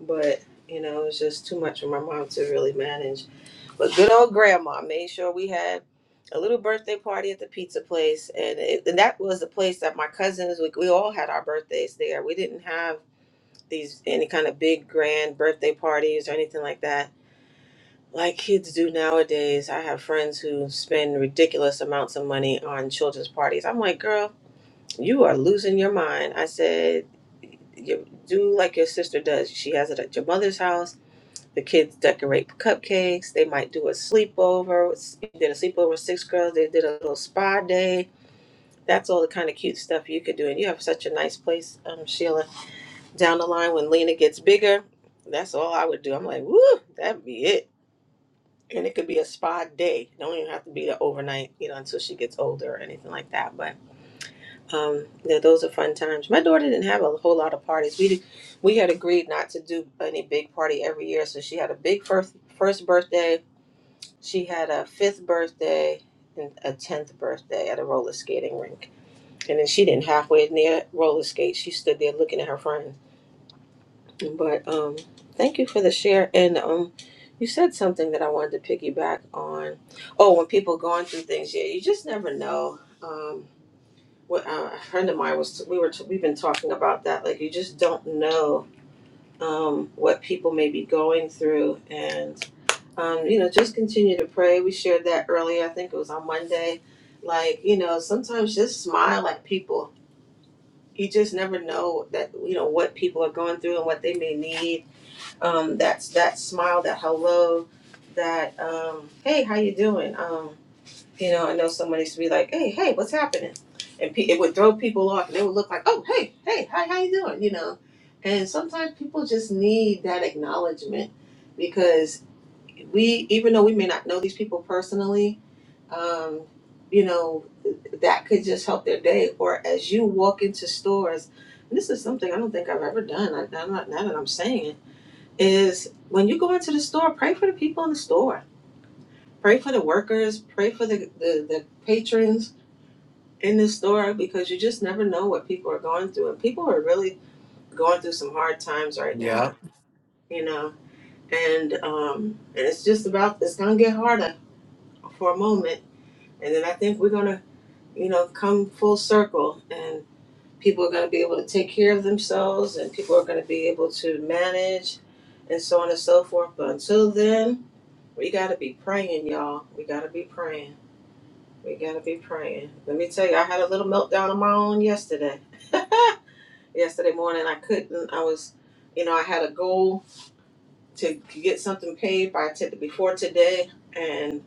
Speaker 12: but you know it was just too much for my mom to really manage but good old grandma made sure we had a little birthday party at the pizza place and, it, and that was the place that my cousins we, we all had our birthdays there we didn't have these any kind of big grand birthday parties or anything like that like kids do nowadays i have friends who spend ridiculous amounts of money on children's parties i'm like girl you are losing your mind i said you do like your sister does she has it at your mother's house the kids decorate cupcakes. They might do a sleepover. We Did a sleepover with six girls. They did a little spa day. That's all the kind of cute stuff you could do. And you have such a nice place, um, Sheila. Down the line when Lena gets bigger, that's all I would do. I'm like, woo, that'd be it. And it could be a spa day. Don't even have to be the overnight, you know, until she gets older or anything like that. But um, yeah, those are fun times. My daughter didn't have a whole lot of parties. We did, we had agreed not to do any big party every year, so she had a big first first birthday She had a fifth birthday and a tenth birthday at a roller skating rink. And then she didn't halfway near roller skate. She stood there looking at her friend. But um, thank you for the share. And um, you said something that I wanted to piggyback on. Oh, when people going through things, yeah, you just never know. Um, what uh, a friend of mine was, we were, we've been talking about that. Like you just don't know um, what people may be going through, and um, you know, just continue to pray. We shared that earlier. I think it was on Monday. Like, you know, sometimes just smile at people. You just never know that you know what people are going through and what they may need. Um, that's that smile, that hello, that um, hey, how you doing? Um, you know, I know someone used to be like, hey, hey, what's happening? And pe- it would throw people off, and they would look like, oh, hey, hey, hi, how you doing? You know, and sometimes people just need that acknowledgement because we even though we may not know these people personally um you know that could just help their day or as you walk into stores and this is something i don't think i've ever done I, i'm not now that i'm saying it is when you go into the store pray for the people in the store pray for the workers pray for the the, the patrons in the store because you just never know what people are going through and people are really going through some hard times right
Speaker 7: Yeah.
Speaker 12: now you know and um and it's just about it's gonna get harder for a moment And then I think we're gonna, you know, come full circle and people are gonna be able to take care of themselves and people are gonna be able to manage and so on and so forth. But until then, we gotta be praying, y'all. We gotta be praying. We gotta be praying. Let me tell you, I had a little meltdown on my own yesterday. yesterday morning I couldn't I was you know, I had a goal to get something paid by t- before today and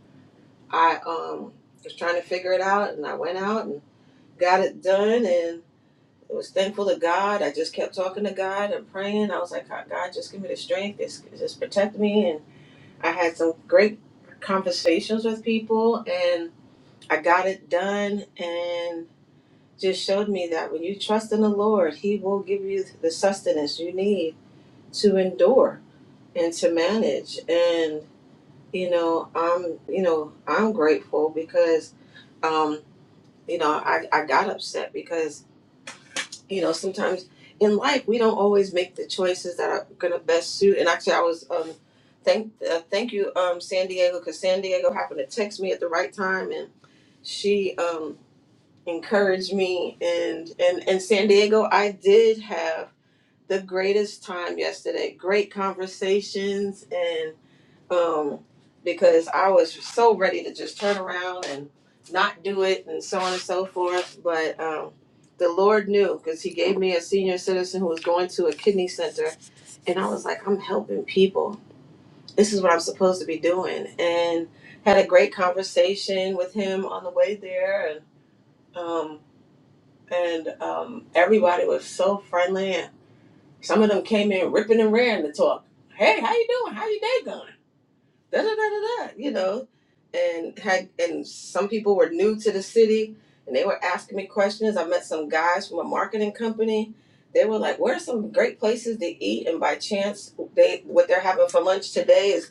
Speaker 12: I um was trying to figure it out and I went out got it done and I was thankful to God. I just kept talking to God and praying. I was like, God, just give me the strength. Just, just protect me. And I had some great conversations with people and I got it done and just showed me that when you trust in the Lord, He will give you the sustenance you need to endure and to manage. And, you know, I'm, you know, I'm grateful because, um, you know, I, I got upset because. you know sometimes in life we don't always make the choices that are going to best suit and actually i was um thank uh, thank you um san diego because san diego happened to text me at the right time and she um encouraged me and and and san diego i did have the greatest time yesterday great conversations um, because I was so ready to just turn around and not do it and so on and so forth. But um, the Lord knew because He gave me a senior citizen who was going to a kidney center, and I was like, I'm helping people. This is what I'm supposed to be doing. And had a great conversation with him on the way there, and um, and um, everybody was so friendly. And some of them came in ripping and raring to talk. Hey, how you doing? How you day going? da da da da da, you know, and had and some people were new to the city and they were asking me questions. I met some guys from a marketing company. They were like, "Where are some great places to eat?" And by chance, they what they're having for lunch today is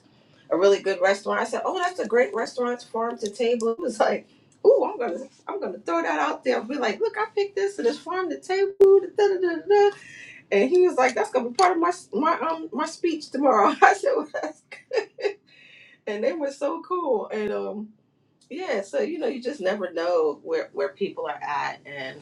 Speaker 12: a really good restaurant. I said, "Oh, that's a great restaurant, farm to table." It was like, "Ooh, I'm gonna I'm gonna throw that out there." Be like, "Look, I picked this and it's farm to table." Da, da, da, da. And he was like, "That's gonna be part of my my um my speech tomorrow." I said, well, and they were so cool. And um, yeah, so you know, you just never know where where people are at, and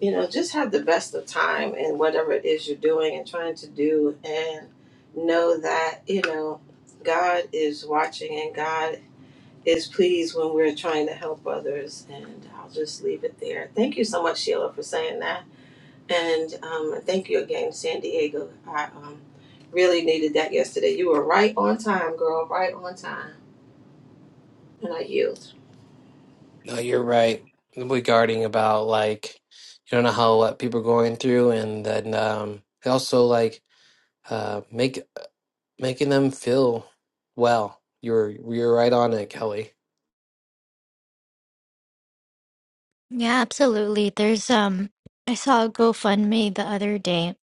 Speaker 12: you know, just have the best of time in whatever it is you're doing and trying to do, and know that you know God is watching and God is pleased when we're trying to help others. And I'll just leave it there. Thank you so much, Sheila, for saying that, and um, thank you again, San Diego. I um, really needed that yesterday. You were right on time, girl. Right on time. And I yield.
Speaker 7: No, you're right regarding about like you don't know how what people are going through, and then um, also like uh, make making them feel well. You're you're right on it, Kelly.
Speaker 14: Yeah, absolutely. There's, um, I saw a GoFundMe the other day.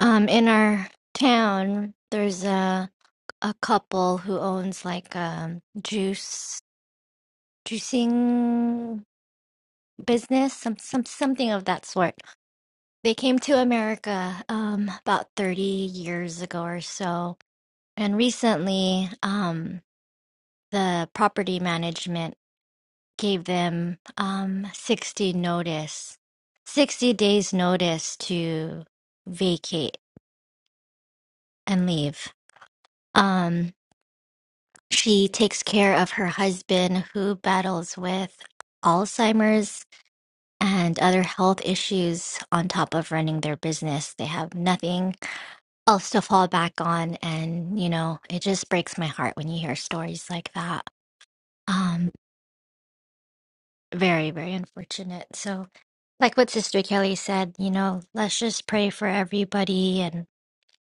Speaker 14: Um, in our town, there's a a couple who owns like um juice juicing business, some some something of that sort They came to America um, about 30 years ago or so. And recently, um, the property management gave them um, 60 notice, 60 days notice to vacate and leave. Um, she takes care of her husband who battles with Alzheimer's and other health issues on top of running their business. They have nothing Also fall back on. And, you know, it just breaks my heart when you hear stories like that. Um, very, very unfortunate. So, like what Sister Kelly said, you know, let's just pray for everybody and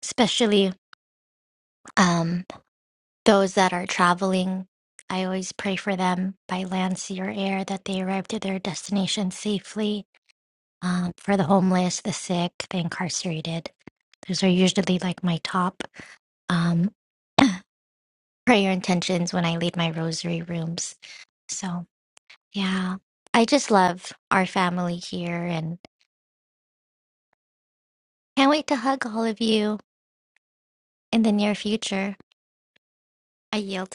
Speaker 14: especially um, those that are traveling. I always pray for them by land, sea, or air that they arrive to their destination safely. Um, for the homeless, the sick, the incarcerated, those are usually like my top. Um, prayer intentions when I lead my rosary rooms. So, yeah, I just love our family here and can't wait to hug all of you in the near future. I yield.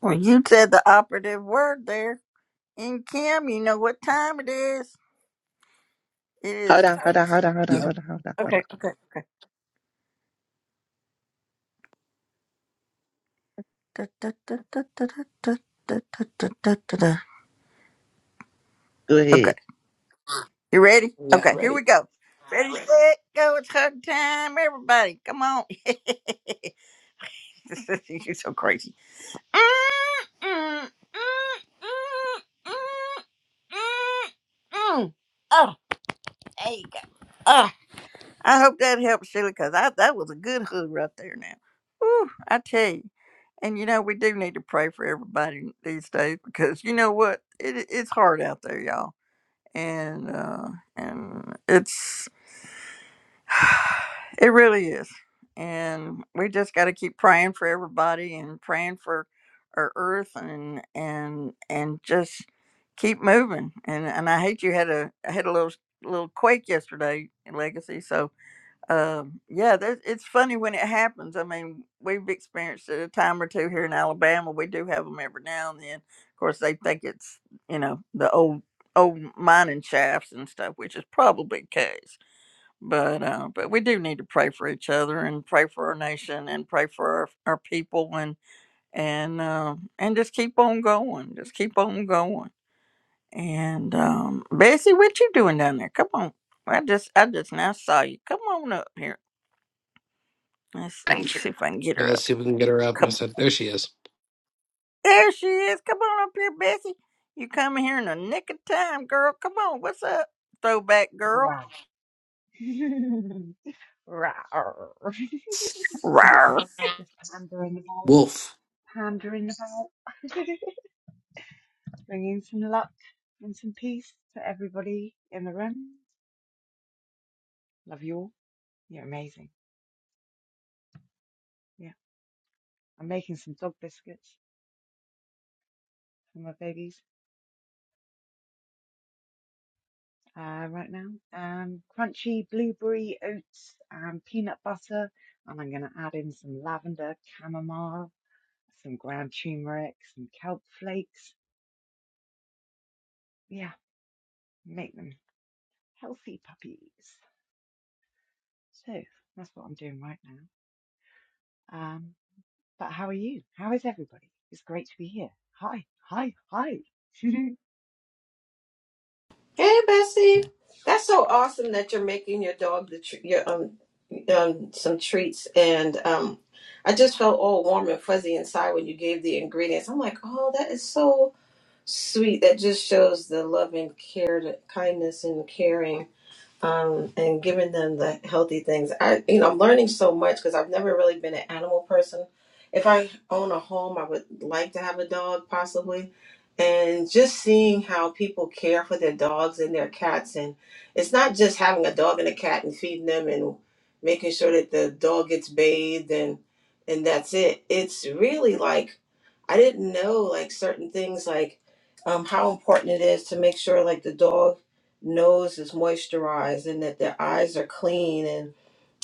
Speaker 1: Well, you said the operative word there. And Kim, you know what time it is. It is.
Speaker 13: Hold on, hold on, hold on, hold on,
Speaker 7: Yep.
Speaker 13: hold on, hold on, hold
Speaker 1: Okay,
Speaker 13: on.
Speaker 1: okay, okay. Da, da, da, da, da, da, da, da, da, da, da, da.
Speaker 13: Go ahead.
Speaker 1: Okay, you ready?
Speaker 7: Yeah.
Speaker 1: Okay, here we
Speaker 7: Ready.
Speaker 1: go. Ready, set, go. It's hug time, everybody. Come on. You're so crazy. Oh, there you go. Oh, I hope that helps, Sheila, because that was a good hood right there now. Whew, I tell you. And you know, we do need to pray for everybody these days because you know what? It, it's hard out there, y'all. And uh and it's It really is. And we just got to keep praying for everybody and praying for our earth and and and just keep moving. And and I hate you had a I had a little little quake yesterday in Legacy. So um yeah, that, it's funny when it happens. I mean, we've experienced it a time or two here in Alabama. We do have them every now and then. Of course, they think it's you know the old old mining shafts and stuff, which is probably the case but uh, but we do need to pray for each other and pray for our nation and pray for our, our people and and uh, and just keep on going, just keep on going. And um, Bessie, what you doing down there? Come on, I just I just now saw you. Come on up here. Let's see,
Speaker 7: Ranger.
Speaker 1: see if I can get
Speaker 7: Yeah.
Speaker 1: her
Speaker 7: Let's
Speaker 1: up.
Speaker 7: see if we can get her up. I
Speaker 1: Come on,
Speaker 7: said there she is.
Speaker 1: there she is. Come on up here, Bessie. You come here in the nick of time, girl. Come on, what's up, throwback girl?
Speaker 15: Right. Rawr.
Speaker 1: Rawr.
Speaker 15: Just Pondering about,
Speaker 7: Wolf.
Speaker 15: pondering about, bringing some luck and some peace to everybody in the room. Love you all. You're amazing. Yeah. I'm making some dog biscuits for my babies uh, right now. Um, crunchy blueberry oats and peanut butter. And I'm going to add in some lavender, chamomile, some ground turmeric, some kelp flakes. Yeah. Make them. healthy puppies. So that's what I'm doing right now. Um, but how are you? How is everybody? It's great to be here. Hi, hi, hi.
Speaker 12: Hey, Bessie, that's so awesome that you're making your dog the tr- your um, um some treats, and um, I just felt all warm and fuzzy inside when you gave the ingredients. I'm like, oh, that is so sweet. That just shows the love and care, that kindness and caring um, and giving them the healthy things. I, you know, I'm learning so much because I've never really been an animal person. If I own a home, I would like to have a dog possibly. And just seeing how people care for their dogs and their cats, and it's not just having a dog and a cat and feeding them and making sure that the dog gets bathed and and that's it. It's really like I didn't know like certain things like um, how important it is to make sure like the dog nose is moisturized and that their eyes are clean and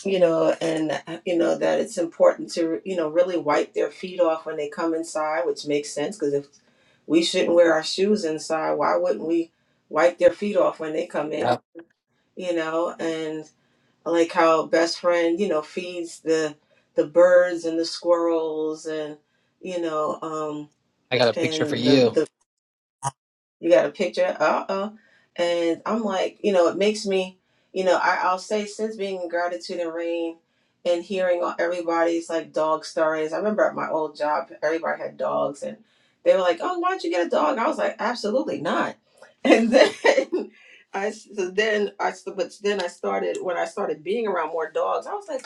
Speaker 12: you know and uh, you know that it's important to you know really wipe their feet off when they come inside which makes sense because if we shouldn't wear our shoes inside why wouldn't we wipe their feet off when they come in
Speaker 7: Yep.
Speaker 12: you know and I like how best friend you know feeds the the birds and the squirrels and you know um
Speaker 7: I got a picture for
Speaker 12: and the the
Speaker 7: you.
Speaker 12: you got a picture? Uh-oh. And I'm like, you know, it makes me, you know, I, I'll say since being in gratitude and rain and hearing all everybody's like dog stories. I remember at my old job, everybody had dogs and they were like, oh, why don't you get a dog? And I was like, absolutely not. And then I, so then I, so, but then I started, when I started being around more dogs, I was like,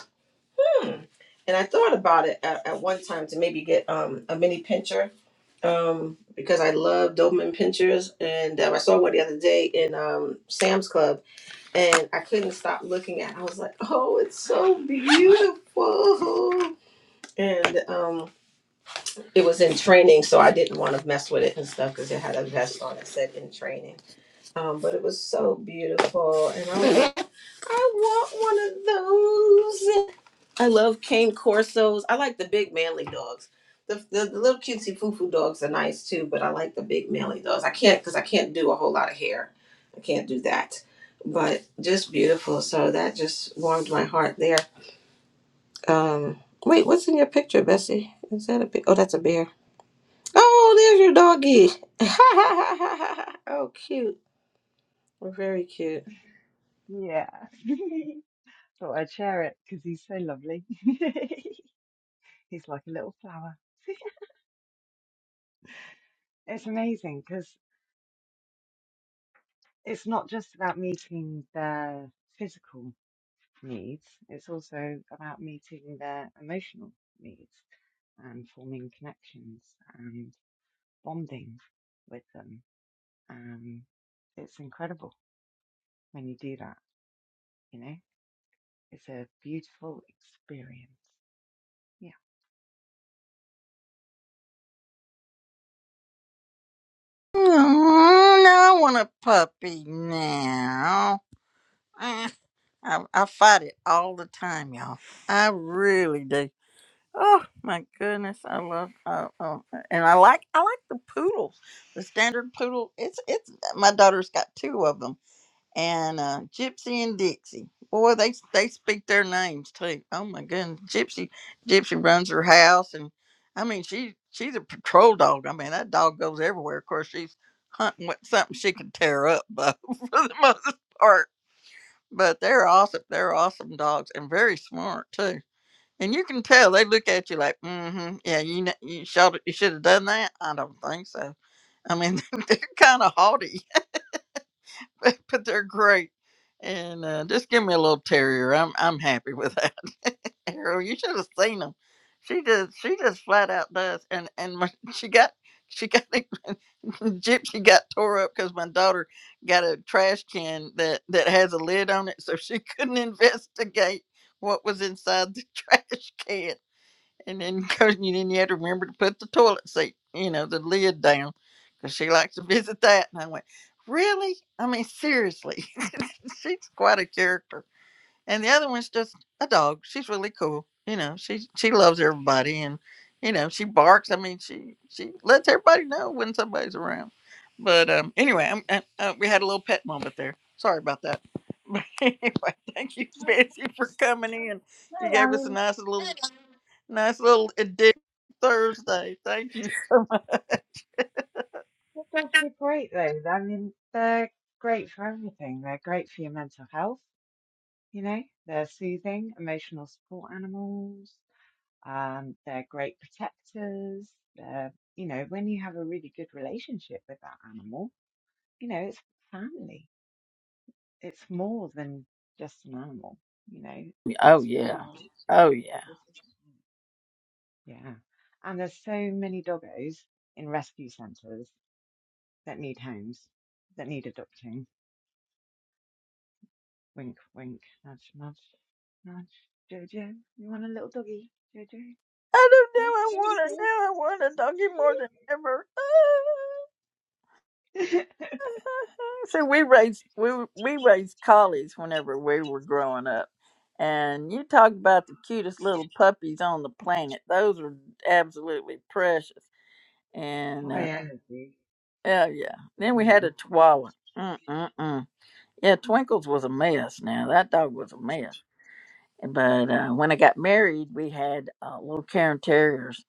Speaker 12: and I thought about it at, at one time to maybe get um, a mini pincher um, because I love Doberman pinchers. And um, I saw one the other day in um, Sam's Club and I couldn't stop looking at it. I was like, oh, it's so beautiful. And um, it was in training, so I didn't want to mess with it and stuff because it had a vest on that said in training. Um, but it was so beautiful. And I was like, I want one of those. I love cane corsos. I like the big manly dogs. The, the, the little cutesy foo foo dogs are nice too, but I like the big manly dogs. I can't because I can't do a whole lot of hair. I can't do that. But just beautiful. So that just warmed my heart there. Um, wait, what's in your picture, Bessie? Is that a big? Oh, that's a bear. Oh, there's your doggy. oh, cute. Very cute.
Speaker 15: yeah. Thought I'd share it because he's so lovely. he's like a little flower. It's amazing because it's not just about meeting their physical needs, it's also about meeting their emotional needs and forming connections and bonding with them Um, it's incredible when you do that, you know? It's a beautiful experience. Yeah.
Speaker 1: Oh, no, I want a puppy now. Eh, I, I fight it all the time, y'all. I really do. Oh my goodness, I love uh, oh, and I like I like the poodles, the standard poodle. It's it's my daughter's got two of them, and uh, Gypsy and Dixie. Boy, they they speak their names too. Oh my goodness, Gypsy Gypsy runs her house, and I mean she she's a patrol dog. I mean that dog goes everywhere. Of course, she's hunting with something she can tear up, but for the most part but they're awesome. They're awesome dogs and very smart too. And you can tell they look at you like, mm-hmm, yeah, you kn- you should you should have done that. I don't think so. I mean, they're kind of haughty, but, but they're great. And uh, just give me a little terrier. I'm I'm happy with that. Arrow, you should have seen them. She just she just flat out does. And and when she got she got Gypsy got tore up because my daughter got a trash can that that has a lid on it, so she couldn't investigate what was inside the trash can. And then, cause you then you had to remember to put the toilet seat, you know, the lid down, because she likes to visit that. And I went, really? I mean, seriously, she's quite a character and the other one's just a dog. She's really cool. You know, she she loves everybody, and you know she barks. I mean, she she lets everybody know when somebody's around. But um, anyway, I'm, uh, uh, we had a little pet moment there. Sorry about that. But anyway, thank you,
Speaker 15: Well,
Speaker 1: Betsy, for coming in. You
Speaker 15: no, I
Speaker 1: gave us a
Speaker 15: mean,
Speaker 1: nice little nice little addict Thursday. Thank you so much.
Speaker 15: the dogs are great though. I mean, they're great for everything. They're great for your mental health, you know, they're soothing, emotional support animals. Um, they're great protectors. They're, you know, when you have a really good relationship with that animal, you know, it's family. It's more than just an animal, you know,
Speaker 1: Oh
Speaker 15: it's
Speaker 1: yeah.
Speaker 15: pride.
Speaker 1: Oh yeah.
Speaker 15: It's, Yeah. And there's so many doggos in rescue centres that need homes, that need adopting. Wink, wink, nudge, nudge, nudge. Jojo, you want a little doggy? Jojo,
Speaker 1: I don't know. I want it
Speaker 15: Jojo.
Speaker 1: now. I want a doggy more than ever. So we raised we were- we raised collies whenever we were growing up, and you talk about the cutest little puppies on the planet. Those are absolutely precious. And
Speaker 15: High
Speaker 1: uh,
Speaker 15: energy.
Speaker 1: yeah, yeah. Then we had
Speaker 15: Mm.
Speaker 1: a Chihuahua. Mm mm mm. Yeah, Twinkles was a mess. Now that dog was a mess. But uh, when I got married, we had uh, little Karen Terriers.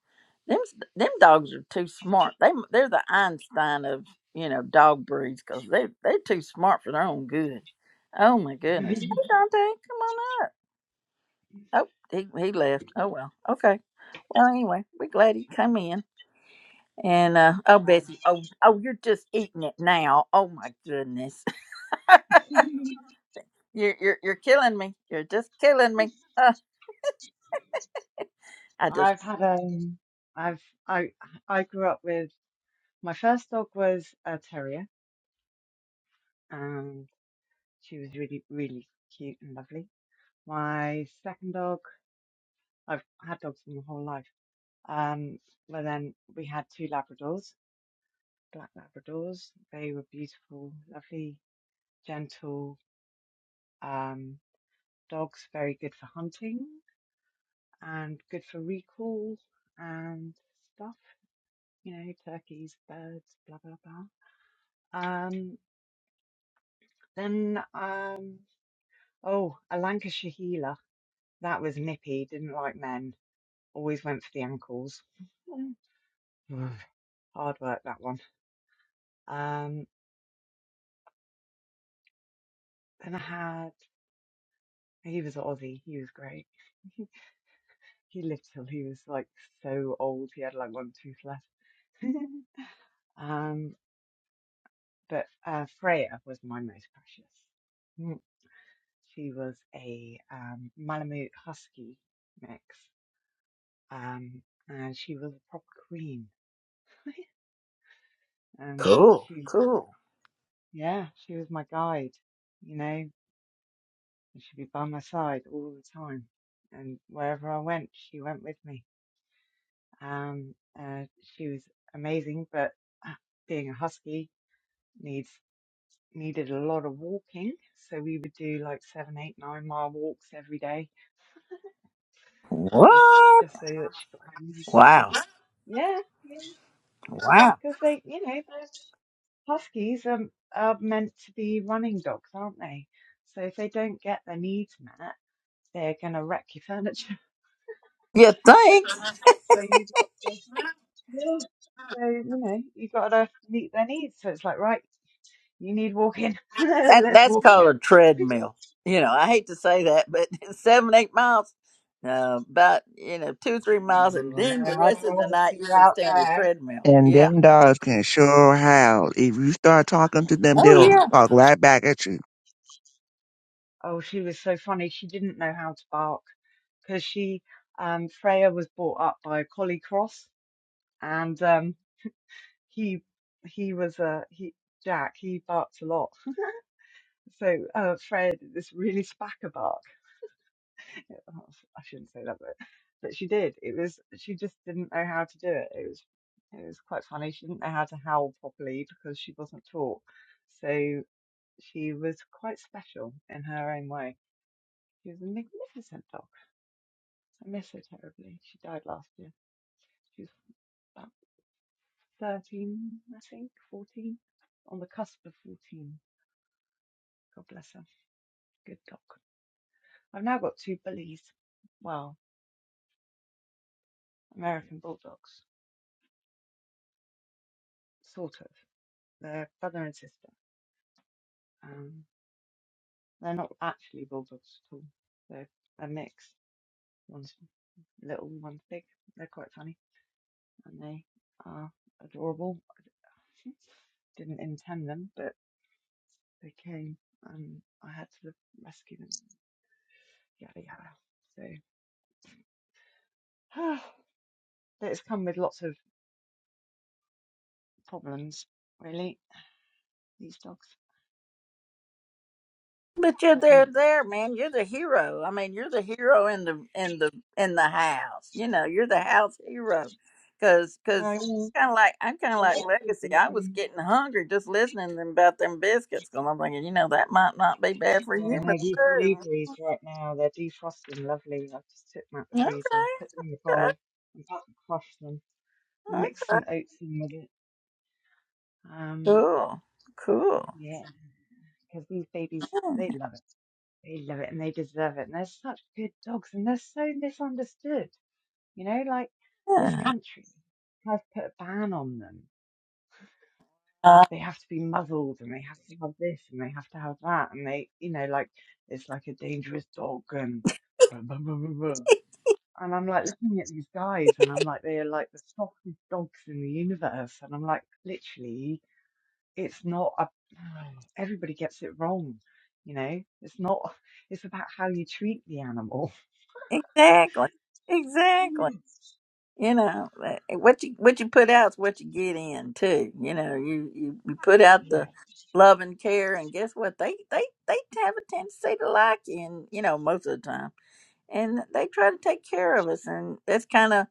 Speaker 1: Them them dogs are too smart. They they're the Einstein of you know dog breeds because they they're too smart for their own good. Oh my goodness! Hey Dante, come on up. Oh, he he left. Oh well. Okay. Well anyway, we're glad he come in. And uh, oh Betsy, oh oh you're just eating it now. Oh my goodness, you're you're you're killing me. You're just killing me. Uh, I just
Speaker 15: I've I've had um, I've I I grew up with my first dog was a terrier, and she was really really cute and lovely. My second dog. I've had dogs for my whole life. Um, but then we had two Labradors, black Labradors. They were beautiful, lovely, gentle um, dogs, very good for hunting and good for recall and stuff, you know, turkeys, birds, blah, blah, blah. Um, then, um, oh, a Lancashire Heeler. That was nippy, didn't like men, always went for the ankles. Hard work, that one. Um, then I had. He was an Aussie. He was great. He lived till he was like so old. He had like one tooth left. Um, but uh, Freya was my most precious. Mm. She was a um, Malamute Husky mix, um, and she was a proper queen. And
Speaker 1: cool
Speaker 15: she,
Speaker 1: cool.
Speaker 15: yeah, she was my guide. You know, and she'd be by my side all the time, and wherever I went, she went with me Um, uh, she was amazing, but uh, being a husky needs needed a lot of walking. So we would do like seven, eight, nine mile walks every day, just
Speaker 1: What?
Speaker 15: just so that she got her needs met.
Speaker 1: Wow.
Speaker 15: Yeah, yeah.
Speaker 1: Wow.
Speaker 15: because they, you know, they're- huskies are, are meant to be running dogs, aren't they? So if they don't get their needs met, they're gonna wreck your furniture.
Speaker 1: You think?
Speaker 15: So you have got to, yeah. So you know, you have got to meet their needs. So it's like right. You need walking.
Speaker 1: That
Speaker 15: Let's
Speaker 1: that's
Speaker 15: walk ya.
Speaker 1: called a treadmill. You know, I hate to say that, but seven, eight miles, uh, about you know two, three miles, and
Speaker 15: Oh, no,
Speaker 1: then the
Speaker 15: I'd
Speaker 1: rest of the
Speaker 15: rather
Speaker 1: night you
Speaker 15: be
Speaker 1: can
Speaker 15: out
Speaker 1: stay on the
Speaker 15: there.
Speaker 1: treadmill.
Speaker 13: And
Speaker 1: Yeah.
Speaker 13: them dogs can sure howl. If you start talking to them, they'll
Speaker 1: Oh
Speaker 13: talk right back at you.
Speaker 15: Oh, she was so funny. She didn't know how to bark because she, um, Freya was brought up by a collie cross, and um, he he was a he Jack. He barks a lot. So uh, Freya did this really spacker bark. Oh, I shouldn't say that, but but she did. It was she just didn't know how to do it. It was it was quite funny. She didn't know how to howl properly because she wasn't taught. So. she was quite special in her own way. She was a magnificent dog. I miss her terribly. She died last year. She was about 13, I think, 14, on the cusp of 14. God bless her. Good dog. I've now got two bullies. Well, American bulldogs, sort of. They're brother and sister. Um, they're not actually bulldogs at all. They're a mix. One's little, one's big. They're quite funny, and they are adorable Didn't intend them, but they came and I had to rescue them. Yada yada. So it's come with lots of problems, really, these dogs.
Speaker 1: But you're
Speaker 15: But
Speaker 1: there,
Speaker 15: mm,
Speaker 1: there, man. You're the hero. I mean, you're the hero in the in the in the house. You know, you're the house hero. Cause,
Speaker 15: No, no,
Speaker 1: cause,
Speaker 15: I
Speaker 1: kind of like I'm kind of like
Speaker 15: went through
Speaker 1: Legacy. I was
Speaker 15: something.
Speaker 1: getting hungry just listening to them about them biscuits. Cause I'm thinking, you know, that might not be bad for
Speaker 15: Yeah, no,
Speaker 1: humans
Speaker 15: these
Speaker 1: too.
Speaker 15: blueberries right now, they're defrosting lovely. I've just took them out the
Speaker 1: Okay,
Speaker 15: freezer, put them in the
Speaker 1: okay,
Speaker 15: bowl, I'm about to crush them,
Speaker 1: okay.
Speaker 15: mix some oats in with it. Um,
Speaker 1: cool, cool.
Speaker 15: yeah, because these babies, they love it. They love it and they deserve it. And they're such good dogs and they're so misunderstood. You know, like this
Speaker 1: Yeah.
Speaker 15: country has put a ban on them.
Speaker 1: Uh,
Speaker 15: They have to be muzzled and they have to have this and they have to have that. And they, you know, like it's like a dangerous dog and blah, blah, blah, blah, blah. And I'm like looking at these guys and I'm like, they are like the softest dogs in the universe. And I'm like, literally, you it's not a, everybody gets it wrong, you know. It's not. It's about how you treat the animal.
Speaker 1: exactly, exactly. you know like, what you what you put out's what you get in too you know you you, you put
Speaker 15: Yes.
Speaker 1: out the
Speaker 15: Yeah.
Speaker 1: love and care and guess what they they they have a tendency to like you and you know most of the time and they try to take care of us and that's kind of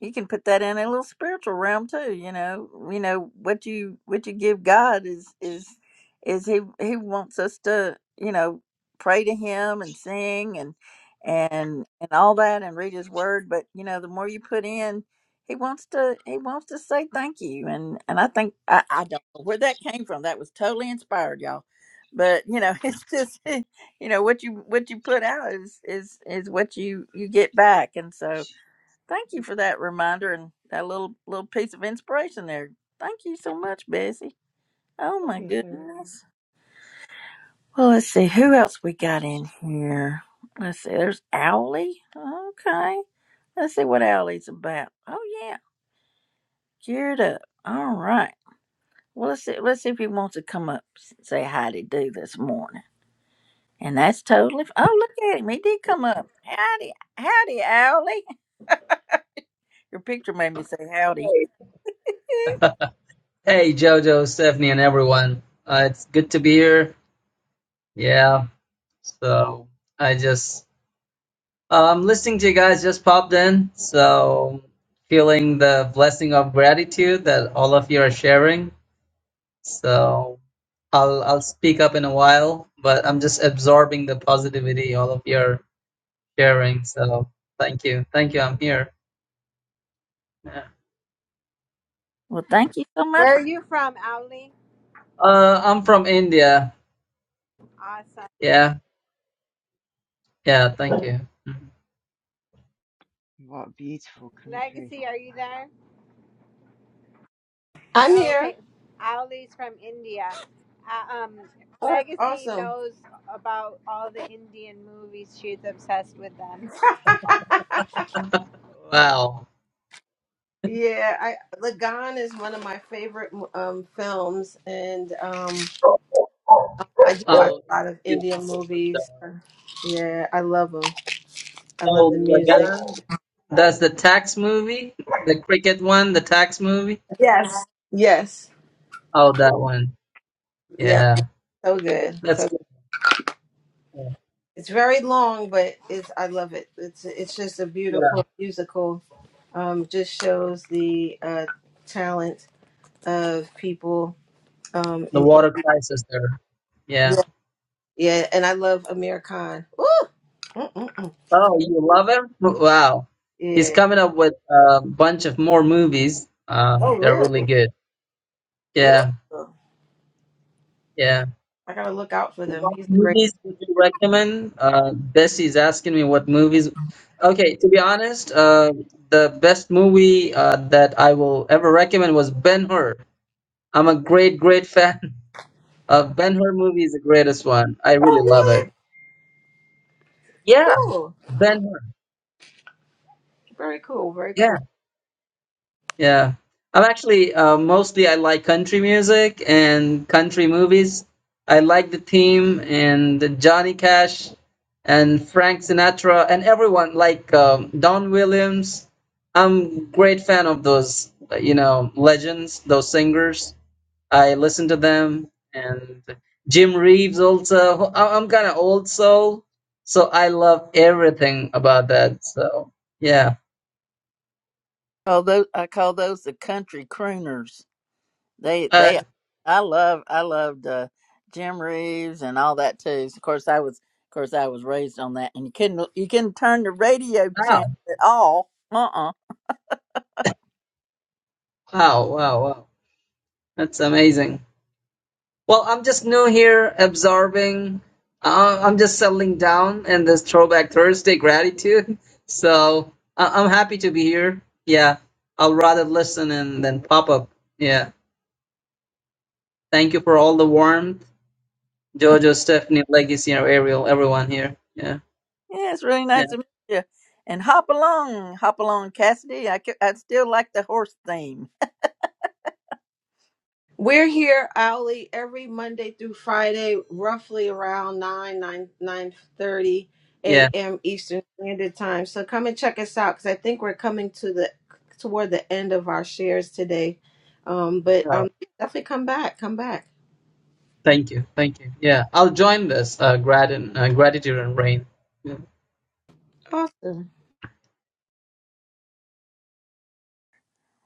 Speaker 1: you can put that in a little spiritual realm too you know you know what you what you give god is is is he he wants us to you know pray to him and sing and and and all that and read his word but you know the more you put in he wants to he wants to say thank you and and i think i i don't know where that came from that was totally inspired y'all but you know it's just you know what you what you put out is is is what you you get back and so thank you for that reminder and that little little piece of inspiration there thank you so much bessie oh
Speaker 15: Oh,
Speaker 1: my
Speaker 15: you're so-
Speaker 1: goodness well let's see who else we got in here let's see there's owlie okay let's see what owlie's about oh yeah geared up all right well let's see let's see if he wants to come up and say hi to do this morning And that's totally. f- Oh, look at him. He did come up. Howdy, howdy, Owly. Your picture made me say howdy.
Speaker 16: Hey, Jojo, Stephanie, and everyone. Uh, it's good to be here. Yeah. So I just um listening to you guys just popped in. So feeling the blessing of gratitude that all of you are sharing. So I'll I'll speak up in a while, but I'm just absorbing the positivity all of you are sharing. So thank you, thank you. I'm here. Yeah.
Speaker 1: well, thank you so much
Speaker 3: Where
Speaker 1: for.
Speaker 3: are you from, Owly?
Speaker 16: Uh, I'm from India.
Speaker 3: Awesome.
Speaker 16: Yeah, yeah. Thank you. Mhm.
Speaker 15: What a beautiful country!
Speaker 3: Legacy, are you
Speaker 15: Wow.
Speaker 3: there?
Speaker 12: I'm
Speaker 3: Oh,
Speaker 12: here.
Speaker 3: okay. Ali's from India. Uh, um,
Speaker 12: Oh, that's
Speaker 3: Legacy
Speaker 12: awesome.
Speaker 3: knows about all the Indian movies. She's obsessed with them.
Speaker 16: Wow.
Speaker 12: Yeah, I Lagan is one of my favorite um films, and um I do watch
Speaker 16: Oh,
Speaker 12: a lot of
Speaker 16: excuse me
Speaker 12: Indian
Speaker 16: for
Speaker 12: movies. Yeah, I love them. I love
Speaker 16: Oh
Speaker 12: the
Speaker 16: my
Speaker 12: music.
Speaker 16: god. That's the tax movie? The cricket one, the tax movie?
Speaker 12: Yes, yes,
Speaker 16: Oh, that one.
Speaker 12: yep.
Speaker 16: Yeah.
Speaker 12: So good.
Speaker 16: That's
Speaker 12: So
Speaker 16: good.
Speaker 12: it's very long, but it's I love it. It's it's just a
Speaker 16: Yeah.
Speaker 12: beautiful musical. Um, just shows the uh talent of people. Um,
Speaker 16: The
Speaker 12: in, in
Speaker 16: water crisis there. Yeah.
Speaker 12: yeah, yeah, and I love Amir Khan. Woo! Mm-mm-mm.
Speaker 16: Oh, you love him? Wow. He's
Speaker 12: Yeah.
Speaker 16: coming up with a bunch of more movies. Um,
Speaker 12: Oh,
Speaker 16: they're really
Speaker 12: really?
Speaker 16: good.
Speaker 12: Ooh,
Speaker 16: Yeah. Yeah.
Speaker 12: I gotta look out for them.
Speaker 16: What
Speaker 12: He's a great.
Speaker 16: movies would you recommend? Uh, Bessie's asking me what movies. Okay, to be honest, uh, the best movie uh, that I will ever recommend was Ben Hur. I'm a great, great fan of Ben Hur movie is the greatest one. I really
Speaker 12: Oh,
Speaker 16: love
Speaker 12: really?
Speaker 16: it. Yeah,
Speaker 12: Cool.
Speaker 16: Ben Hur.
Speaker 12: Very cool. Very
Speaker 16: Yeah,
Speaker 12: cool.
Speaker 16: yeah. I'm actually uh, mostly I like country music and country movies. I like the theme and the Johnny Cash and Frank Sinatra and everyone like um, Don Williams. I'm great fan of those, uh, you know, legends, those singers. I listen to them and Jim Reeves also. I- I'm kind of old soul, so I love everything about that. So yeah.
Speaker 1: Oh, those I call those the country crooners. They
Speaker 16: Uh,
Speaker 1: they. I love I loved uh, Jim Reeves and all that too. Of course, I was of course I was raised on that, and you couldn't you couldn't turn the radio channel
Speaker 16: wow,
Speaker 1: at all. Uh uh
Speaker 16: wow, wow, wow. That's amazing. Well, I'm just new here, absorbing. Uh, I'm just settling down in this Throwback Thursday gratitude. So I- I'm happy to be here. Yeah, I'll rather listen and then pop up. Yeah. Thank you for all the warmth Jojo, Stephanie, Legacy, or Ariel, everyone here. Yeah,
Speaker 1: Yeah, it's really
Speaker 16: yeah,
Speaker 1: nice to meet you. And hop along, hop along, Cassidy. I, c- I still like the horse theme.
Speaker 12: We're here, Ali, every Monday through Friday, roughly around nine nine nine thirty
Speaker 16: yeah.
Speaker 12: a.m. Eastern Standard Time. So come and check us out because I think we're coming to the toward the end of our shares today. Um, but
Speaker 16: Oh,
Speaker 12: um, definitely come back. Come back.
Speaker 16: thank you, thank you. Yeah, I'll join this. Uh, grat and uh, gratitude and rain. Yeah.
Speaker 12: Awesome.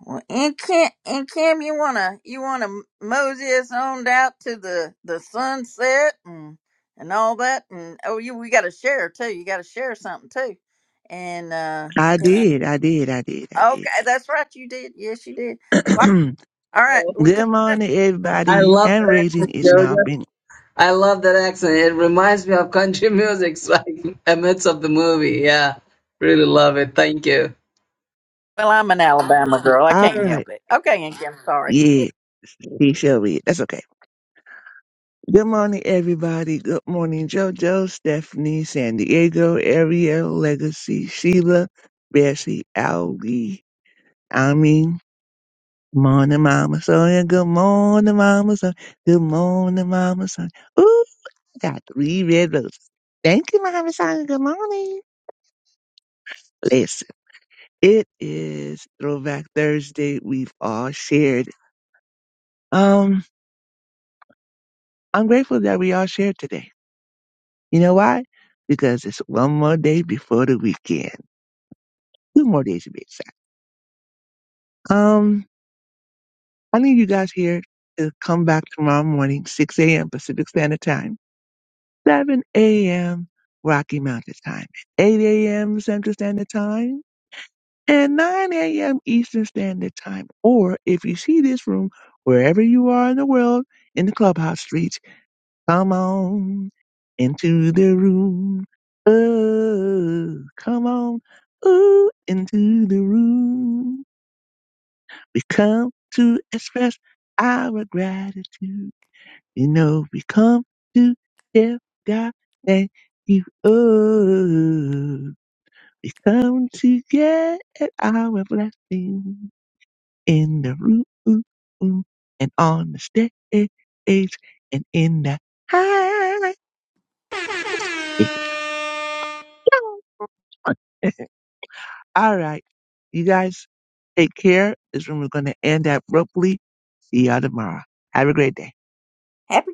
Speaker 1: Well, and Kim, and Kim, you wanna you wanna Moses on out to the the sunset and and all that, and oh, you we got to share too. You got to share something too, and uh,
Speaker 13: I
Speaker 1: you know,
Speaker 13: did, I did, I did, I did.
Speaker 1: okay, that's right, you did. Yes, you did. Well, I- all right, we're coming
Speaker 13: Good
Speaker 1: up.
Speaker 13: morning,
Speaker 16: I
Speaker 13: everybody.
Speaker 16: love
Speaker 13: Hand
Speaker 16: that
Speaker 13: raising
Speaker 16: accent,
Speaker 13: is now
Speaker 16: Jojo.
Speaker 13: being.
Speaker 16: I love that accent. It reminds me of country music, like amidst of the movie. Yeah, really love it. Thank you.
Speaker 1: Well, I'm an Alabama girl. I
Speaker 13: All
Speaker 1: can't
Speaker 13: right.
Speaker 1: help it. Okay, and Kim, sorry.
Speaker 13: Yeah, he shall be. That's okay. Good morning, everybody. Good morning, JoJo, Stephanie, San Diego, Ariel, Legacy, Sheila, Bessie, Ali, I mean, morning, Mama Sonia. Good morning, Mama Sonia. Good morning, Mama Sonia. got three red roses. Thank you, Mama Son. Good morning. Listen, it is Throwback Thursday. We've all shared. Um, I'm grateful that we all shared today. You know why? Because it's one more day before the weekend. Two more days to be exact. Um, I need you guys here to come back tomorrow morning, 6 a.m. Pacific Standard Time, 7 a.m. Rocky Mountain Time, 8 a.m. Central Standard Time. at 9 a.m. Eastern Standard Time. Or if you see this room wherever you are in the world in the clubhouse streets, come on into the room. Oh, come on ooh, into the room. We come to express our gratitude. You know, we come to give God thank you. Oh, we come to get our blessings in the room and on the stage and in the house. It's on. All right. You guys take care. This room is going to end abruptly. See y'all tomorrow. Have a great day.
Speaker 1: Happy.